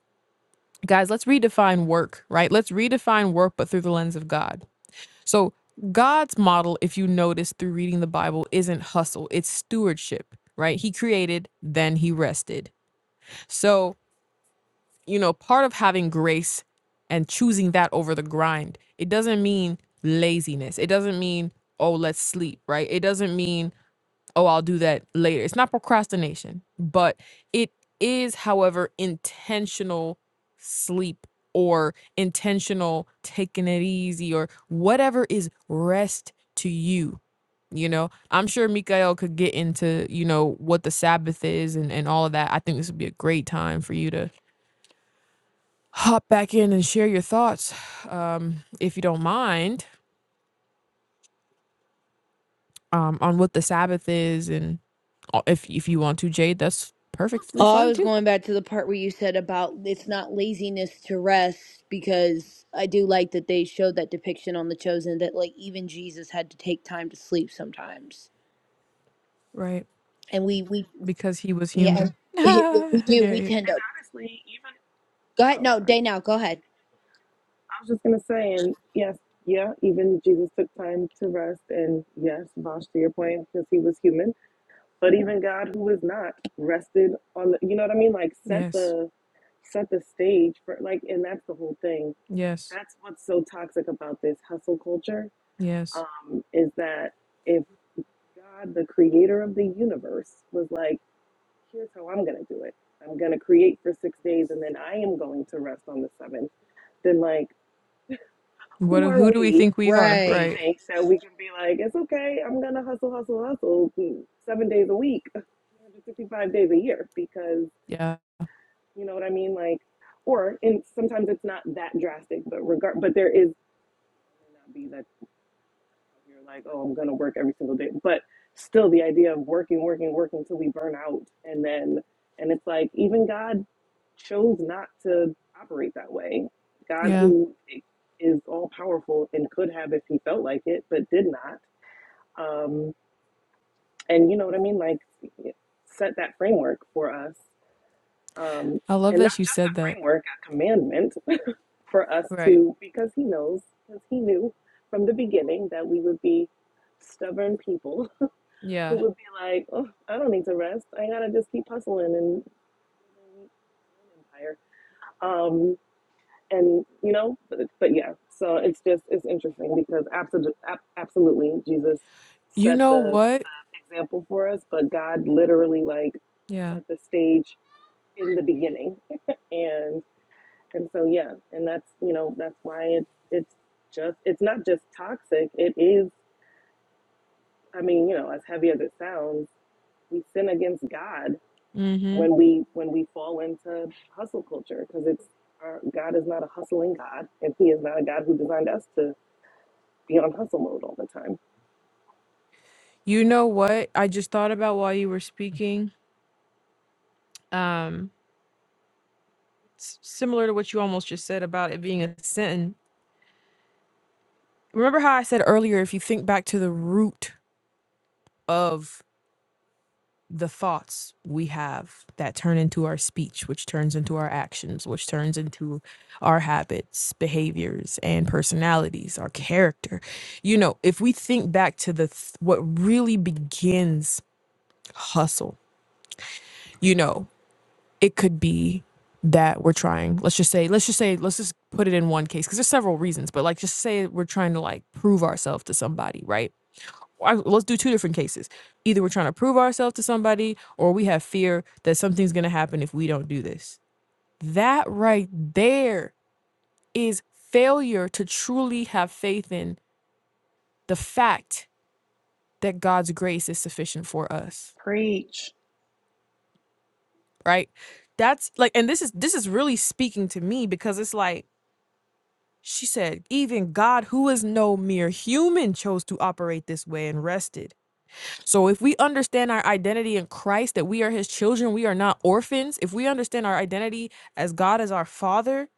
Guys, let's redefine work, right? Let's redefine work, but through the lens of God So, God's model, if you notice through reading the Bible, isn't hustle, it's stewardship, right? He created, then he rested. So, you know, part of having grace and choosing that over the grind, it doesn't mean laziness. It doesn't mean, oh, let's sleep, right? It doesn't mean oh, I'll do that later. It's not procrastination, but it is, however, intentional sleep or intentional taking it easy or whatever is rest to you. You know, I'm sure Mikael could get into, you know, what the Sabbath is and, and all of that. I think this would be a great time for you to hop back in and share your thoughts, um, if you don't mind, um, on what the Sabbath is and uh, if if you want to, Jade, that's perfectly
Oh, I
fine
was
too.
going back to the part where you said about it's not laziness to rest because I do like that they showed that depiction on The Chosen that like even Jesus had to take time to sleep sometimes.
Right.
And we we
Because he was
yeah, and
human.
*laughs* it,
*laughs*
we we do we
Yeah,
tend to go ahead.
oh
No,
sorry
day now. Go ahead.
I was just gonna say and yes yeah even Jesus took time to rest and yes Vosh to your point because he was human but even God who was not rested on the you know what I mean like set
yes.
the set the stage for like and that's the whole thing
Yes.
that's what's so toxic about this hustle culture
Yes.
um, is that if God, the creator of the universe, was like, here's how I'm going to do it I'm going to create for six days and then I am going to rest on the seventh, then, like,
What
who
do-
are
who do we
we
think we are?
that we
Right.
Right.
think that we can be like, it's okay, I'm going to hustle, hustle, hustle mm, seven days a week, *laughs* 365 days a year because,
Yeah.
you know what I mean? Like, or, and sometimes it's not that drastic, but regard, but there is, it may not be that You're like, oh, I'm gonna work every single day. But still the idea of working, working, working till we burn out and then and it's like even God chose not to operate that way. God
Yeah.
who is all powerful and could have if he felt like it, but did not. Um and you know what I mean? Like set that framework for us. Um
I love
and not
that you
just a
said that.
framework, a commandment for us
Right.
to because he knows, because he knew from the beginning that we would be stubborn people
Yeah.
who would be like, oh, I don't need to rest. I gotta just keep hustling and building my own empire. Um, and you know, but, but yeah, so it's just it's interesting because absolutely, absolutely, Jesus
You
set
know
the,
what?
example for us, but God literally like
Yeah.
set the stage in the beginning, *laughs* and and so yeah, and that's you know that's why it's it's just it's not just toxic. It is. I mean, you know, as heavy as it sounds, we sin against God
Mhm.
when we when we fall into hustle culture because it's our God is not a hustling God and He is not a God who designed us to be on hustle mode all the time.
You know what? I just thought about while you were speaking. Um s- similar to what you almost just said about it being a sin. Remember how I said earlier if you think back to the root of the thoughts we have that turn into our speech, which turns into our actions, which turns into our habits, behaviors, and personalities, our character. You know, if we think back to the th- what really begins hustle, you know, it could be that we're trying. Let's just say, let's just say, let's just put it in one case because there's several reasons, but like just say we're trying to like prove ourselves to somebody, right? I, let's do two different cases. Either we're trying to prove ourselves to somebody, or we have fear that something's going to happen if we don't do this. That right there is failure to truly have faith in the fact that God's grace is sufficient for us, right? That's like, and this is this is really speaking to me because it's like she said, even God, who is no mere human, chose to operate this way and rested So if we understand our identity in Christ, that we are his children, we are not orphans, if we understand our identity as God as our father,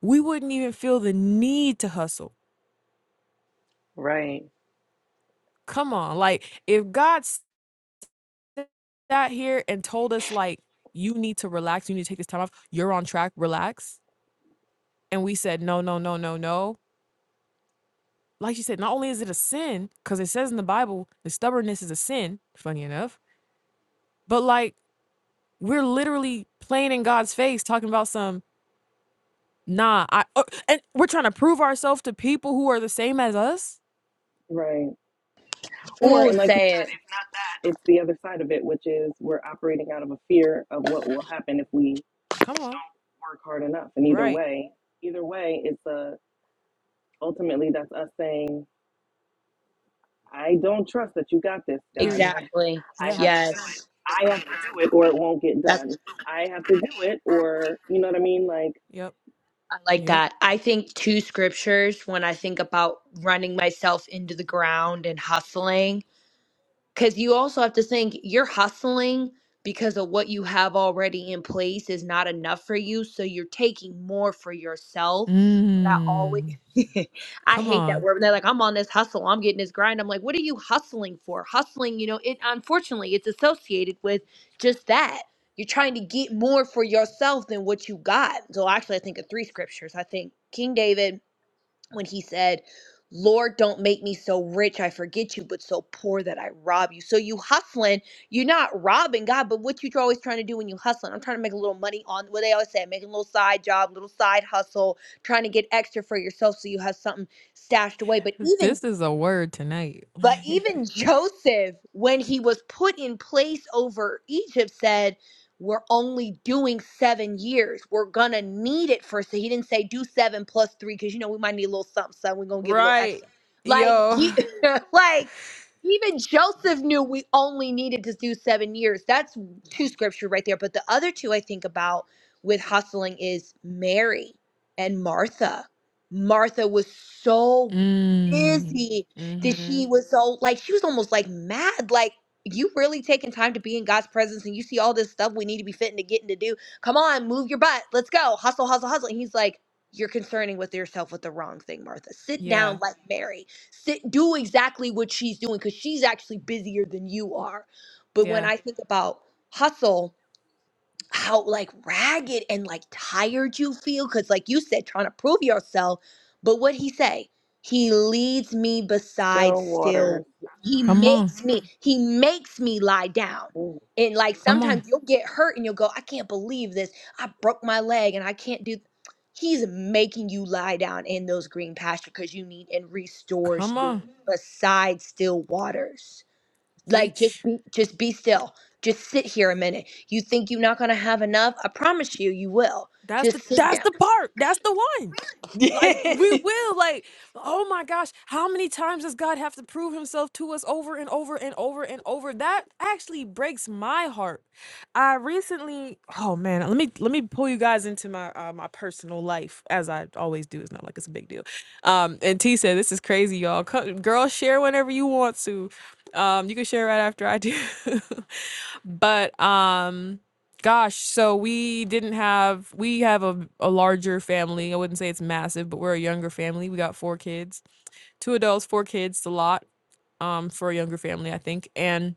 we wouldn't even feel the need to hustle. Come on. Like if God sat here and told us like you need to relax, you need to take this time off, you're on track, relax, and we said no, no, no, no, no. Like you said, not only is it a sin cuz it says in the Bible, the stubbornness is a sin, funny enough, but like we're literally playing in God's face talking about some Nah, I uh, and we're trying to prove ourselves to people who are the same as us.
Right. Or
Oh,
and like you said,
say it
if not that, it's the other side of it, which is we're operating out of a fear of what will happen if we
Come on,
work hard enough. And either
right?
way, either way, it's a ultimately that's us saying I don't trust that you got this, God.
Period.
I
exactly.
I
Yeah.
have to do it.
Yes,
I have to do it or it won't get done.
that's
I have to do it or you know what I mean? Like
Yep.
I like
Yep.
that. I think two scriptures when I think about running myself into the ground and hustling Because you also have to think you're hustling because of what you have already in place is not enough for you. So you're taking more for yourself. But I always,
Mm.
*laughs* I
Come
hate that
on,
word. when They're like, I'm on this hustle. I'm getting this grind. I'm like, what are you hustling for? Hustling, you know, it unfortunately it's associated with just that. You're trying to get more for yourself than what you got. So actually, I think of three scriptures. I think King David, when he said, Lord, don't make me so rich I forget you, but so poor that I rob you. So you hustling, you're not robbing God, but what you always trying to do when you hustling? I'm trying to make a little money on what they always say, making a little side job, little side hustle, trying to get extra for yourself so you have something stashed away. But even
this is a word tonight.
but
*laughs*
even Joseph, when he was put in place over Egypt, said, We're only doing seven years. We're going to need it for. So he didn't say do seven plus three because, you know, we might need a little something. So we're going to give a little
Right.
extra. Like,
Yo.
he, *laughs* like, even Joseph knew we only needed to do seven years. That's two scripture right there. But the other two I think about with hustling is Mary and Martha. Martha was so
mm.
busy that
Mm-hmm.
she was so like she was almost like mad like you really taking time to be in God's presence and you see all this stuff we need to be fitting to getting to do. Come on, move your butt. Let's go. Hustle, hustle, hustle. And he's like, You're concerning with yourself with the wrong thing, Martha. Sit down
Yeah.
like Mary. Sit do exactly what she's doing because she's actually busier than you are. But when
Yeah.
I think about hustle, how like ragged and like tired you feel because like you said trying to prove yourself but what he say he leads me beside
still
still
water.
wa- he
Come on.
makes me Mhm. he makes me lie down
Mm.
and like
Come on.
sometimes you'll get hurt and you'll go i can't believe this i broke my leg and i can't do he's making you lie down in those green pasture because you need and restores
Come
you
on.
beside still waters like just
Preach.
be just be still just sit here a minute you think you're not going to have enough i promise you you will
That's the
just sit
that's
down
the part. That's the one.
*laughs*
Like we will like oh my gosh, how many times does God have to prove himself to us over and over and over and over? That actually breaks my heart. I recently oh man, let me let me pull you guys into my uh, my personal life as I always do. It's not like it's a big deal. Um and T said this is crazy y'all. Co- Girl share whenever you want to. Um you can share right after I do. *laughs* But um gosh, so we didn't have we have a, a larger family. I wouldn't say it's massive, but we're a younger family. We got four kids, two adults, four kids, a lot um for a younger family, I think. And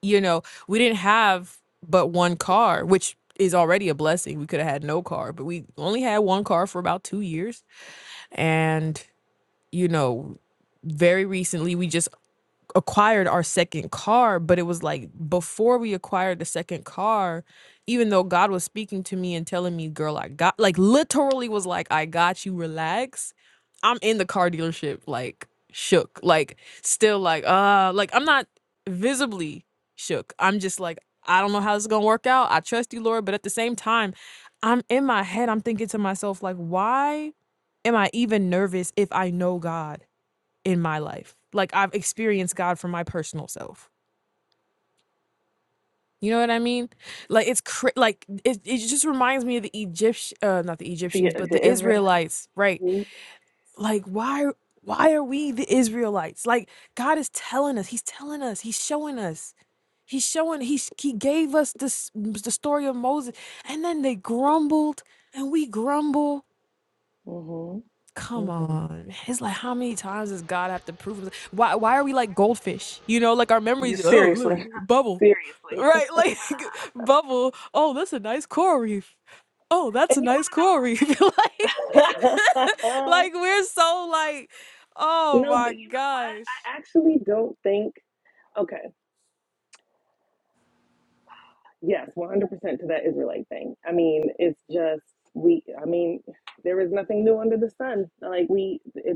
you know, we didn't have but one car, which is already a blessing. We could have had no car, but we only had one car for about 2 years. And you know, very recently we just acquired our second car, but it was like before we acquired the second car, even though God was speaking to me and telling me, girl, I got like literally was like, I got you, relax. I'm in the car dealership, like shook, like still like, uh, like I'm not visibly shook. I'm just like, I don't know how this is gonna work out. I trust you, Lord, but at the same time, I'm in my head, I'm thinking to myself, like, why am I even nervous if I know God? in my life. Like I've experienced God for my personal self. You know what I mean? Like it's cra- like it, it just reminds me of the Egyptian uh not the
The
Egyptians, but the
the Israelites
Israelites, right?
mm,
Like why why are we the Israelites? Like God is telling us, he's telling us, he's showing us. He's showing he he gave us this the story of Moses and then they grumbled and we grumble Come
mm, mm.
on. It's like how many times does God have to prove himself? Why why are we like goldfish? You know, like our memories, oh look, bubble.
seriously.
Right? *laughs* Like bubble. Oh, that's a nice coral reef. Oh, that's a nice coral reef. *laughs* like,
*laughs* no, but
*laughs* like we're so like,
you
oh
know what?
my gosh.
I actually don't think okay, yes, one hundred percent to that Israelite thing. I mean, it's just we I mean, there is nothing new under the sun. Like we, it.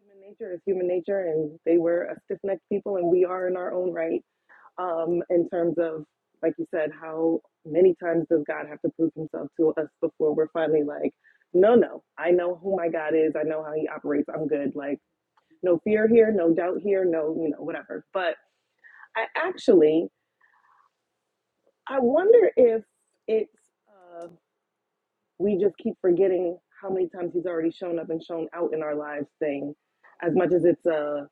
Human nature is human nature, and they were a stiff necked people, and we are in our own right. Um, in terms of, like you said, how many times does God have to prove himself to us before we're finally like, no, no, I know who my God is, I know how he operates, I'm good. Like, no fear here, no doubt here, no, you know, whatever. But I actually, I wonder if it's, uh, we just keep forgetting how many times he's already shown up and shown out in our lives thing, as much as it's a,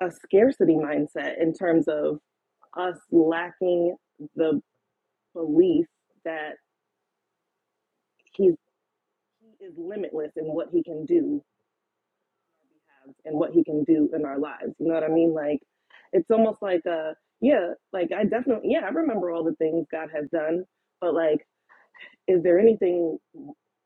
a scarcity mindset in terms of us lacking the belief that he's he is limitless in what he can do and what he can do in our lives. You know what I mean? Like it's almost like a yeah, like I definitely yeah, I remember all the things God has done, but like is there anything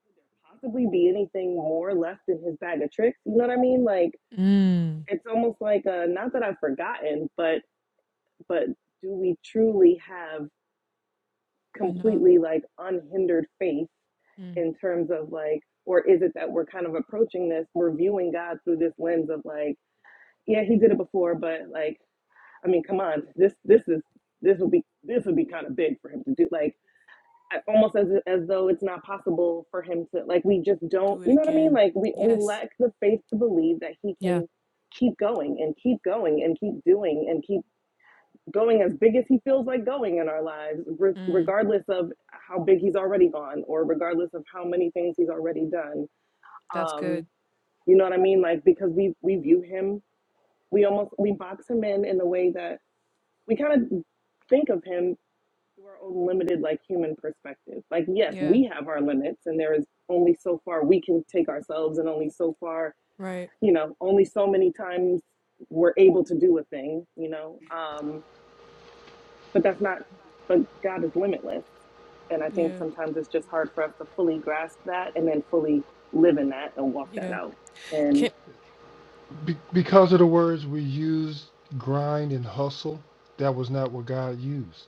could there possibly be anything more left in his bag of tricks? You know what I mean? Like
Mm.
it's almost like a not that I've forgotten, but but do we truly have
I know.
completely like unhindered faith
Mm.
in terms of like, or is it that we're kind of approaching this, we're viewing God through this lens of like, yeah, he did it before, but like, I mean, come on, this this is this would be this would be kind of big for him to do, like I- almost as as though it's not possible for him to like we just
Do
don't,
it
you know what I mean?
again.
Like we we
Yes.
lack the faith to believe that he
Yeah.
can keep going and keep going and keep doing and keep going as big as he feels like going in our lives, re-
Mm.
regardless of how big he's already gone or regardless of how many things he's already done.
That's
Um,
good.
you know what I mean? Like because we we view him, we almost we box him in in the way that we kind of think of him through our own limited like human perspective. Like yes,
Yeah.
we have our limits, and there is only so far we can take ourselves, and only so far
Right.
you know, only so many times we're able to do a thing. You know. Um, But that's not, but God is limitless. And I think
Yeah.
sometimes it's just hard for us to fully grasp that and then fully live in that and walk that
Yeah.
out. And
Can,
Be- because of the words we used, grind and hustle, that was not what God used.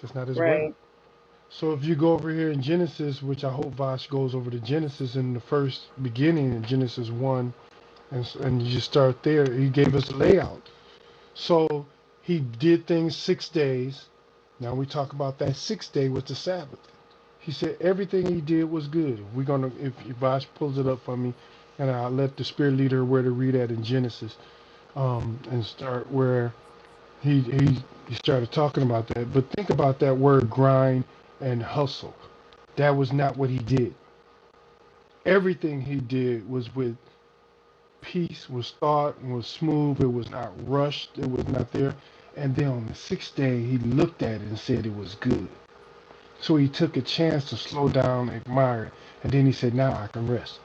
That's not His
right.
word. So if you go over here in Genesis, which I hope Vosh goes over to Genesis in the first beginning in Genesis 1, and, s- and you just start there, He gave us a layout. So he did things six days. Now we talk about that sixth day was the Sabbath. He said everything he did was good. We're gonna if if Vash pulls it up for me, and I let the spirit leader where to read that in Genesis, um, and start where he he he started talking about that. But think about that word grind and hustle. That was not what he did. Everything he did was with piece was thought and was smooth. It was not rushed. It was not there. And then on the sixth day, he looked at it and said it was good. So he took a chance to slow down, admire it, and then he said, "Now I can rest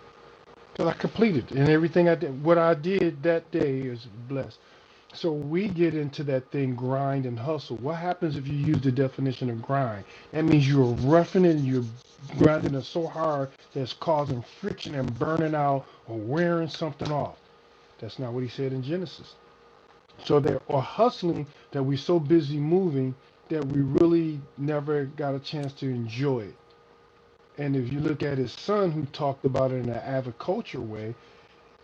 because I completed it. and everything I did. What I did that day is blessed." So we get into that thing grind and hustle. What happens if you use the definition of grind? That means you're roughing it, and you're grinding it so hard that it's causing friction and burning out or wearing something off. That's not what he said in Genesis. So there are hustling that we're so busy moving that we really never got a chance to enjoy it. And if you look at his son who talked about it in an agriculture way,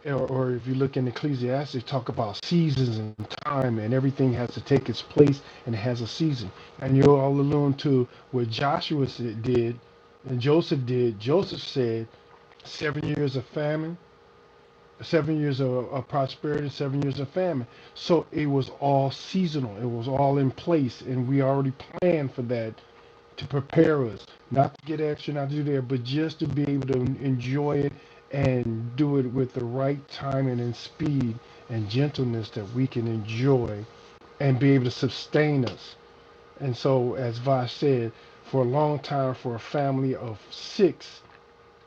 or, or if you look in Ecclesiastes, talk about seasons and time and everything has to take its place and it has a season. And you're all alone to what Joshua did and Joseph did. Joseph said, seven years of famine, seven years of, of prosperity, seven years of famine. So it was all seasonal. It was all in place, and we already planned for that to prepare us, not to get extra, not to do that, but just to be able to enjoy it and do it with the right timing and speed and gentleness that we can enjoy and be able to sustain us. And so, as Vi said, for a long time, for a family of six,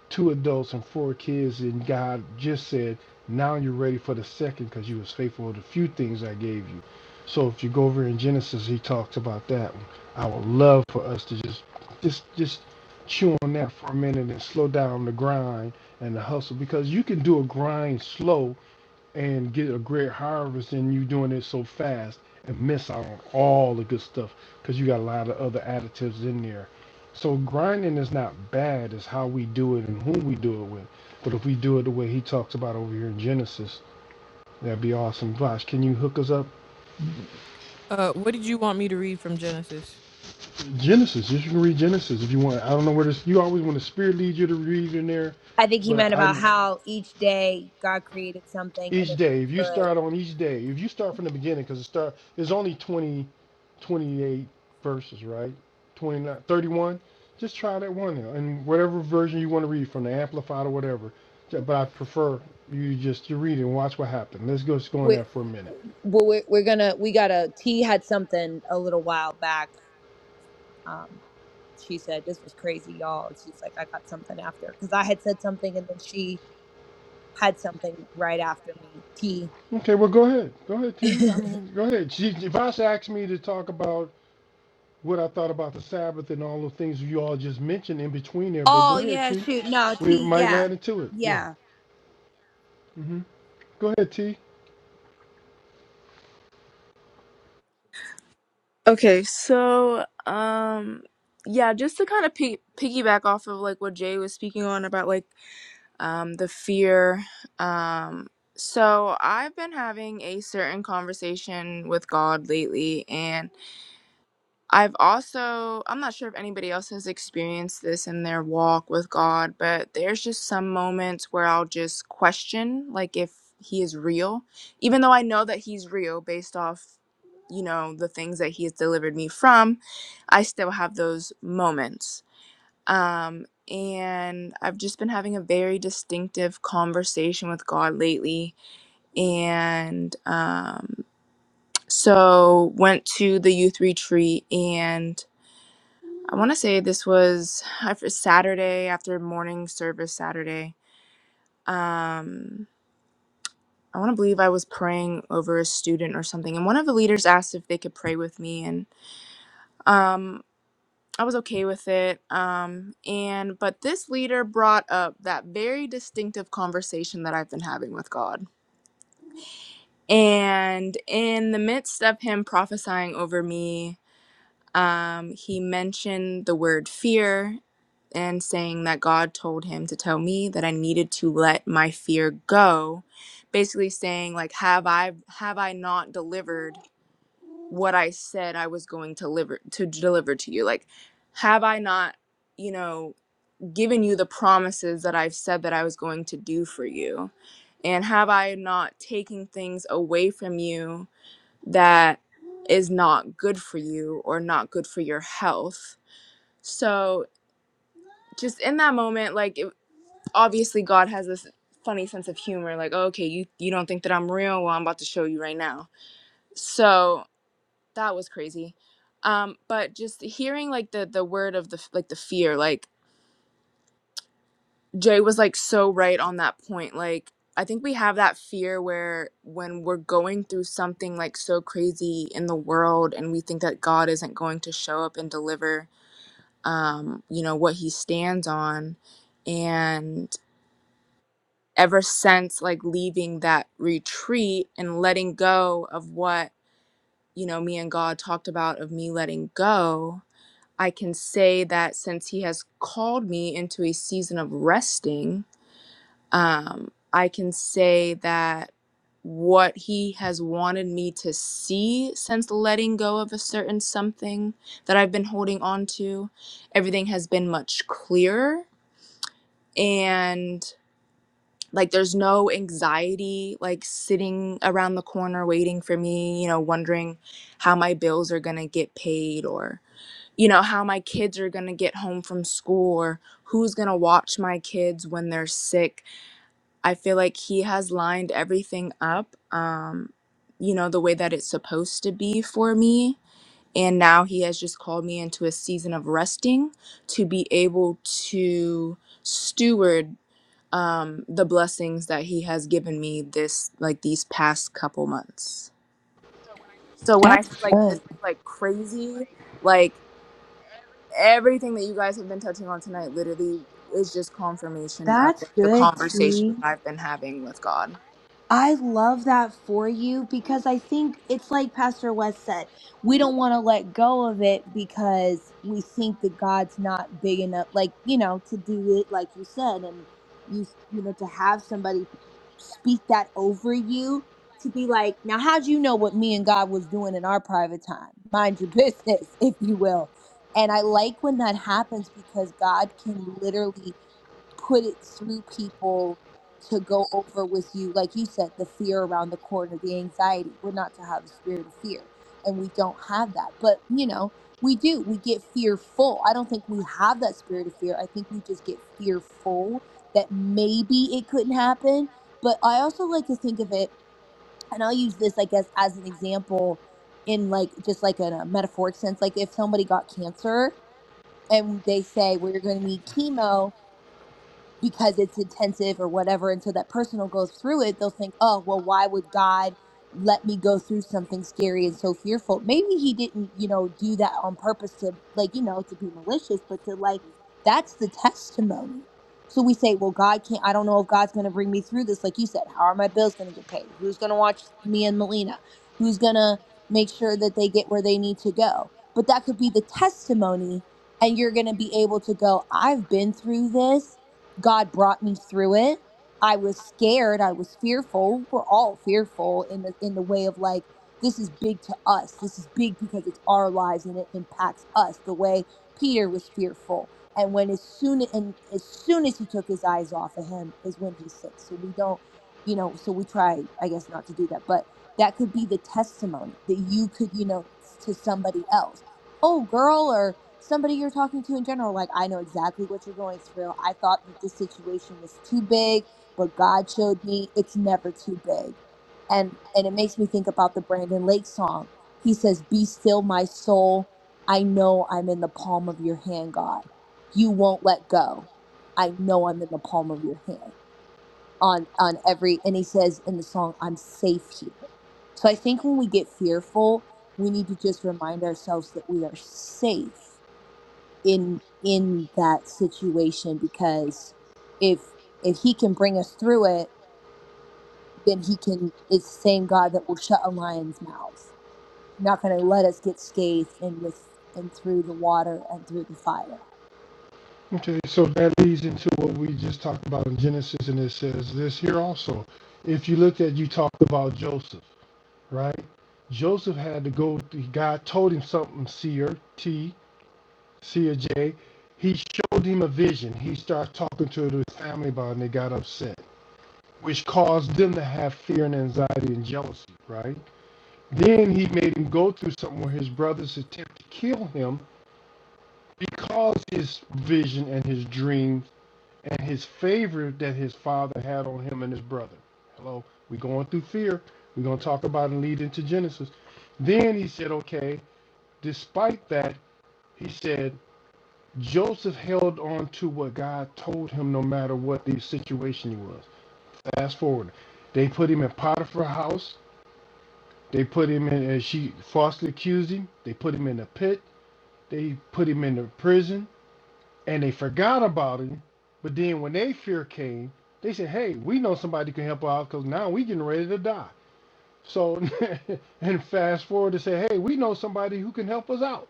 two adults and four kids, and God just said, now you're ready for the second because you was faithful with the few things I gave you. So if you go over in Genesis, he talks about that one. I would love for us to just just just chew on that for a minute and slow down the grind and the hustle because you can do a grind slow and get a great harvest and you doing it so fast and miss out on all the good stuff because you got a lot of other additives in there. So grinding is not bad, it's how we do it and whom we do it with. But if we do it the way he talks about over here in Genesis, that'd be awesome. Vosh, can you hook us up?
uh, what did you want me to read from Genesis?
Genesis, you can read Genesis if you want. I don't know where this, you always want the spirit lead you to read in there,
i think he
but
meant about
I,
how each day god created something and
each
it
day, if you
was good
start on each day, if you start from the beginning, because it start, There's only 20, 28 verses, right? 29, 31. Just try that one out. And whatever version you want to read from the Amplified or whatever. But I prefer you just to read it and watch what happened. Let's go, just go on
we
that for a minute.
well, we're, we're gonna we got a t had something a little while back Um, she said, This was crazy, y'all. She's like, I got something after. Because I had said something and then she had something right after me. T.
Okay, well, go ahead. Go ahead,
*laughs*
T. I mean, go ahead. She, if Ash asked me to talk about what I thought about the Sabbath and all the things you all just mentioned in between there, but
oh,
go ahead,
yeah,
T.
shoot. No,
We
T.
might
Yeah.
land into it. Yeah.
Yeah.
hmm Go ahead, T.
Okay, so um yeah, just to kind of pig- piggyback off of like what Jay was speaking on about like um the fear um so I've been having a certain conversation with God lately and. I've also, I'm not sure if anybody else has experienced this in their walk with God, but there's just some moments where I'll just question, like, if He is real, even though I know that He's real based off, you know, the things that He has delivered me from, I still have those moments. Um, and I've just been having a very distinctive conversation with God lately. And um, so went to the youth retreat and I want to say this was after Saturday after morning service Saturday. Um, I want to believe I was praying over a student or something, and one of the leaders asked if they could pray with me, and um, I was okay with it. Um, and but this leader brought up that very distinctive conversation that I've been having with God, and in the midst of him prophesying over me Um, he mentioned the word fear and saying that God told him to tell me that I needed to let my fear go, basically saying like have I have I not delivered what I said I was going to deliver to deliver to you? Like have I not, you know, given you the promises that I've said that I was going to do for you? And have I not taken things away from you that is not good for you or not good for your health? So just in that moment, like it, obviously God has this funny sense of humor. Like, "Oh, okay, you you don't think that I'm real? Well, I'm about to show you right now. So that was crazy. Um, but just hearing like the the word of the like the fear, like Jay was like so right on that point. Like I think we have that fear where when we're going through something like so crazy in the world and we think that God isn't going to show up and deliver um, you know, what he stands on. And ever since like leaving that retreat and letting go of what you know me and god talked about of me letting go i can say that since he has called me into a season of resting um i can say that what he has wanted me to see since letting go of a certain something that i've been holding on to everything has been much clearer and like there's no anxiety like sitting around the corner waiting for me you know wondering how my bills are going to get paid or you know how my kids are going to get home from school or who's going to watch my kids when they're sick i feel like he has lined everything up um you know the way that it's supposed to be for me and now he has just called me into a season of resting to be able to steward um, the blessings that he has given me this like these past couple months. So when I
That's
say like this
good.
like crazy, like everything that you guys have been touching on tonight literally is just confirmation of
That's
like, the
good,
conversation
T.
that I've been having with God.
I love that for you because I think it's like Pastor West said, we don't want to let go of it because we think that God's not big enough, like, you know, to do it like you said. And you, you know, to have somebody speak that over you to be like, now, how'd you know what me and God was doing in our private time? Mind your business, *laughs* if you will. And I like when that happens because God can literally put it through people to go over with you like you said the fear around the corner the anxiety we're not to have a spirit of fear and we don't have that but you know we do we get fearful i don't think we have that spirit of fear i think we just get fearful that maybe it couldn't happen but i also like to think of it and i'll use this i guess as an example in like just like in a metaphoric sense like if somebody got cancer and they say well you're going to need chemo because it's intensive or whatever. And so that person will go through it. They'll think, oh, well, why would God let me go through something scary and so fearful? Maybe he didn't, you know, do that on purpose to, like, you know, to be malicious, but to, like, that's the testimony. So we say, well, God can't, I don't know if God's going to bring me through this. Like you said, how are my bills going to get paid? Who's going to watch me and Melina? Who's going to make sure that they get where they need to go? But that could be the testimony and you're going to be able to go i've been through this God brought me through it. I was scared. I was fearful. We're all fearful in the in the way of like this is big to us. This is big because it's our lives and it impacts us. The way Peter was fearful, and when as soon and as soon as he took his eyes off of him is when he sinks. So we don't, you know. So we try, I guess, not to do that. But that could be the testimony that you could, you know, to somebody else oh girl or somebody you're talking to in general like i know exactly what you're going through i thought that this situation was too big but god showed me it's never too big and and it makes me think about the brandon lake song he says be still my soul i know i'm in the palm of your hand god you won't let go i know i'm in the palm of your hand on on every and he says in the song i'm safe here so i think when we get fearful we need to just remind ourselves that we are safe in in that situation because if if he can bring us through it then he can it's the same god that will shut a lion's mouth not going to let us get scathed and with and through the water and through the fire
Okay, so that leads into what we just talked about in Genesis, and it says this here also. If you look at, you talked about Joseph, right? Joseph had to go, God told him something, seer, T, seer J. He showed him a vision. He started talking to his family about it, and they got upset, which caused them to have fear and anxiety and jealousy, right? Then he made him go through something where his brothers attempt to kill him because his vision and his dream and his favor that his father had on him and his brother. Hello, we're going through fear. We're going to talk about and lead into Genesis. Then he said, okay, despite that, he said, Joseph held on to what God told him no matter what the situation was. Fast forward. They put him in Potiphar's house. They put him in, and she falsely accused him. They put him in a pit. They put him in a prison. and they forgot about him. But then when they fear came, they said, "Hey, we know somebody can help out because now we getting ready to die." So, *laughs* and fast forward to say, "Hey, we know somebody who can help us out."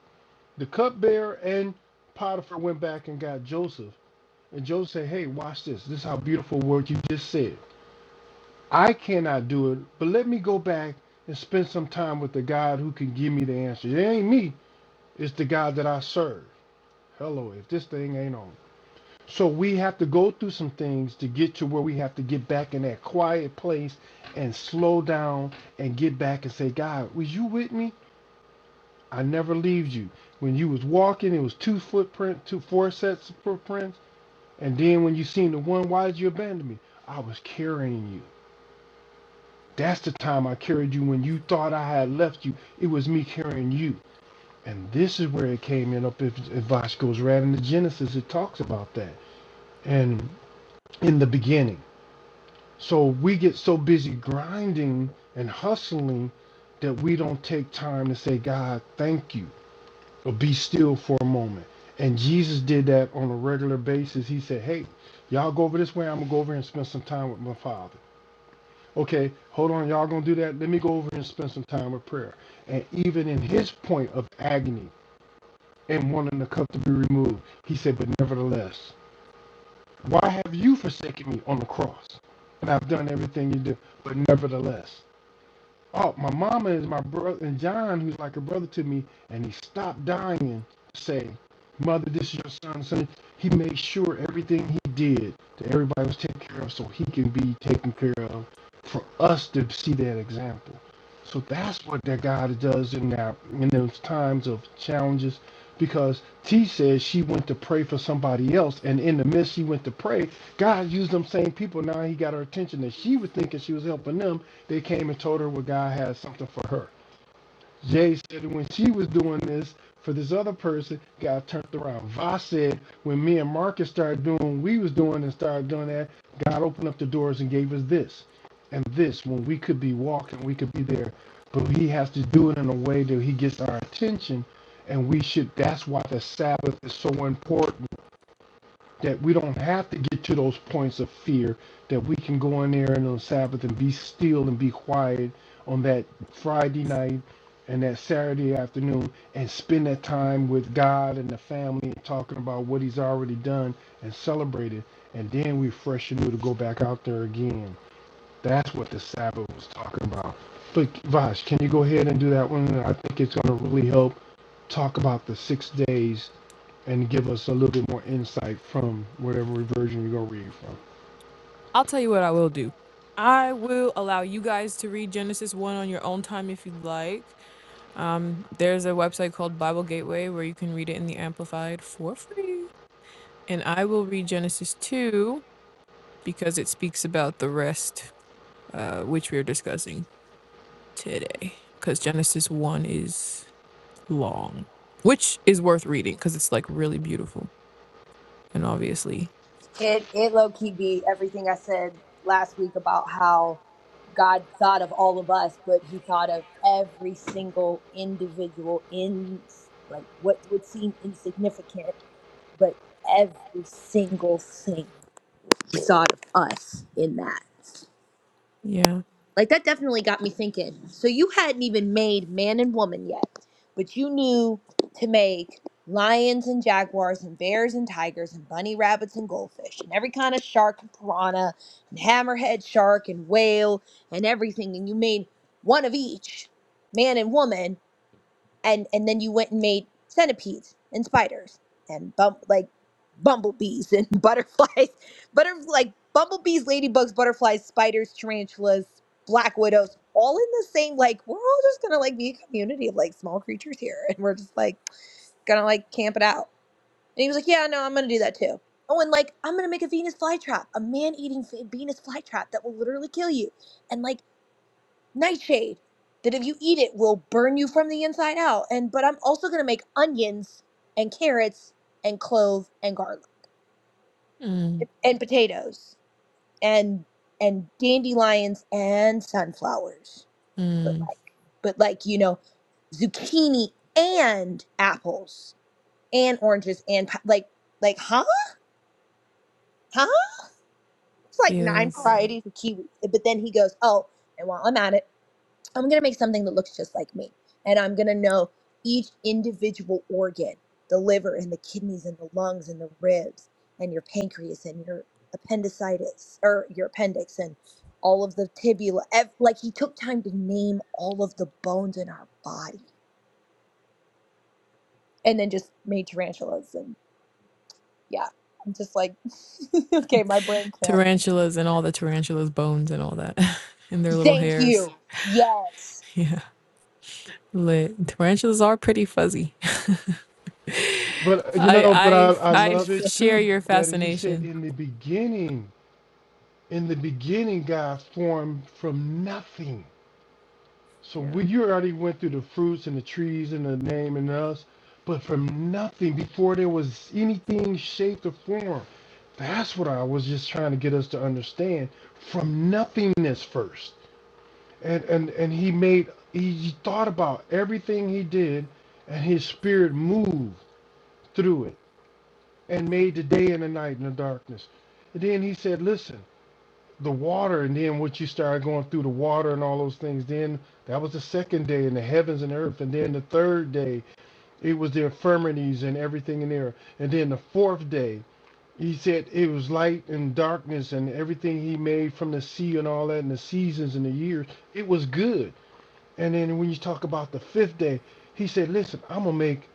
The cupbearer and Potiphar went back and got Joseph, and Joseph said, "Hey, watch this. This is how beautiful word you just said. I cannot do it, but let me go back and spend some time with the God who can give me the answer. It ain't me. It's the God that I serve. Hello, if this thing ain't on." So we have to go through some things to get to where we have to get back in that quiet place and slow down and get back and say, God, was you with me? I never leave you. When you was walking, it was two footprint, two four sets of footprints, and then when you seen the one, why did you abandon me? I was carrying you. That's the time I carried you when you thought I had left you. It was me carrying you. And this is where it came in up if, if Vosh goes right into Genesis, it talks about that. And in the beginning. So we get so busy grinding and hustling that we don't take time to say, God, thank you, or be still for a moment. And Jesus did that on a regular basis. He said, Hey, y'all go over this way. I'm going to go over here and spend some time with my Father. Okay, hold on. Y'all going to do that? Let me go over here and spend some time with prayer. And even in his point of agony and wanting the cup to be removed, he said, But nevertheless, why have you forsaken me on the cross? And I've done everything you do, but nevertheless. Oh, my mama is my brother, and John, who's like a brother to me, and he stopped dying to say, Mother, this is your son. son. He made sure everything he did that everybody was taken care of so he can be taken care of for us to see that example. So that's what that God does in that in those times of challenges. Because T says she went to pray for somebody else, and in the midst she went to pray, God used them same people. Now he got her attention that she was thinking she was helping them, they came and told her what God had something for her. Jay said that when she was doing this for this other person, God turned around. Voss said when me and Marcus started doing what we was doing and started doing that, God opened up the doors and gave us this and this when we could be walking, we could be there. But he has to do it in a way that he gets our attention. And we should that's why the Sabbath is so important that we don't have to get to those points of fear, that we can go in there and on Sabbath and be still and be quiet on that Friday night and that Saturday afternoon and spend that time with God and the family and talking about what He's already done and celebrate it. And then we fresh and new to go back out there again. That's what the Sabbath was talking about. But Vash, can you go ahead and do that one? I think it's going to really help talk about the six days and give us a little bit more insight from whatever version you're going to read from.
I'll tell you what I will do. I will allow you guys to read Genesis 1 on your own time if you'd like. Um, there's a website called Bible Gateway where you can read it in the Amplified for free. And I will read Genesis 2 because it speaks about the rest, uh, which we are discussing today. Because Genesis 1 is long, which is worth reading because it's like really beautiful. And obviously,
it it low-key be everything i said last week about how God thought of all of us, but he thought of every single individual in like what would seem insignificant, but every single thing he thought of us in that.
yeah.
Like that definitely got me thinking. So you hadn't even made man and woman yet, but you knew to make lions and jaguars and bears and tigers and bunny rabbits and goldfish and every kind of shark and piranha and hammerhead shark and whale and everything and you made one of each, man and woman, and and then you went and made centipedes and spiders and bum like bumblebees and *laughs* butterflies butter like bumblebees ladybugs butterflies spiders tarantulas black widows all in the same like we're all just gonna like be a community of like small creatures here and we're just like gonna like camp it out and he was like yeah no i'm gonna do that too oh and like i'm gonna make a venus flytrap a man-eating f- venus flytrap that will literally kill you and like nightshade that if you eat it will burn you from the inside out and but i'm also going to make onions and carrots and clove and garlic
Mm,
and potatoes and and dandelions and sunflowers but
mm,
like but like you know zucchini and apples and oranges and pi- like like huh huh it's like nine
feels.
varieties of kiwi but then he goes oh and while i'm at it I'm going to make something that looks just like me. And I'm going to know each individual organ the liver and the kidneys and the lungs and the ribs and your pancreas and your appendicitis or your appendix and all of the tibula. ev- Like he took time to name all of the bones in our body and then just made tarantulas. And yeah, I'm just like, *laughs* okay, my brain can't.
tarantulas and all the tarantulas' bones and all that, *laughs* and their little
Thank
hairs.
you.
*laughs*
Yes.
Yeah, lit. Tarantulas are pretty fuzzy. *laughs*
But, uh, you
I
know, but
I
I, I
*laughs*
I
love it
share
too
your
that he said
fascination.
in the beginning, in the beginning, God formed from nothing. So
Yeah.
we, you already went through the fruits and the trees and the name and us, but from nothing before there was anything shaped or formed. That's what I was just trying to get us to understand from nothingness first and and and he made he, he thought about everything he did and his spirit moved through it and made the day and the night and the darkness and then he said listen the water and then what you started going through the water and all those things then that was the second day in the heavens and earth and then the third day it was the infirmities and everything in there and then the fourth day he said it was light and darkness and everything he made from the sea and all that and the seasons and the years it was good and then when you talk about the fifth day, he said, Listen, I'm gonna make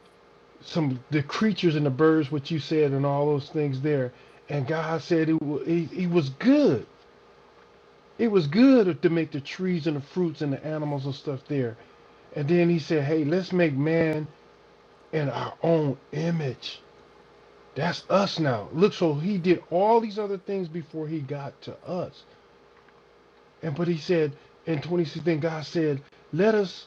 some the creatures and the birds, what you said, and all those things there. And God said it, wa- it, it was good. It was good to make the trees and the fruits and the animals and stuff there. And then he said, Hey, let's make man in our own image. That's us now. Look, so he did all these other things before he got to us. And but he said in 26, then God said, Let us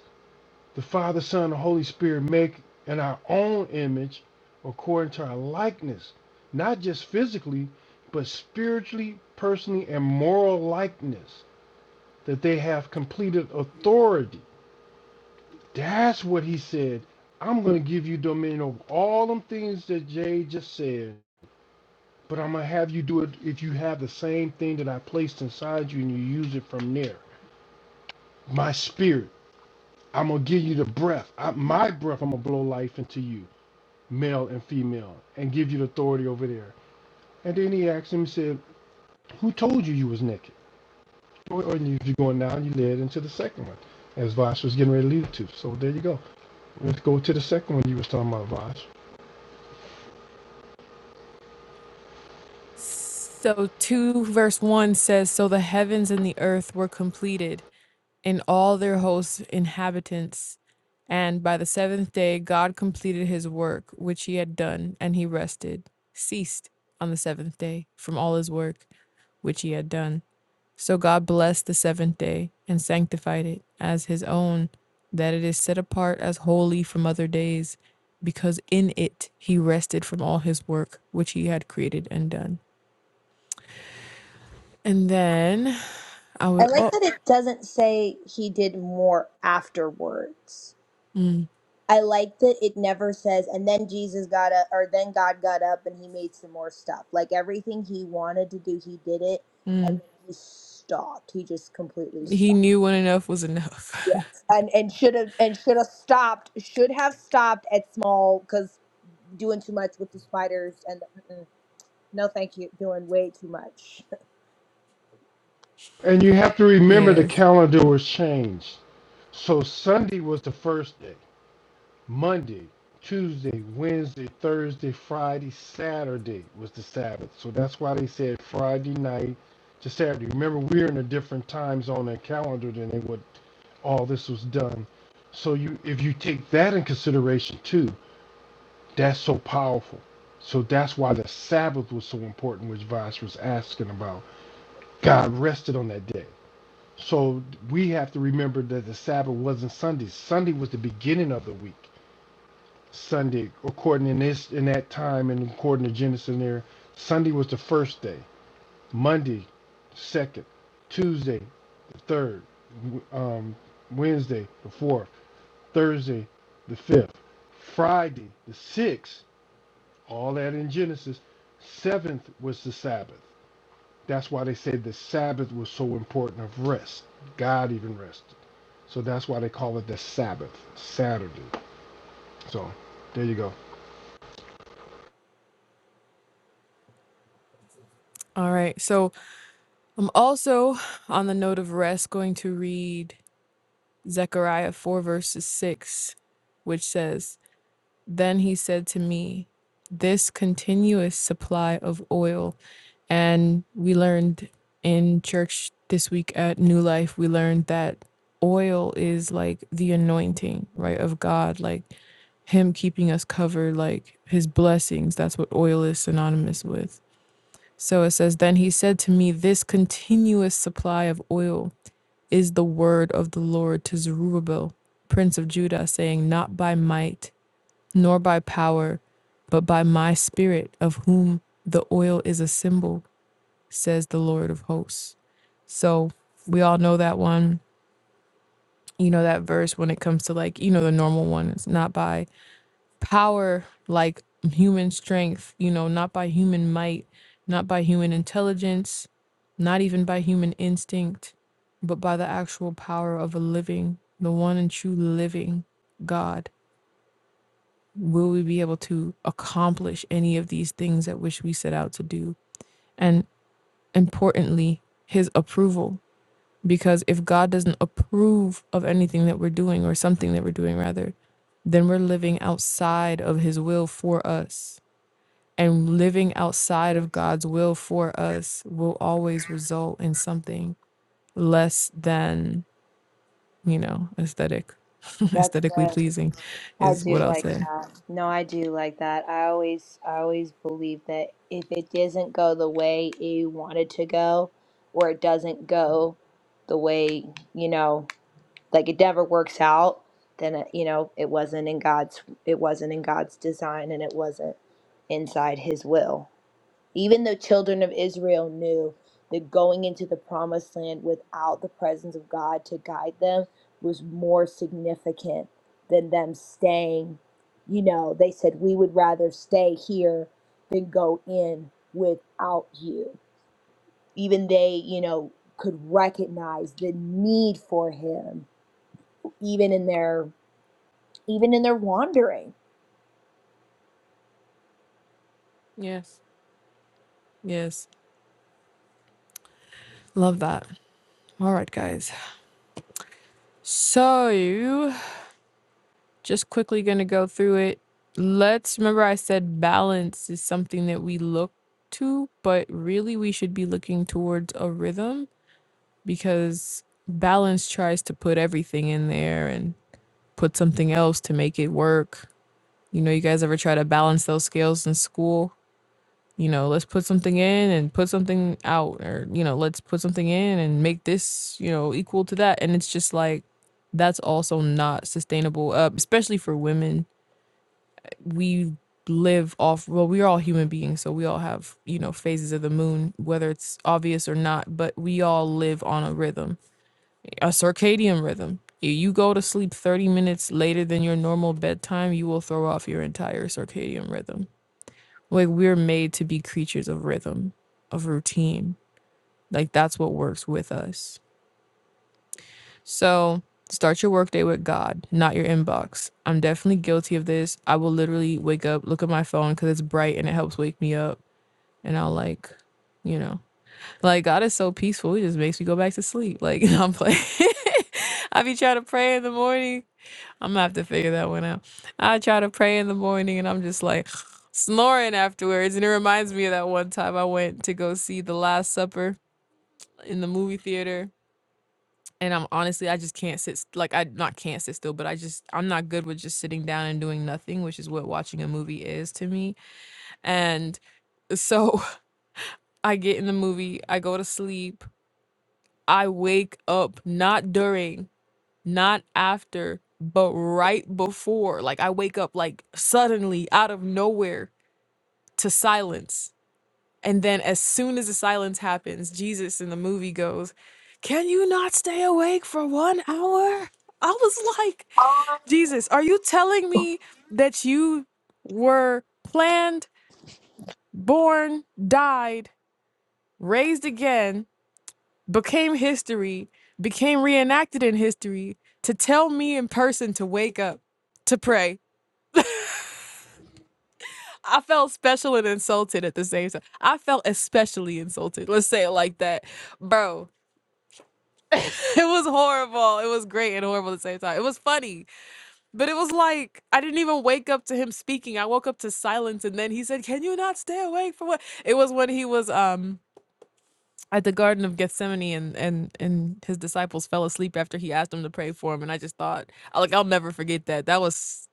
the Father, Son, and Holy Spirit make in our own image according to our likeness, not just physically, but spiritually, personally, and moral likeness, that they have completed authority. That's what he said. I'm going to give you dominion over all them things that Jay just said, but I'm going to have you do it if you have the same thing that I placed inside you and you use it from there. My spirit. I'm going to give you the breath. I, my breath, I'm going to blow life into you. male and female, and give you the authority over there. And then he asked him, he said, Who told you you was naked? Or, or you- are going down, you led into the second one, as Vosh was getting ready to lead to. So there you go. Let's go to the second one you was talking about, Vosh.
So 2 verse 1 says so the heavens and the earth were completed and all their hosts inhabitants and by the seventh day God completed his work which he had done and he rested ceased on the seventh day from all his work which he had done So God blessed the seventh day and sanctified it as his own, that it is set apart as holy from other days, because in it he rested from all his work which he had created and done. And then I
I
would,
like
oh,
that it doesn't say he did more afterwards
mm,
I like that it never says, and then Jesus got up, or then God got up and he made some more stuff. Like everything he wanted to do, he did it, and
mm,
then he stopped. He just completely
he
stopped.
knew when enough was enough.
Yes, and and should have and should have stopped. Should have stopped at small because doing too much with the spiders and the, mm-mm, no, thank you, doing way too much.
And you have to
*laughs*
remember the
yes.
calendar was changed. So Sunday was the first day. Monday, Tuesday, Wednesday, Thursday, Friday, Saturday was the Sabbath. So that's why they said Friday night to Saturday. Remember, we're in a different time zone and calendar than they would all this was done. So you if you take that in consideration too, that's so powerful. So that's why the Sabbath was so important, which Vosh was asking about. God rested on that day. So we have to remember that the Sabbath wasn't Sunday. Sunday was the beginning of the week. Sunday, according in this in that time and according to Genesis in there, Sunday was the first day. Monday, second. Tuesday, the third. W- Um, Wednesday, the fourth. Thursday the 5th, Friday the 6th, all that in Genesis. Seventh was the Sabbath. That's why they say the Sabbath was so important of rest. God even rested. So that's why they call it the Sabbath, Saturday. So there you go.
All right. So I'm also on the note of rest going to read Zechariah 4, verses 6, which says, Then he said to me, This continuous supply of oil. And we learned in church this week at New Life, we learned that oil is like the anointing, right, of God, like Him keeping us covered, like His blessings. That's what oil is synonymous with. So it says, Then he said to me, This continuous supply of oil is the word of the Lord to Zerubbabel, prince of Judah, saying, Not by might nor by power, but by my spirit, of whom the oil is a symbol, says the Lord of hosts. So we all know that one, you know, that verse when it comes to like, you know, the normal one. It's not by power, like human strength, you know, not by human might, not by human intelligence, not even by human instinct, but by the actual power of a living, the one and true living God. will we be able to accomplish any of these things that which we set out to do and importantly his approval because if god doesn't approve of anything that we're doing or something that we're doing rather then we're living outside of his will for us and living outside
Mm,
of god's will for us will always result in something less than you know aesthetic *laughs*
That's
aesthetically
bad.
pleasing
I
is what
do
i'll
like
say
that. No, I do like that. I always I always believe that if it doesn't go the way you want it to go, or it doesn't go the way, you know, like it never works out, then it, you know, it wasn't in God's it wasn't in God's design and it wasn't inside his will. Even the children of Israel knew that going into the promised land without the presence of God to guide them was more significant than them staying. You know, they said, We would rather stay here than go in without you. Even they, you know, could recognize the need for him, even in their even in their wandering.
yes yes love that All right, guys. So, just quickly going to go through it. Let's remember I said balance is something that we look to, but really we should be looking towards a rhythm because balance tries to put everything in there and put something else to make it work. You know, you guys ever try to balance those scales in school? you know, let's put something in and put something out, or, you know, let's put something in and make this, you know, equal to that. And it's just like, that's also not sustainable, uh, especially for women. We live off, well, we're all human beings, so we all have, you know, phases of the moon, whether it's obvious or not, but we all live on a rhythm, a circadian rhythm. If you go to sleep 30 minutes later than your normal bedtime, you will throw off your entire circadian rhythm like we're made to be creatures of rhythm, of routine. Like that's what works with us. So start your workday with God, not your inbox. I'm definitely guilty of this. I will literally wake up, look at my phone because it's bright and it helps wake me up. And I'll like, you know, like God is so peaceful. He just makes me go back to sleep. Like *laughs* I'm playing. *laughs* I be trying to pray in the morning I'm gonna have to figure that one out. I try to pray in the morning and I'm just like *sniffs* snoring afterwards. And it reminds me of that one time I went to go see The Last Supper in the movie theater. And I'm honestly, I just can't sit, st- like, I not can't sit still, but I just, I'm not good with just sitting down and doing nothing, which is what watching a movie is to me. And so *laughs* I get in the movie, I go to sleep, I wake up not during not after, but right before. Like I wake up like suddenly out of nowhere to silence. And then as soon as the silence happens, Jesus in the movie goes, Can you not stay awake for one hour? I was like, Jesus, are you telling me that you were planned, born, died, raised again, became history, became reenacted in history to tell me in person to wake up? to pray I felt special and insulted at the same time. I felt especially insulted. Let's say it like that. Bro, *laughs* it was horrible. It was great and horrible at the same time. It was funny, but it was like I didn't even wake up to him speaking. I woke up to silence and then he said, "Can you not stay awake for what?" It was when he was um at the garden of Gethsemane and and and his disciples fell asleep after he asked them to pray for him and I just thought I- like I'll never forget that. That was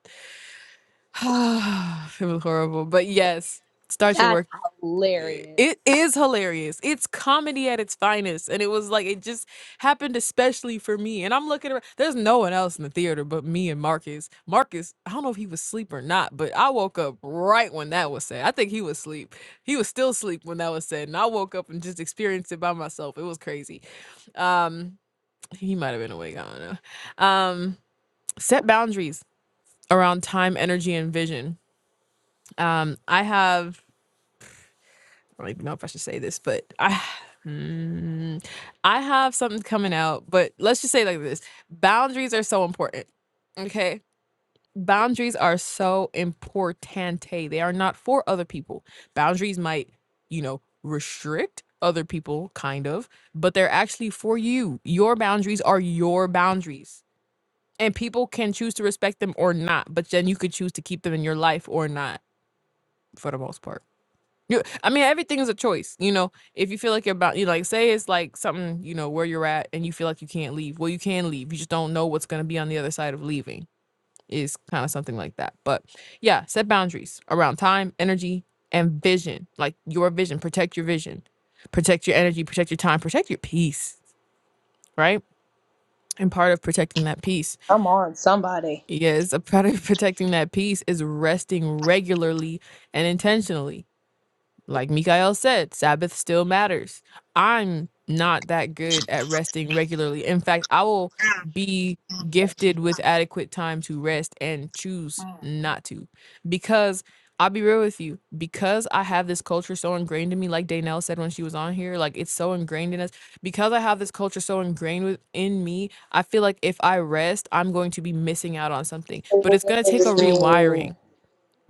*sighs* it was horrible. But yes, start your
That's
work.
hilarious.
it is hilarious. It's comedy at its finest. And it was like it just happened especially for me. And I'm looking around. There's no one else in the theater but me and Marcus. Marcus, I don't know if he was asleep or not, but I woke up right when that was said. I think he was asleep. He was still asleep when that was said. And I woke up and just experienced it by myself. It was crazy. Um he might have been awake. I don't know. Um set boundaries around time, energy, and vision. Um I have I don't even know if I should say this, but I mm, I have something coming out, but let's just say it like this. Boundaries are so important. Okay? Boundaries are so importante. They are not for other people. Boundaries might, you know, restrict other people kind of, but they're actually for you. Your boundaries are your boundaries. And people can choose to respect them or not, but then you could choose to keep them in your life or not for the most part. You, I mean, everything is a choice. You know, if you feel like you're about, you like, say it's like something, you know, where you're at, and you feel like you can't leave. Well, you can leave. You just don't know what's going to be on the other side of leaving. Is kind of something like that. But yeah, set boundaries around time, energy, and vision. Like your vision, protect your vision, protect your energy, protect your time, protect your peace. Right. And part of protecting that peace
Come on, somebody.
is a part of *laughs* protecting that peace is resting regularly and intentionally Like Mikael said, Sabbath still matters. I'm not that good at resting regularly. In fact, I will be gifted with adequate time to rest and choose not to. Because I'll be real with you, because I have this culture so ingrained in me, like Danelle said when she was on here, like it's so ingrained in us. Because I have this culture so ingrained within me, I feel like if I rest, I'm going to be missing out on something. But it's going to take a
Oh.
rewiring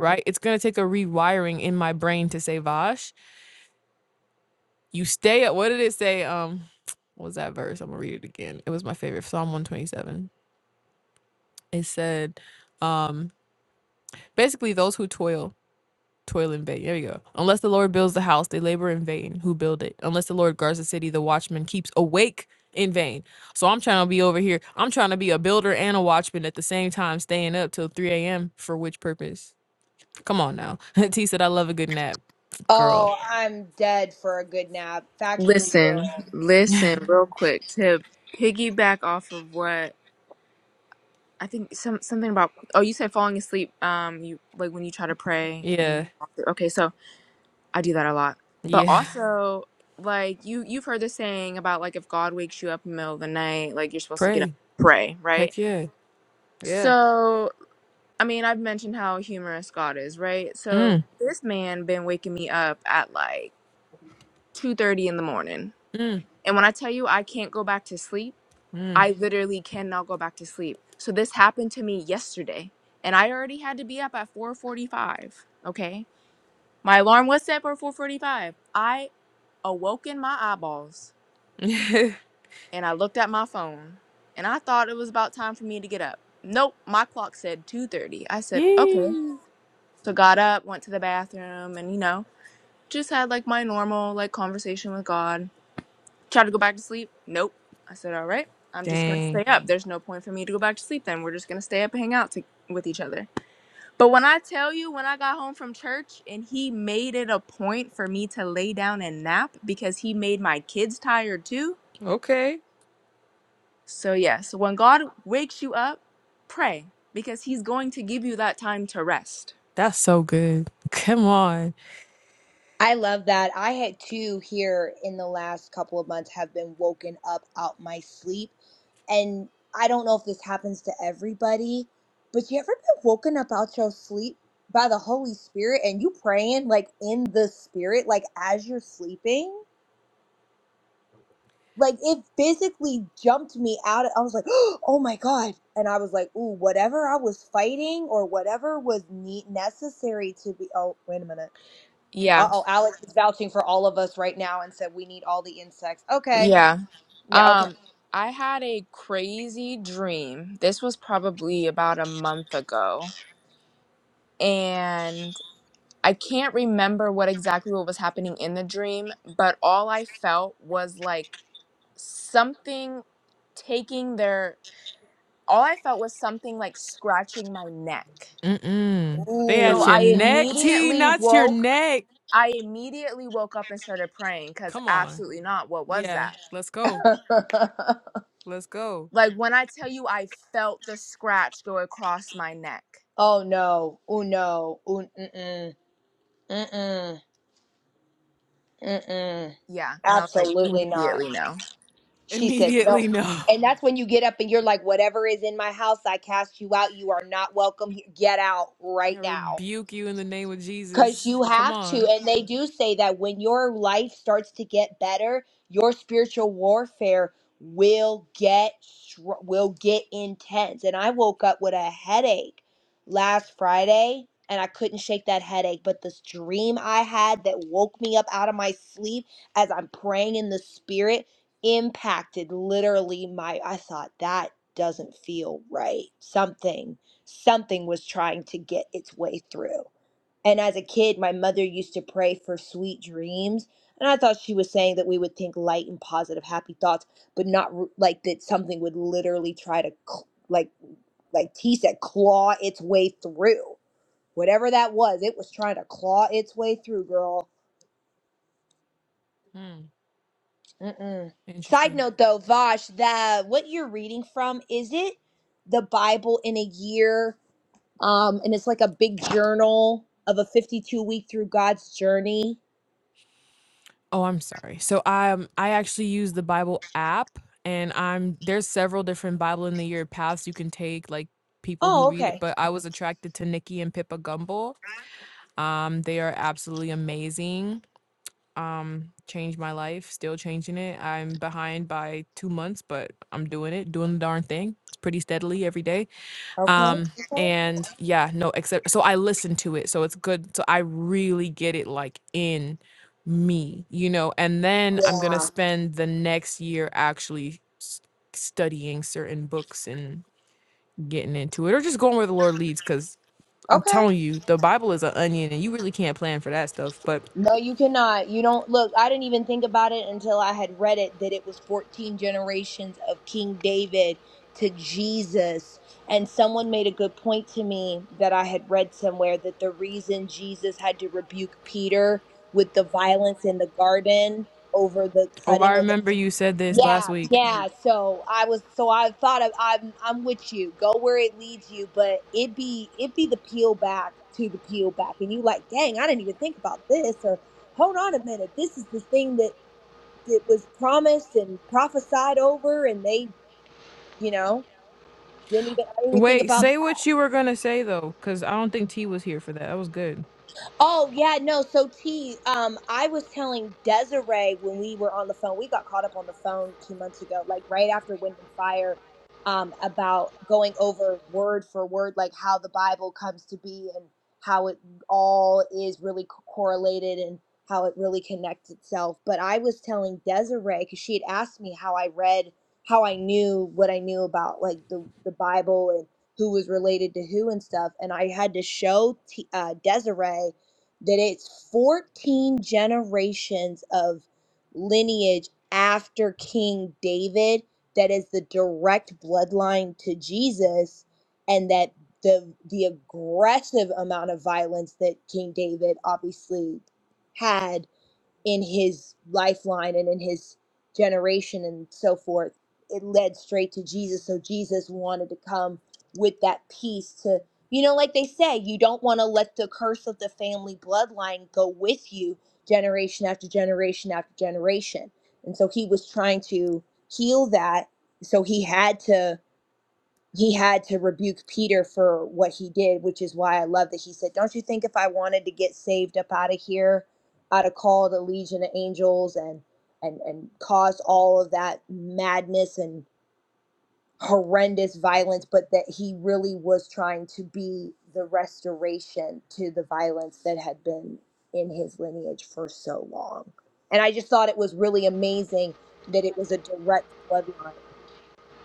right? It's going to take a rewiring in my brain to say, Vash, you stay up. What did it say? Um, what was that verse? I'm gonna read it again. It was my favorite Psalm 127. It said, um, basically those who toil toil in vain. There we go. Unless the Lord builds the house, they labor in vain. Who build it? Unless the Lord guards the city, the watchman keeps awake in vain. So I'm trying to be over here. I'm trying to be a builder and a watchman at the same time, staying up till 3 a.m. for which purpose? Come on now. *laughs* T said, I love a good nap, girl.
Oh, I'm dead for a good nap. Factually, will.
Listen, listen real quick to piggyback off of what I think some something about oh you said falling asleep um you like when you try to pray and
Yeah,
you okay so I do that a lot. But Mhm.
yeah.
also, like you you've heard the saying about like if God wakes you up in the middle of the night, like you're
*laughs*
supposed to get up
Pray.
and pray, right?
Heck yeah, yeah.
So I mean, I've mentioned how humorous God is, right?
Mm.
So this man been waking me up at like two thirty in the morning.
Mm,
And when I tell you I can't go back to sleep,
mm.
I literally cannot go back to sleep. So this happened to me yesterday. And I already had to be up at four forty five. Okay My alarm was set for 4:45. I awoke in my eyeballs
*laughs*
and I looked at my phone and I thought it was about time for me to get up. Nope, my clock said 2:30. I said, "Okay."
Yee.
So got up, went to the bathroom and you know, just had like my normal like conversation with God. Tried to go back to sleep. Nope. I said, "All right. I'm just going to
Dang.
stay up. There's no point for me to go back to sleep then. We're just going to stay up and hang out to- with each other." But when I tell you, when I got home from church and he made it a point for me to lay down and nap because he made my kids tired too.
Okay.
So, yes, when God wakes you up, pray because he's going to give you that time to rest.
That's so good. Come on.
I love that. I had two here in the last couple of months have been woken up out my sleep. And I don't know if this happens to everybody, but you ever been woken up out your sleep by the Holy Spirit and you praying like in the spirit, like as you're sleeping? like it physically jumped me out. I was like, *gasps* oh my God. And I was like, ooh, whatever I was fighting or whatever was ne- necessary to be. Oh, wait a minute. Uh
Yeah,
oh, Alex is vouching for all of us right now and said we need all the insects. Okay.
yeah.
Yeah, okay.
Um, I had a crazy dream. This was probably about a month ago, and I can't remember what exactly what was happening in the dream, but all I felt was like something taking their all I felt was something like scratching my neck.
Mm-mm. They
So
Ooh.
at your
I
neck, T,
immediately
not your
woke
neck.
I immediately woke up and started praying cuz
Come on.
absolutely not what was
Yeah.
that?
Let's go.
*laughs*
Let's go.
Like when I tell you I felt the scratch go across my neck.
oh no. Oh no. Ooh, mm-mm. Mm-mm. Mm-mm.
Yeah, and I was like
Absolutely not.
immediately no.
She said, No.
Immediately, no.
And that's when you get up and you're like, Whatever is in my house, I cast you out. You are not welcome. here. Get out
*laughs* I
right now.
rebuke you in the name of
Because
Jesus.
you
Come
have to.
on.
And they do say that when your life starts to get better, your spiritual warfare will get str- will get intense. And I woke up with a headache last Friday and I couldn't shake that headache, but this dream I had that woke me up out of my sleep as I'm praying in the spirit impacted literally my I thought that doesn't feel right. Something something was trying to get its way through. And as a kid, my mother used to pray for sweet dreams. And I thought she was saying that we would think light and positive, happy thoughts, but not r- like that something would literally try to, cl- like, like T said, claw its way through. Whatever that was, it was trying to claw its way through, girl.
Hmm.
Mm-mm. Side
Interesting.
note though, Vash, that what you're reading from, is it the Bible in a year? Um, and it's like a big journal of a 52 week through God's journey.
Oh, I'm sorry. So um, I actually use the Bible app, and I'm there's several different Bible in the Year paths you can take, like people who
Oh,
read
okay.
it. But I was attracted to Nikki and Pippa Gumble. Um, they are absolutely amazing. Um, changed my life. Still changing it. I'm behind by two months, but I'm doing it, doing the darn thing. It's pretty steadily every day.
Okay.
Um,
Okay.
and yeah, no, except so I listen to it, so it's good. So I really get it like in me, you know. And then I'm gonna
Yeah.
spend the next year actually s- studying certain books and getting into it, or just going where the Lord leads. Because I'm
Okay.
telling you, the Bible is an onion, and you really can't plan for that stuff. But
No, you cannot. You don't look. I didn't even think about it until I had read it that it was 14 generations of King David to Jesus. And someone made a good point to me that I had read somewhere that the reason Jesus had to rebuke Peter with the violence in the garden over the
oh,
cutting
I
of the
remember you said this
Yeah,
last week.
yeah. So I was, so I thought of, I'm, I'm with you. Go where it leads you, but it be, it be the peel back to the peel back, and you like, dang, I didn't even think about this, or hold on a minute, this is the thing that that was promised and prophesied over, and they, you know, didn't even, I didn't even think
Wait,
about
say
that.
what you were gonna say though, because I don't think T was here for that. That was good.
Oh yeah, no. So T, um, I was telling Desiree when we were on the phone, we got caught up on the phone two months ago, like right after Wind and Fire, um, about going over word for word, like how the Bible comes to be and how it all is really co- correlated and how it really connects itself. But I was telling Desiree because she had asked me how I read, how I knew what I knew about like the the Bible and who was related to who and stuff, and I had to show T, uh, Desiree that it's 14 generations of lineage after King David that is the direct bloodline to Jesus and that the the aggressive amount of violence that King David obviously had in his lifeline and in his generation and so forth it led straight to jesus so jesus wanted to come with that peace to you know like they say you don't want to let the curse of the family bloodline go with you generation after generation after generation and so he was trying to heal that so he had to he had to rebuke Peter for what he did, which is why I love that he said, Don't you think if I wanted to get saved up out of here, I'd have called a legion of angels and and and caused all of that madness and horrendous violence, but that he really was trying to be the restoration to the violence that had been in his lineage for so long. And I just thought it was really amazing that it was a direct bloodline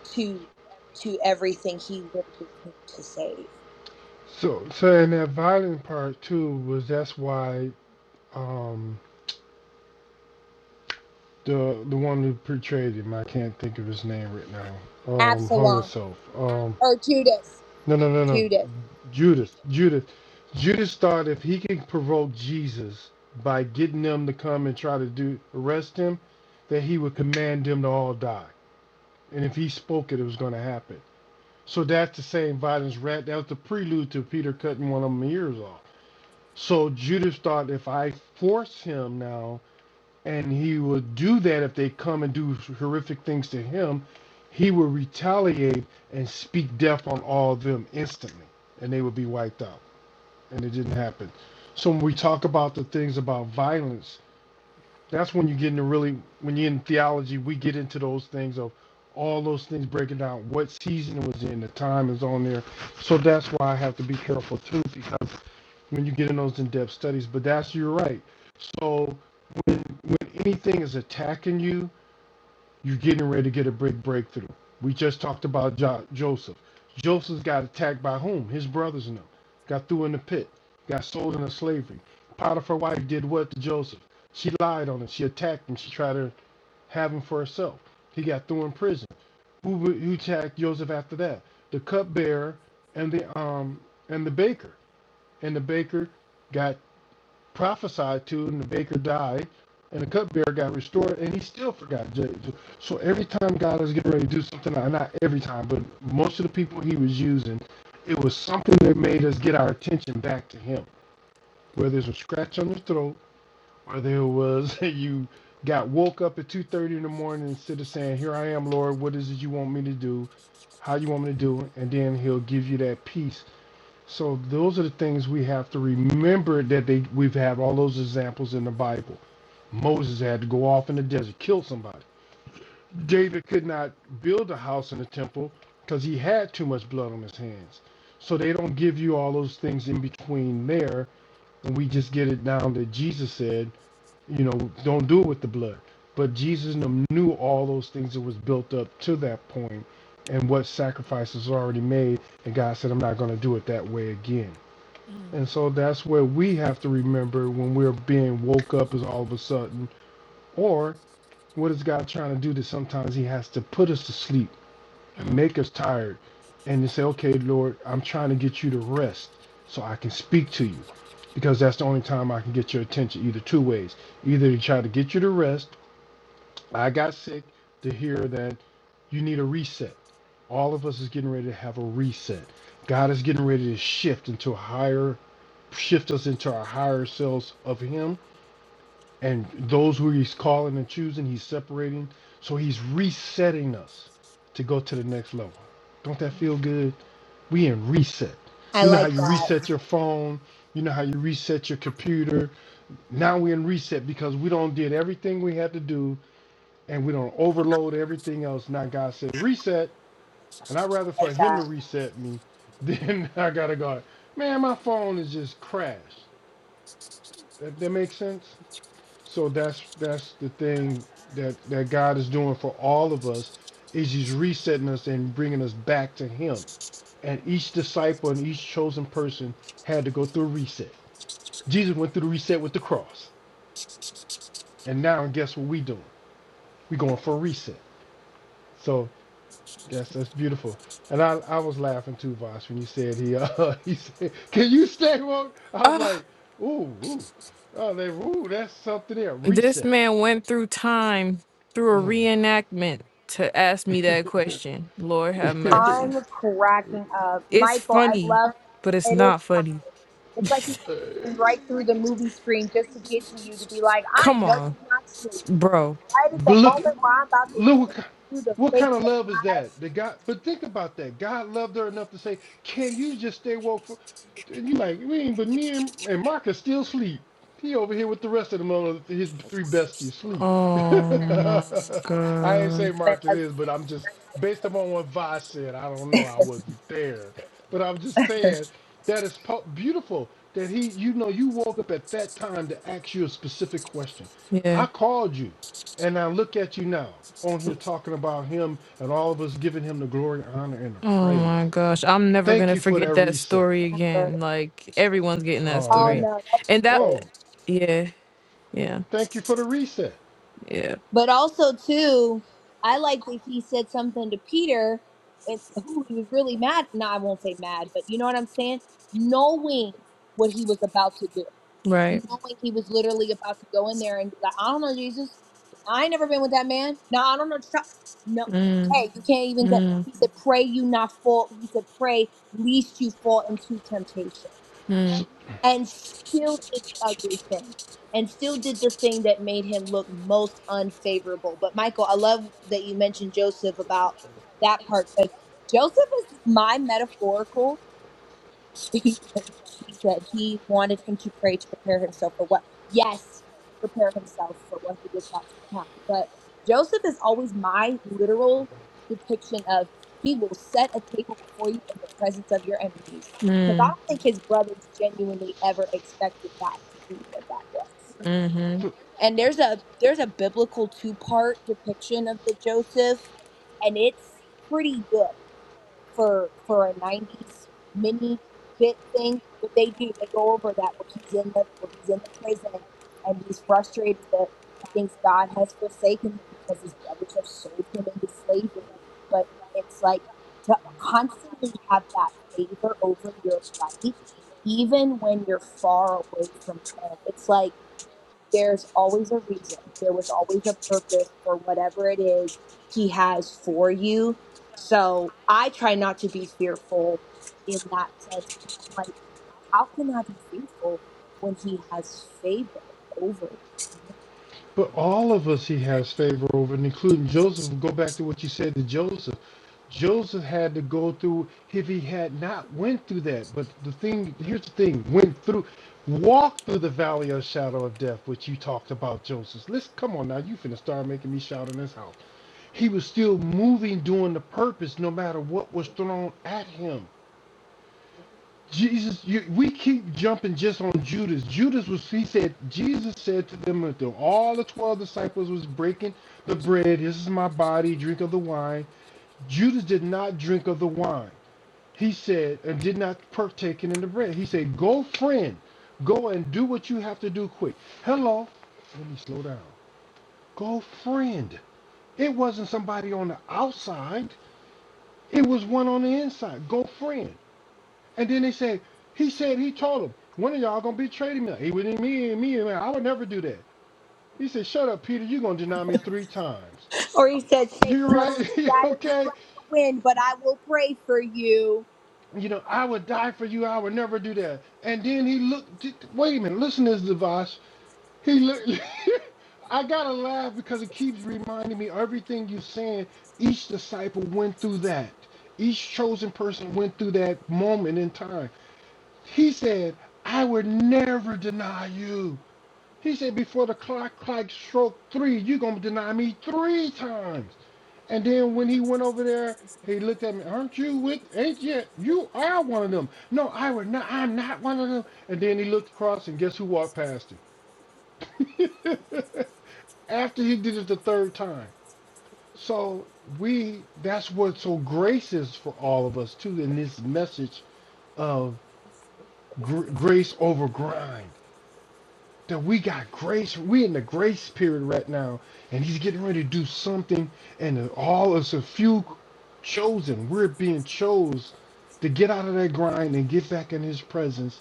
to to everything he literally came to save.
So so in that violent part too was that's why um the the one who portrayed him, I can't think of his name right now, um, hung
Absalom
himself. Um
or Judas.
no no no no
Judas.
Judas, Judas, Judas thought if he could provoke Jesus by getting them to come and try to do arrest him, that he would command them to all die. And if he spoke it, it was going to happen. So that's the same violence rat. That was the prelude to Peter cutting one of them ears off. So Judas thought if I force him now, and he will do that if they come and do horrific things to him, he will retaliate and speak death on all of them instantly, and they will be wiped out and it didn't happen. So when we talk about the things about violence, that's when you get into really when you're in theology, we get into those things of all those things breaking down what season it was in, the time is on there. So that's why I have to be careful too, because when you get in those in-depth studies, but that's you're right. So when anything is attacking you, you're getting ready to get a big breakthrough. We just talked about jo- Joseph. Joseph got attacked by whom? His brothers and them. Got threw in the pit. Got sold into slavery. Potiphar's wife did what to Joseph? She lied on him. She attacked him. She tried to have him for herself. He got thrown in prison. Who, who attacked Joseph after that? The cupbearer and the um and the baker. And the baker got prophesied to, and the baker died, and the cupbearer got restored, and he still forgot James. So every time God was getting ready to do something, uh, not every time, but most of the people he was using, it was something that made us get our attention back to him. Whether it was a scratch on your throat, whether it was *laughs* you got woke up at 2.30 in the morning instead of saying, here I am, Lord, what is it you want me to do? How you want me to do it? And then he'll give you that peace so those are the things we have to remember that they we've had all those examples in the Bible. Moses had to go off in the desert, kill somebody. David could not build a house in the temple because he had too much blood on his hands. So they don't give you all those things in between there, and we just get it down that Jesus said, you know, don't do it with the blood. But Jesus knew all those things that was built up to that point and what sacrifices were already made, and God said, I'm not gonna do it that way again. And so that's where we have to remember when we're being woke up is all of a sudden. Or what is God trying to do that sometimes he has to put us to sleep and
Mm,
make us tired and to say, okay, Lord, I'm trying to get you to rest so I can speak to you. Because that's the only time I can get your attention, either two ways. Either to try to get you to rest, I got sick, to hear that you need a reset. All of us is getting ready to have a reset. God is getting ready to shift into a higher shift us into our higher selves of him and those who he's calling and choosing he's separating so he's resetting us to go to the next level don't that feel good we in reset
I
you know how
like
you
that.
reset your phone you know how you reset your computer now we're in reset because we don't did everything we had to do and we don't overload everything else now god said reset and i'd rather
I like
for him to
that.
reset me than *laughs* i gotta go man my phone is just crashed that, that makes sense So that's that's the thing that that God is doing for all of us is He's resetting us and bringing us back to Him. And each disciple and each chosen person had to go through a reset. Jesus went through the reset with the cross, and now guess what we doing? We going for a reset. So that's that's beautiful. And I, I was laughing too, Voss, when you said he uh, *laughs* he said, "Can you stay woke?" I was
mm.
like, "Ooh, ooh, oh, they, ooh, that's something there."
This
Reset.
man went through time through a
Mm.
reenactment to ask me that
*laughs*
question. Lord have
*laughs*
mercy.
I'm cracking up.
It's
Michael, I
funny,
love
but it's
it is
not
funny.
funny.
It's like he was
uh,
reaching right through the movie screen just to get to you to be like, I
Come
know
on,
you're not asleep.
bro.
Right at
But
the
look,
moment where I'm about to
look what,
give to
ki-
you the
what
faith
kind of
of
love is
my
that? That God, but think about that. God loved her enough to say, "Can you just stay woke for?" And you like, man, but me and, and Mark are still asleep. He over here with the rest of them on his three besties sleep.
Oh my
*laughs* I ain't
god.
say
husband,
Marcus
a
is, but I'm just based upon what Vi said. I don't know. I wasn't there, but I'm just saying that is po- beautiful that he, you know, you woke up at that time to ask you a specific question.
Yeah.
I called you. And I look at you now on here talking about him and all of us giving him the glory, honor, and the
Oh
praise.
my gosh. I'm never
Thank
gonna
you for
forget
that
that
reset.
story
sever.
again. Like everyone's getting that
Oh
Oh
story.
man.
no, that's
And
good.
that
Oh,
yeah, yeah,
thank you for the reset.
yeah.
But also too, I like that he said something to Peter and who he was really mad. No, I won't say mad, but you know what I'm saying? Knowing what he was about to do.
Right.
Knowing he was literally about to go in there and be like, I don't know, Jesus. I ain't never been with that man. No, I don't know. what you're talk- No.
Mm,
Hey, you can't even go.
mm,
He said, Pray you not fall. He said, Pray least you fall into temptation
mm,
So,
and still did the ugly thing and still did the thing that made him look most unfavorable. But Michael, I love that you mentioned Joseph about that part because Joseph is my metaphorical. *laughs* he said he wanted him to pray to prepare himself for what yes prepare himself for what he was about to become but joseph is always my literal depiction of he will set a table before you in the presence of your enemies because i
mm,
don't think his brothers genuinely ever expected that to be what that was
mm-hmm.
but,
and there's a there's a biblical two part depiction of the joseph and it's pretty good for for a '90s mini bit thing, but they do they go over that where he's in the where he's in the prison and he's frustrated that he thinks God has forsaken him because his brothers have sold him into slavery. But it's like to constantly have that favor over your life, even when you're far away from home. It's like there's always a reason. There was always a purpose for whatever it is he has for you. So I try not to be fearful in that sense because I'm like, how can I be fearful when he has favor over me?
but all of us he has favor over, and including Joseph. Go back to what you said to Joseph. Joseph had to go through if he had not went through that. But the thing here's the thing: went through, walked through the valley of shadow of death, which you talked about, Joseph. Let's come on now. You finna start making me shout in this house. He was still moving, doing the purpose, no matter what was thrown at him. Jesus, you, we keep jumping just on Judas. Judas was, he said, Jesus said to them, until all the 12 disciples was breaking the bread, this is my body, drink of the wine. Judas did not drink of the wine. He said, and did not partake in the bread. He said, go friend, go and do what you have to do quick. Hello, let me slow down. Go friend. It wasn't somebody on the outside. It was one on the inside. Go friend. And then they said, he said he told him, one of y'all gonna betray me. He wouldn't me and me and me. I would never do that. He said, Shut up, Peter, you're gonna deny me three times.
Or he said, Satan
You're right,
wants to
*laughs*
scatter you like
okay?
the wind, but I will pray for you.
You know, I would die for you, I would never do that. And then he looked wait a minute, listen to this device. He looked *laughs* I gotta laugh because it keeps reminding me everything you're saying, each disciple went through that. Each chosen person went through that moment in time He said, I would never deny you. He said, before the clock clock stroke three, you're gonna deny me three times. And then when he went over there, he looked at me, aren't you with ain't yet you are one of them. No, I would not I'm not one of them. And then he looked across and guess who walked past him? *laughs* After he did it the third time. So we that's what so grace is for all of us too in this message of gr- grace over grind that we got grace. We in the grace period right now, and he's getting ready to do something. And all us a few chosen, we're being chose to get out of that grind and get back in his presence.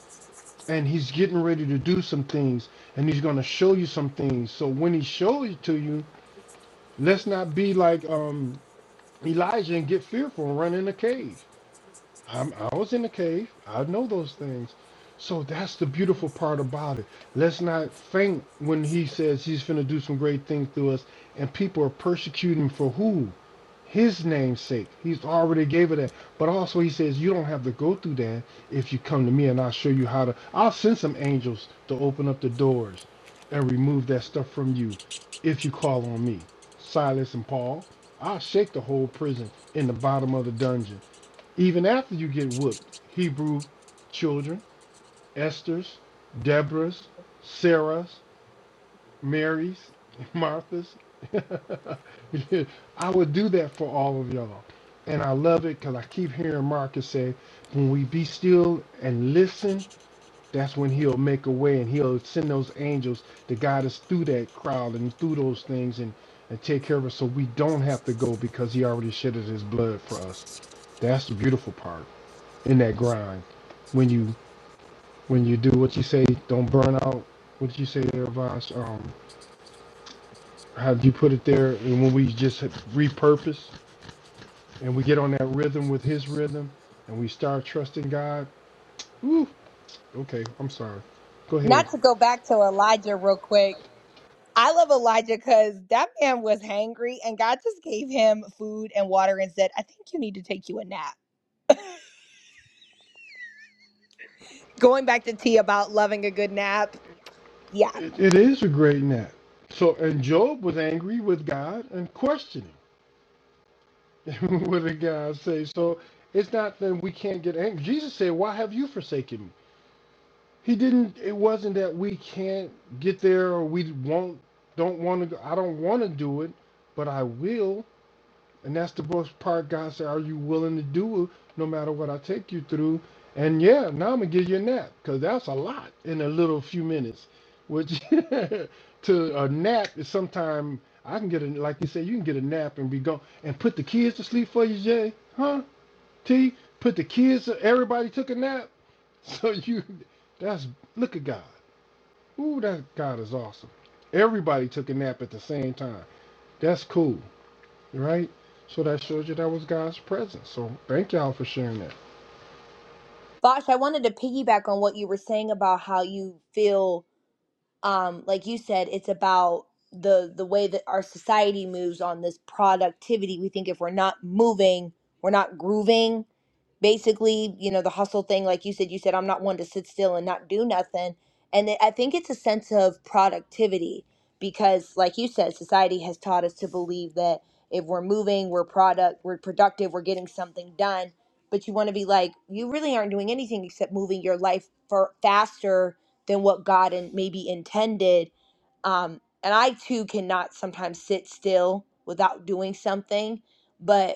And he's getting ready to do some things, and he's gonna show you some things. So when he shows it to you, let's not be like um Elijah and get fearful and run in a cave. I'm, I was in the cave. I know those things. So that's the beautiful part about it. Let's not faint when he says he's going to do some great things through us, and people are persecuting for who? His name's sake. He's already gave it that. But also he says you don't have to go through that if you come to me and I'll show you how to. I'll send some angels to open up the doors and remove that stuff from you if you call on me. Silas and Paul. I'll shake the whole prison in the bottom of the dungeon even after you get whooped, Hebrew children, Esther's, Deborah's, Sarah's, Mary's, Martha's. *laughs* I would do that for all of y'all. And I love it because I keep hearing Marcus say, when we be still and listen, that's when he'll make a way and he'll send those angels to guide us through that crowd and through those things and, and take care of us so we don't have to go because he already shedded his blood for us. That's the beautiful part in that grind. When you when you do what you say, don't burn out. What you say there, Voss, um, how you put it there, and when we just repurpose and we get on that rhythm with His rhythm, and we start trusting God. Ooh, okay, I'm sorry. Go ahead.
Not to go back to Elijah real quick I love Elijah because that man was hangry and God just gave him food and water and said, I think you need to take you a nap. Going back to tea about loving a good nap. Yeah.
It, it is a great net. So, and Job was angry with God and questioning *laughs* what did God say. So, it's not that we can't get angry. Jesus said, "Why have you forsaken me?" He didn't. It wasn't that we can't get there or we won't, don't want to. I don't want to do it, but I will. And that's the most part. God said, "Are you willing to do it, no matter what I take you through?" And yeah, now I'm gonna give you a nap because that's a lot in a little few minutes. Which *laughs* to a nap is sometime I can get a like you said, you can get a nap and be gone and put the kids to sleep for you, Jay, huh? T, put the kids. Everybody took a nap, *laughs* so you. That's look at God. Ooh, that God is awesome. Everybody took a nap at the same time. That's cool, right? So that shows you that was God's presence. So thank y'all for sharing that.
Bosh, I wanted to piggyback on what you were saying about how you feel um, like you said, it's about the the way that our society moves on this productivity. We think if we're not moving, we're not grooving basically, you know, the hustle thing, like you said, you said, I'm not one to sit still and not do nothing. And it- I think it's a sense of productivity because, like you said, society has taught us to believe that if we're moving, we're product, we're productive, we're getting something done. But you want to be like, you really aren't doing anything except moving your life for faster than what God and maybe intended. Um, and I too cannot sometimes sit still without doing something. But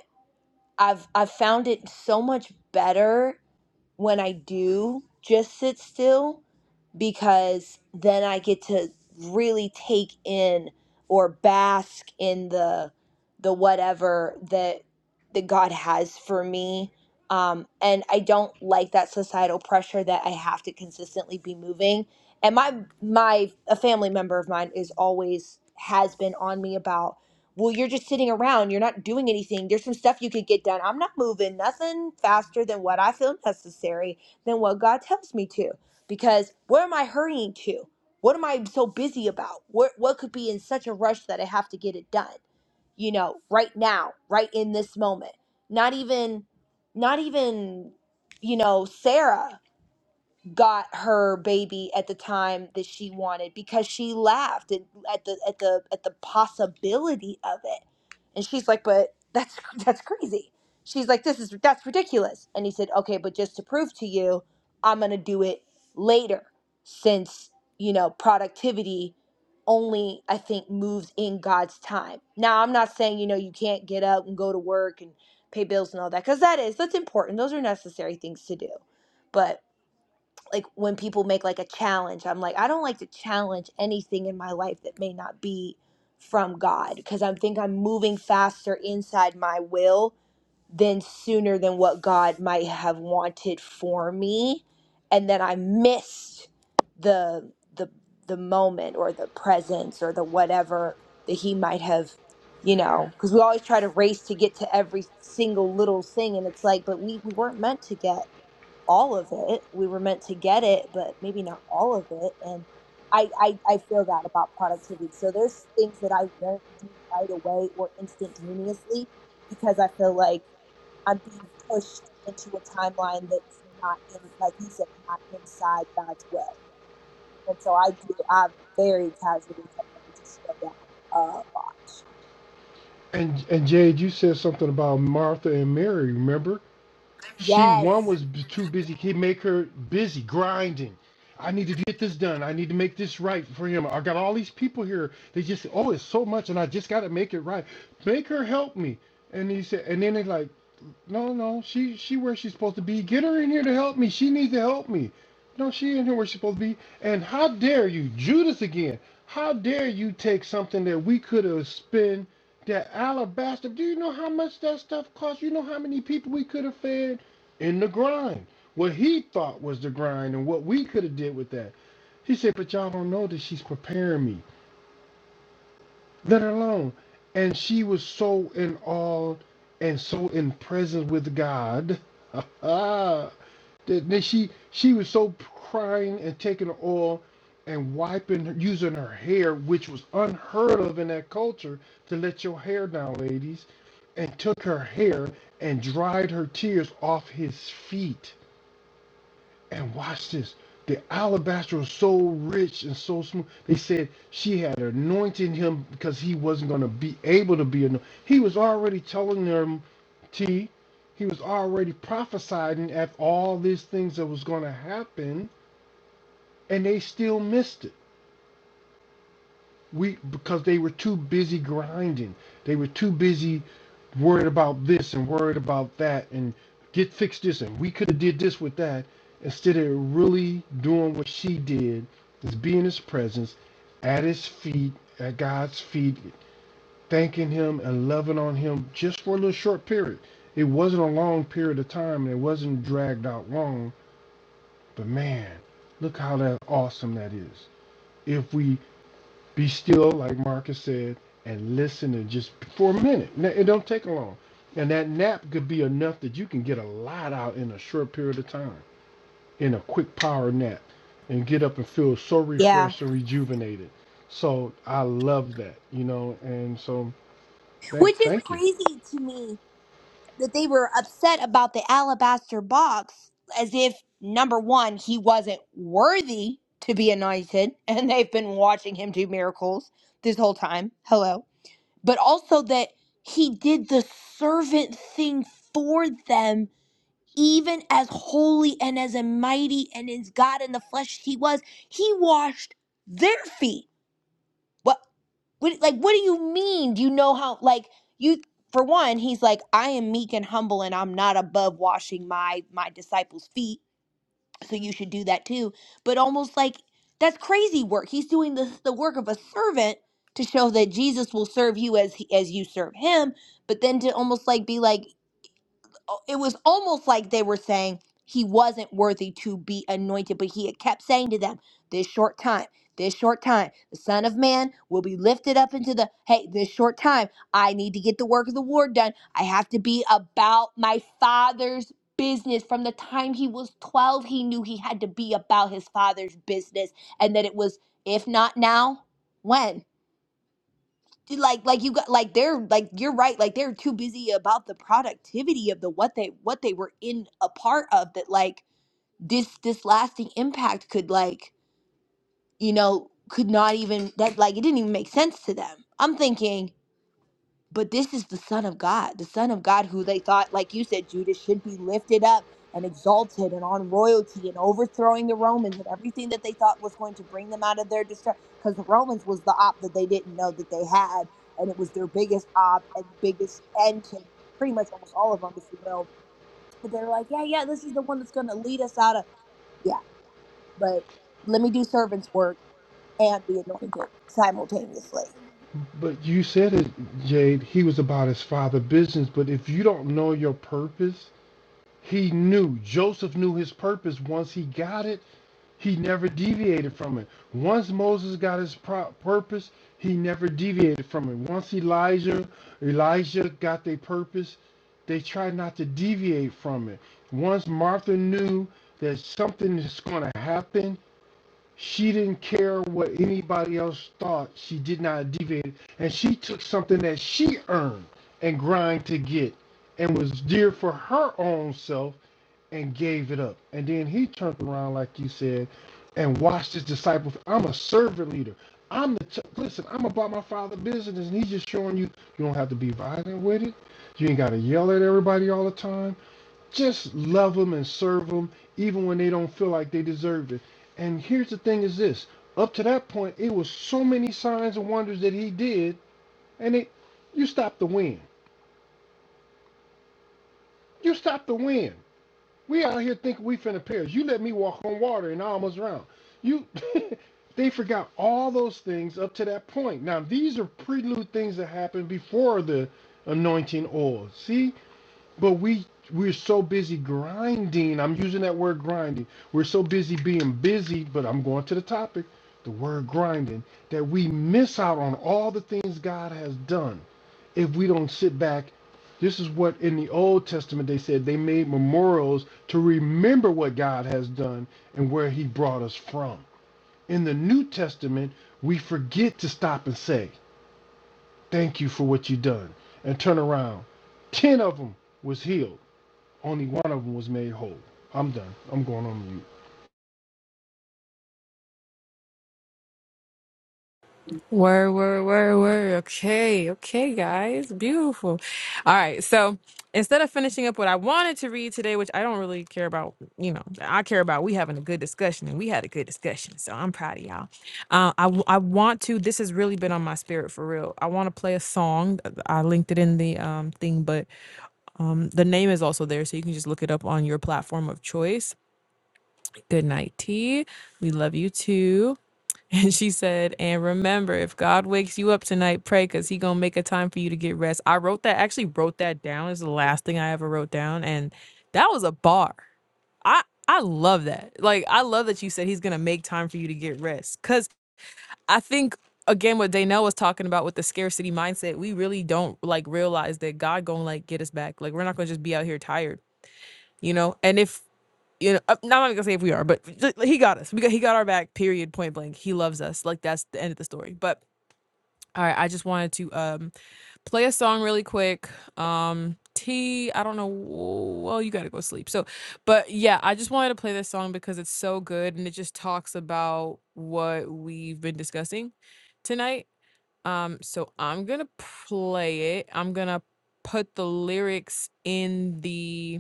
I've I've found it so much better when I do just sit still because then I get to really take in or bask in the the whatever that that God has for me. Um, and I don't like that societal pressure that I have to consistently be moving. And my my a family member of mine is always has been on me about, well, you're just sitting around, you're not doing anything. There's some stuff you could get done. I'm not moving nothing faster than what I feel necessary than what God tells me to because where am I hurrying to? What am I so busy about? What what could be in such a rush that I have to get it done? You know, right now, right in this moment. Not even not even you know, Sarah got her baby at the time that she wanted because she laughed at, at the at the at the possibility of it and she's like but that's *laughs* that's crazy she's like this is that's ridiculous and he said okay but just to prove to you i'm going to do it later since you know productivity only i think moves in god's time now i'm not saying you know you can't get up and go to work and pay bills and all that because that is that's important those are necessary things to do but like when people make like a challenge i'm like i don't like to challenge anything in my life that may not be from god because i think i'm moving faster inside my will than sooner than what god might have wanted for me and then i missed the the the moment or the presence or the whatever that he might have you know because we always try to race to get to every single little thing and it's like but we we weren't meant to get all of it. We were meant to get it, but maybe not all of it. And I, I, I feel that about productivity. So there's things that I won't do right away or instantaneously because I feel like I'm being pushed into a timeline that's not in, like you said, not inside God's will. And so I do, I very casually have learned to slow down a lot. *laughs*
And and Jade, you said something about Martha and Mary. Remember, she one
Yes.
was b- too busy. He make her busy grinding. I need to get this done. I need to make this right for him. I got all these people here. They just oh, it's so much, and I just got to make it right. Make her help me. And he said, and then they like. No, no, she she where she's supposed to be. Get her in here to help me. She needs to help me. No, she in here where she's supposed to be. And how dare you, Judas again? How dare you take something that we could have spent that alabaster? Do you know how much that stuff cost? You know how many people we could have fed in the grind? What he thought was the grind and what we could have did with that. He said, but y'all don't know that she's preparing me let her alone. And she was so in awe and so in presence with God *laughs* that that she she was so crying and taking the oil and wiping, using her hair, which was unheard of in that culture, to let your hair down, ladies, and took her hair and dried her tears off his feet. And watch this. The alabaster was so rich and so smooth. They said she had anointed him because he wasn't going to be able to be anointed. He was already telling them, T, he was already prophesying at all these things that was going to happen, and they still missed it. We because they were too busy grinding. They were too busy worried about this and worried about that and get fixed this and we could have did this with that instead of really doing what she did is be in his presence at his feet at God's feet thanking him and loving on him just for a little short period it wasn't a long period of time and it wasn't dragged out long but man look how that awesome that is If we be still, like Marcus said, and listen and just for a minute. N- It don't take long. And that nap could be enough that you can get a lot out in a short period of time, in a quick power nap, and get up and feel so
Yeah.
refreshed and rejuvenated. So I love that, you know, and so thank
Which is
thank you.
crazy to me that they were upset about the alabaster box as if number one he wasn't worthy to be anointed *laughs* and they've been watching him do miracles this whole time hello but also that he did the servant thing for them even as holy and as a mighty and as god in the flesh he was he washed their feet What? What like what do you mean? Do you know how like you for one, he's like, I am meek and humble and I'm not above washing my my disciples' feet. So you should do that too. But almost like that's crazy work. He's doing the, the work of a servant to show that Jesus will serve you as he, as you serve him, but then to almost like be like it was almost like they were saying he wasn't worthy to be anointed, but he had kept saying to them, "This short time, this short time, the Son of Man will be lifted up into the hey, this short time, I need to get the work of the Lord done. I have to be about my Father's." Business from the time he was 12, he knew he had to be about his father's business and that it was, if not now, when? like like you got like they're like you're right like they're too busy about the productivity of the what they what they were in a part of that like this this lasting impact could like you know could not even that like it didn't even make sense to them i'm thinking but this is the Son of God, the Son of God who they thought, like you said, Judas should be lifted up and exalted and on royalty and overthrowing the Romans and everything that they thought was going to bring them out of their distress. Because the Romans was the op that they didn't know that they had, and it was their biggest op and the biggest end to pretty much almost all of them, if you will. But they were like, yeah, yeah, this is the one that's going to lead us out of, yeah, but let me do servant's work and be anointed simultaneously.
But you said it, Jade, he was about his father' business, but if you don't know your purpose, he knew. Joseph knew his purpose once he got it He never deviated from it. Once Moses got his purpose, he never deviated from it. Once Elijah, Elijah got their purpose, they tried not to deviate from it. Once Martha knew that something is going to happen, she didn't care what anybody else thought. She did not deviate, and she took something that she earned and grind to get, and was dear for her own self and gave it up. And then he turned around, like you said, and watched his disciples. I'm a servant leader. I'm the t- listen. I'm about my father's business, and he's just showing you you don't have to be violent with it. You ain't got to yell at everybody all the time. Just love them and serve them, even when they don't feel like they deserve it. And here's the thing: is this up to that point, it was so many signs and wonders that he did, and it you stop the wind, You stop the wind. We out here thinking we finna perish. You let me walk on water and I almost drowned. You, *laughs* they forgot all those things up to that point. Now these are prelude things that happened before the anointing oil. See, but we we're so busy grinding. I'm using that word grinding. We're so busy being busy, but I'm going to the topic, the word grinding, that we miss out on all the things God has done if we don't sit back. This is what in the Old Testament they said they made memorials to remember what God has done and where he brought us from. In the New Testament, we forget to stop and say, "Thank you for what you've done." And turn around. 10 of them was healed only one of them was made whole. I'm done. I'm going on mute.
Word, word, word, word. Okay, okay, guys. Beautiful. All right. So instead of finishing up what I wanted to read today, which I don't really care about, you know, I care about we having a good discussion and we had a good discussion. So I'm proud of y'all. Uh, I, w- I want to, this has really been on my spirit for real. I want to play a song. I linked it in the um, thing, but um, the name is also there. So you can just look it up on your platform of choice. Good night, T. We love you too. And she said, and remember, if God wakes you up tonight, pray because he going to make a time for you to get rest. I wrote that, actually wrote that down. It's the last thing I ever wrote down. And that was a bar. I, I love that. Like, I love that you said he's going to make time for you to get rest. Because I think, again, what Danelle was talking about with the scarcity mindset, we really don't like realize that God going to like get us back. Like, we're not going to just be out here tired, you know? And if you know, I'm not even gonna say if we are, but he got us. We got he got our back. Period. Point blank. He loves us. Like that's the end of the story. But all right, I just wanted to um play a song really quick. Um, T, I don't know. Well, you gotta go sleep. So, but yeah, I just wanted to play this song because it's so good and it just talks about what we've been discussing tonight. Um, so I'm gonna play it. I'm gonna put the lyrics in the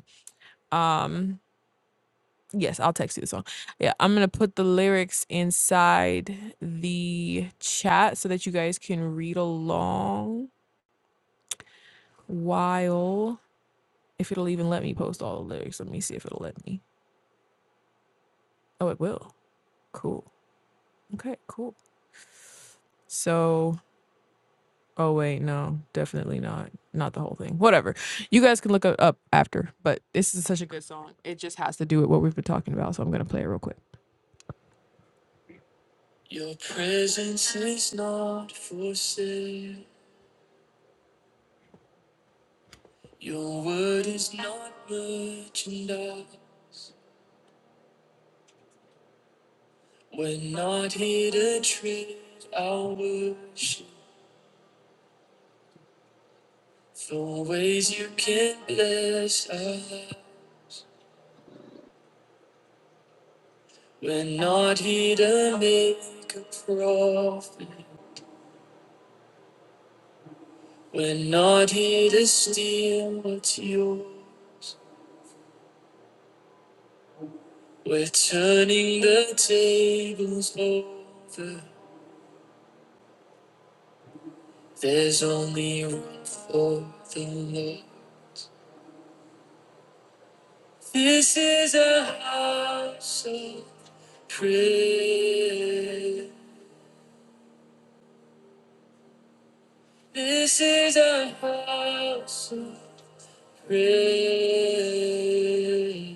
um Yes, I'll text you the song. Yeah, I'm gonna put the lyrics inside the chat so that you guys can read along while if it'll even let me post all the lyrics. Let me see if it'll let me. Oh, it will. Cool. Okay, cool. So, oh wait, no, definitely not. Not the whole thing. Whatever. You guys can look it up after, but this is such a good song. It just has to do with what we've been talking about, so I'm gonna play it real quick. Your presence is not for sale. Your word is not merchandise. We're not here to trade our worship for ways you can bless us. We're not here to make a profit. We're not here to steal what's yours. We're turning the tables over. There's only room for the Lord. This is a house of Pray. This is a house of prayer.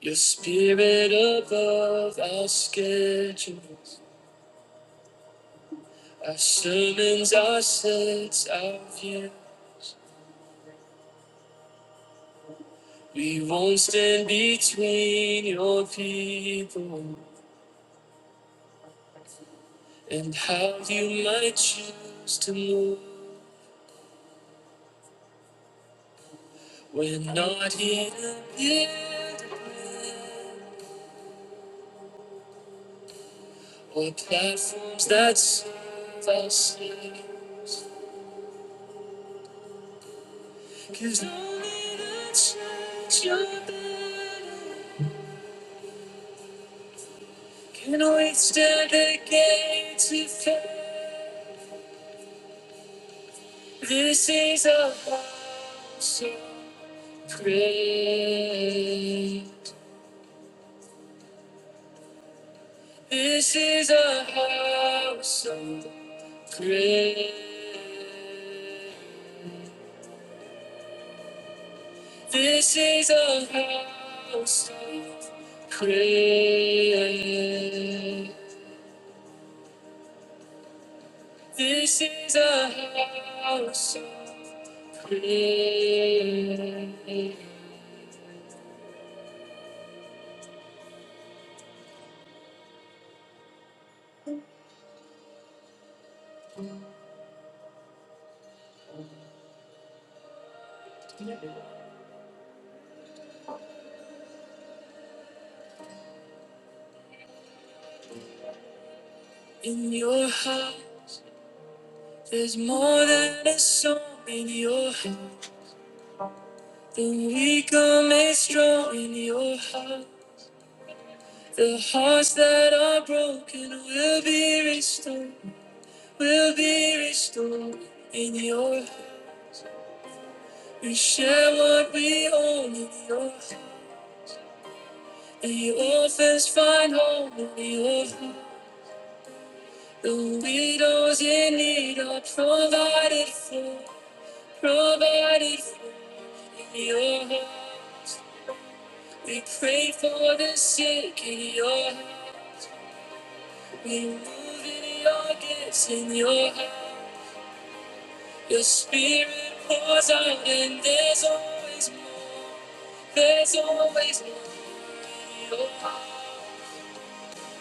Your spirit above our schedules, our sermons, our sets, our view. We won't stand between your people and how you might choose to move. We're not here to build a brand or platforms that Cause only the church you're can withstand the gates of faith. This is a house of prayer. This is a house of prayer. This is a house of prayer. This is a house of prayer. In your heart, there's more than a song. In your heart, the weak are made strong. In your heart, the hearts that are broken will be restored. Will be restored. In your heart, we share what we own. In your heart, the orphans find home. In your heart. The widows in need are provided for, provided for in your house. We pray for the sick in your house. We move in your gifts in your house. Your spirit pours out and there's always more. There's always more in your house.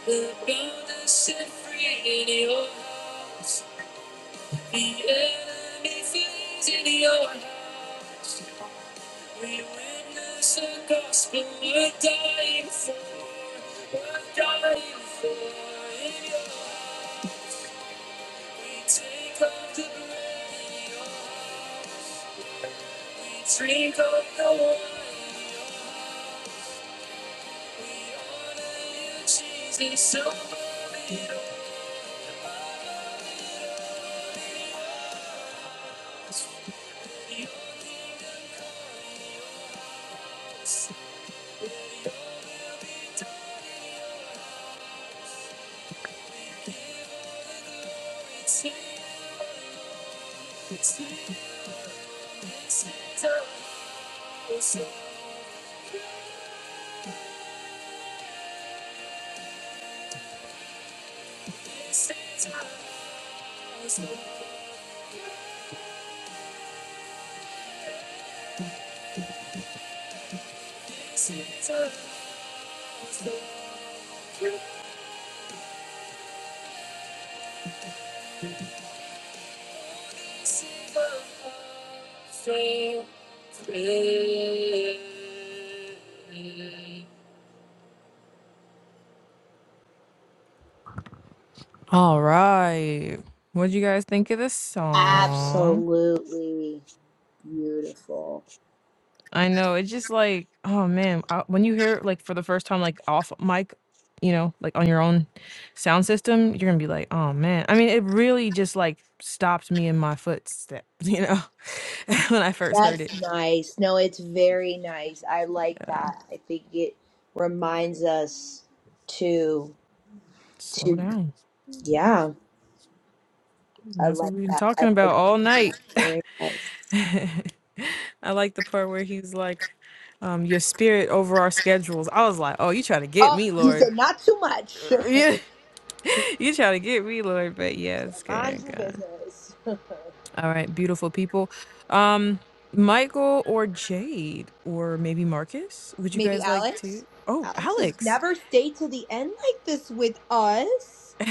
We build The bound are set free in your house. The enemy feeds in your house. We witness the gospel, we're dying for, we're dying for in your house. We take up the brand in your house. We drink up the wine in your house. We honor you, Jesus, so far beyond. All right. What do you guys think of this song?
Absolutely beautiful.
I know. It's just like, oh man, I, when you hear it like for the first time, like off mic, you know, like on your own sound system, you're gonna be like, oh man. I mean, it really just like stopped me in my footsteps, *laughs* you know, *laughs* when I first heard it.
That's nice. No, it's very nice. I like that. I think it reminds us to
Slow
to
down.
yeah. I
That's what
like
we've been
that. I
talking about
like
all night.
that. Very
*laughs*
nice.
I like the part where he's like, um, your spirit over our schedules. I was like, oh, you try to get
Oh,
me,
you
Lord.
said not too much.
*laughs* Yeah, you try to get me, Lord. But yes,
*laughs* Mind
good
your
God.
business.
All right, beautiful people. Um, Michael or Jade or maybe Marcus,
*laughs*
would you
Maybe
guys like
Alex.
to? Oh,
Alex has
Alex,
never stayed to the end like this with us.
*laughs*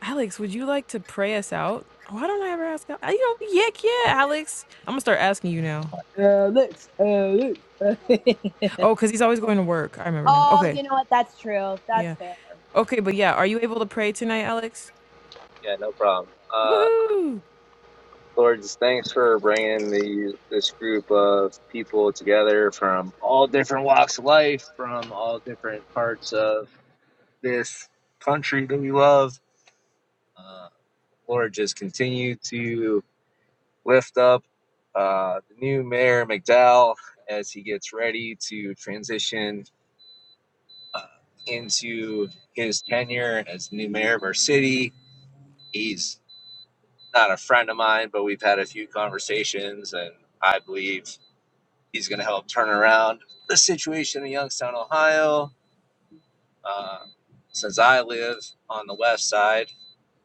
Alex, would you like to pray us out? Why don't I ever ask? Al- You know, yeah, yeah, Alex. I'm gonna start asking you now.
Alex, Alex. *laughs*
Oh, cause he's always going to work. I remember now.
Oh,
Okay,
you know what? That's true. That's
yeah,
fair.
okay, but yeah, are you able to pray tonight, Alex?
Yeah, no problem. Uh,
Woohoo!
Lord, just thanks for bringing the this group of people together from all different walks of life, from all different parts of this country that we love. Uh, Lord, just continue to lift up uh, the new mayor McDowell as he gets ready to transition uh, into his tenure as the new mayor of our city. He's not a friend of mine, but we've had a few conversations, and I believe he's going to help turn around the situation in Youngstown, Ohio. Uh, since I live on the west side,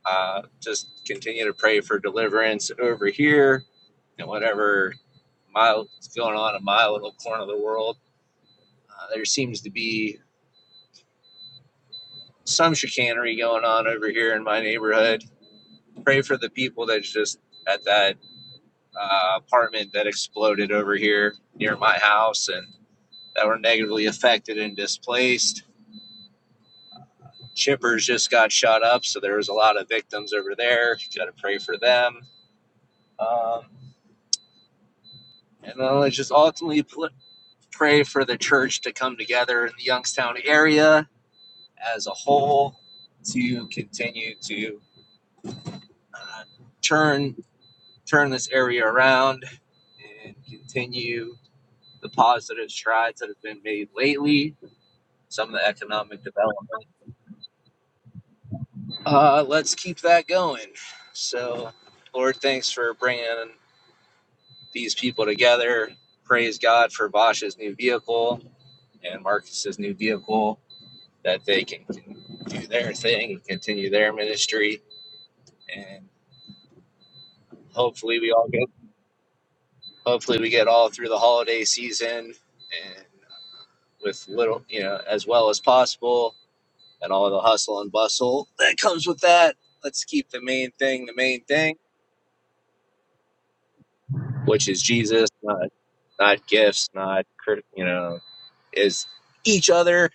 Uh, just continue to pray for deliverance over here and whatever mile is going on in my little corner of the world. Uh, there seems to be some chicanery going on over here in my neighborhood. Pray for the people that's just at that uh, apartment that exploded over here near my house and that were negatively affected and displaced. Chippers just got shot up, so there was a lot of victims over there. Got to pray for them. Um, and then it's just ultimately pl- pray for the church to come together in the Youngstown area as a whole to continue to uh, turn turn this area around and continue the positive strides that have been made lately. Some of the economic development. Uh, let's keep that going. So, Lord, thanks for bringing these people together. Praise God for Bosch's new vehicle and Marcus's new vehicle that they can do their thing, and continue their ministry, and hopefully we all get hopefully we get all through the holiday season and with little you know as well as possible and all the hustle and bustle that comes with that. Let's keep the main thing the main thing, which is Jesus, not not gifts, not crit- you know is each other,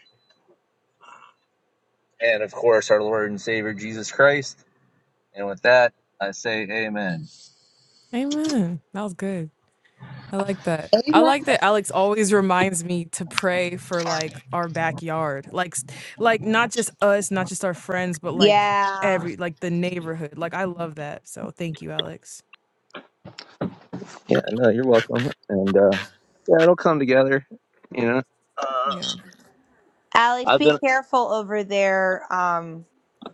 and of course our Lord and Savior Jesus Christ. And with that, I say Amen.
Amen. That was good. I like that. I
Amen.
like that Alex always reminds me to pray for like our backyard. Like s- like not just us, not just our friends, but like
Yeah.
every like the neighborhood. Like I love that. So thank you, Alex.
Yeah, no, you're welcome. And uh, yeah, it'll come together. You know, uh,
Yeah.
Alex,
I've
be
been.
careful over there. Um,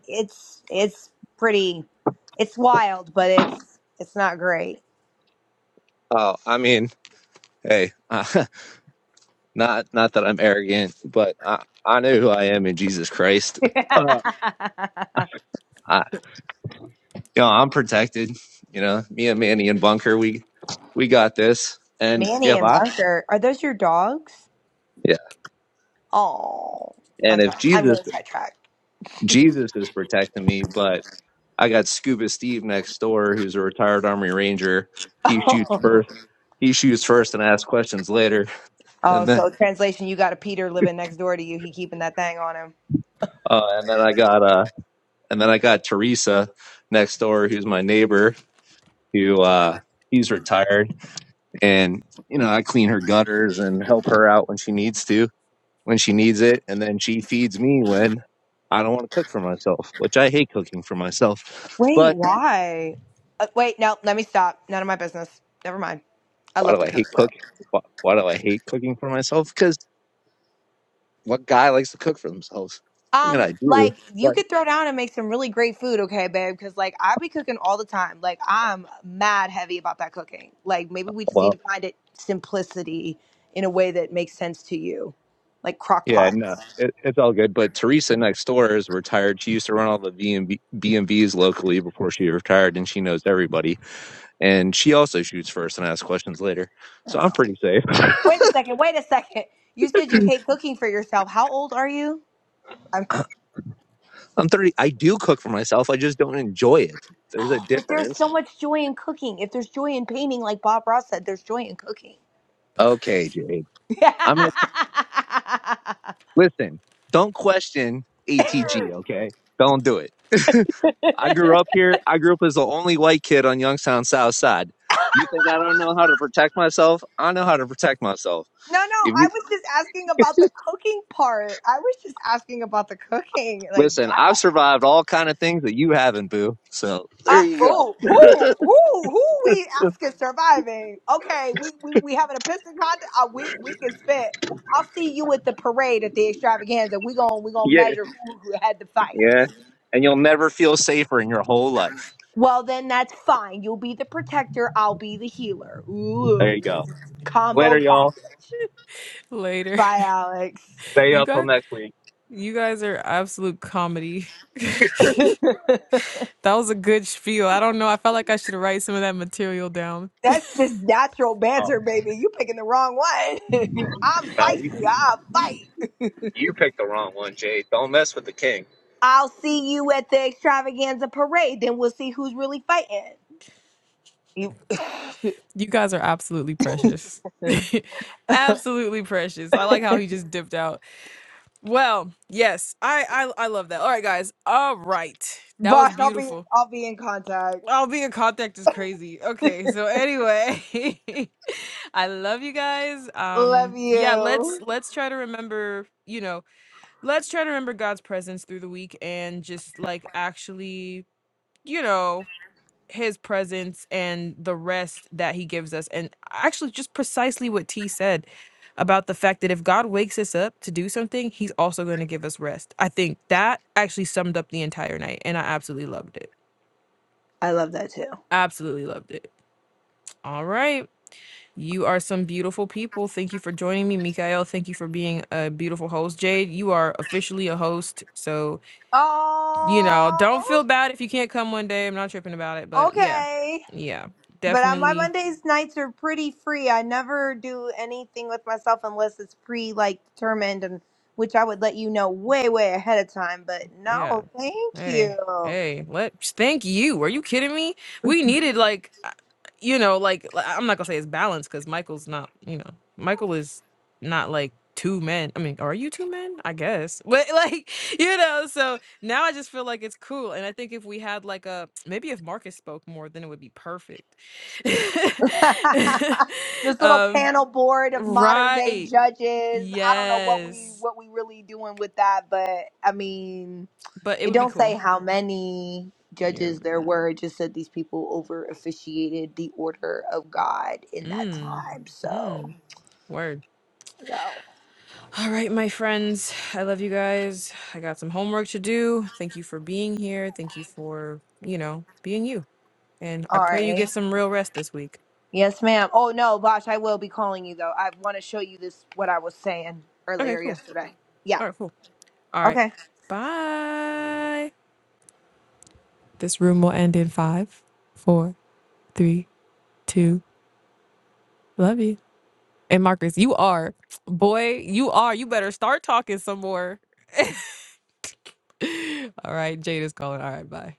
it's it's pretty, it's wild, but it's it's not great.
Oh, I mean, hey, *laughs* uh, not not that I'm arrogant, but I I know who I am in Jesus Christ.
*laughs*
Uh, I, you know, I'm protected. You know, me and Manny and Bunker, we we got this. And
Manny
if
and
I
Bunker, are those your dogs?
yeah,
Oh, I'm
and
sorry,
if
I'm
Jesus
going sidetracked. *laughs*
Jesus is protecting me, but I got Scuba Steve next door, who's a retired Army Ranger. He shoots
Oh,
first. He shoots first and asks questions later,
oh,
and then
so translation, you got a Peter living next door to you. He keeping that thing on him.
Uh, and then I got uh, and then I got Teresa next door, who's my neighbor, who uh, he's retired, and you know I clean her gutters and help her out when she needs to, when she needs it, and then she feeds me when I don't want to cook for myself, which I hate cooking for myself.
Wait,
But
why? Uh, wait, no, let me stop. None of my business. Never mind. I
why
love
do
to
I hate
curse
cook?
though.
Why, why do I hate cooking for myself? Because what guy likes to cook for themselves? I mean,
Um,
I do,
like you
but
could throw down and make some really great food, okay, babe? Because like I be cooking all the time. Like I'm mad heavy about that cooking. Like maybe we just
well.
need to find it simplicity in a way that makes sense to you, like crock
Yeah,
pot.
no, it, it's all good. But Teresa next door is retired. She used to run all the B B and and Bs locally before she retired, and she knows everybody. And she also shoots first and asks questions later. So
Oh.
I'm pretty safe. *coughs*
Wait a second. Wait a second. You said you hate cooking for yourself. How old are you? I'm.
*clears throat* I'm 30. I do cook for myself. I just don't enjoy it. There's a
Oh, but there's
difference.
so much joy in cooking. If there's joy in painting, like Bob Ross said, there's joy in cooking.
Okay, Jade. I'm
*laughs* Yeah.
gonna listen. Don't question ATG. Okay, don't do it. *laughs* I grew up here. I grew up as the only white kid on Youngstown South Side.
*laughs*
You think I don't know how to protect myself? I know how to protect myself.
No, no,
If
I
you
was just asking about the cooking part. I was just asking about the cooking. Like, yeah.
listen, I've survived all kind of things that you haven't, boo. So
Uh,
there you go.
oh, who, who, who we asking surviving? Okay, we we, we having a piston contest. Uh, we we can spit. I'll see you at the parade at the extravaganza. We gon' we gonna
Yeah,
measure who who had the fight.
yeah. And you'll never feel safer in your whole life.
Well, then that's fine. You'll be the protector. I'll be the healer.
There
Ooh,
you go.
combo
Later, y'all.
package.
Later. *laughs*
Bye, Alex.
Stay
You
up till
guys
next week.
you guys are absolute comedy. *laughs* that was a good spiel. I don't know. I felt like I should write some of that material down.
That's just natural
Oh,
banter, baby. You picking the wrong one. *laughs* I'm
no,
feisty.
you,
I'll fight.
you picked the wrong one, Jay. Don't mess with the king.
I'll see you at the extravaganza parade. Then we'll see who's really fighting. You, *laughs*
You guys are absolutely precious. *laughs* absolutely precious. I like how he just dipped out. Well, yes, I, I I love that. All right, guys. All right, that was
Vosh, I'll be
beautiful.
I'll be in contact.
Oh, being in contact is crazy. Okay, so anyway, *laughs* I love you guys.
Love
Um, yeah, let's
you.
let's try to remember. You know, let's try to remember God's presence through the week and just like actually, you know, his presence and the rest that he gives us. And actually, just precisely what T said about the fact that if God wakes us up to do something, he's also going to give us rest. I think that actually summed up the entire night. And I absolutely loved it.
I love that too.
Absolutely loved it. All right. You are some beautiful people. Thank you for joining me, Mikael. Thank you for being a beautiful host. Jade, you are officially a host. So, you know,
Oh,
don't feel bad if you can't come one day. I'm not tripping about it. But yeah,
okay.
yeah,
But I, my
definitely
Mondays nights are pretty free. I never do anything with myself unless it's pre like determined, and which I would let you know way way ahead of time. But
Yeah.
no, thank
Hey,
you.
hey, let thank you. Are you kidding me? We needed like uh, you know, like l- I'm not gonna say it's balanced because Michael's not, you know, Michael is not like two men. I mean, are you two men? I guess. But *laughs* like, you know, so now I just feel like it's cool. And I think if we had like a maybe if Marcus spoke more, then it would be perfect.
*laughs*
*laughs*
this little
um,
panel board of modern day
right.
judges. I don't know what we
Yes.
what we really doing with that, but I mean,
But it
it
would be
don't say
cool.
how many
Yeah.
judges there were. It just said these people over officiated the order of God in that
Mm.
time. So
Mm. Word.
no.
All right, my friends. I love you guys. I got some homework to do. Thank you for being here. Thank you for, you know, being you. And I
All
pray you
right.
get some real rest this week.
Yes, ma'am. Oh no, Bosh, I will be calling you though. I want to show you this what I was saying
Okay,
earlier
cool.
yesterday. Yeah.
All right, cool. All right.
Okay.
Bye. This room will end in five, four, three, two. Love you. And Marcus, you are, boy, you are. You better start talking some more. *laughs* All right, Jade is calling. All right, bye.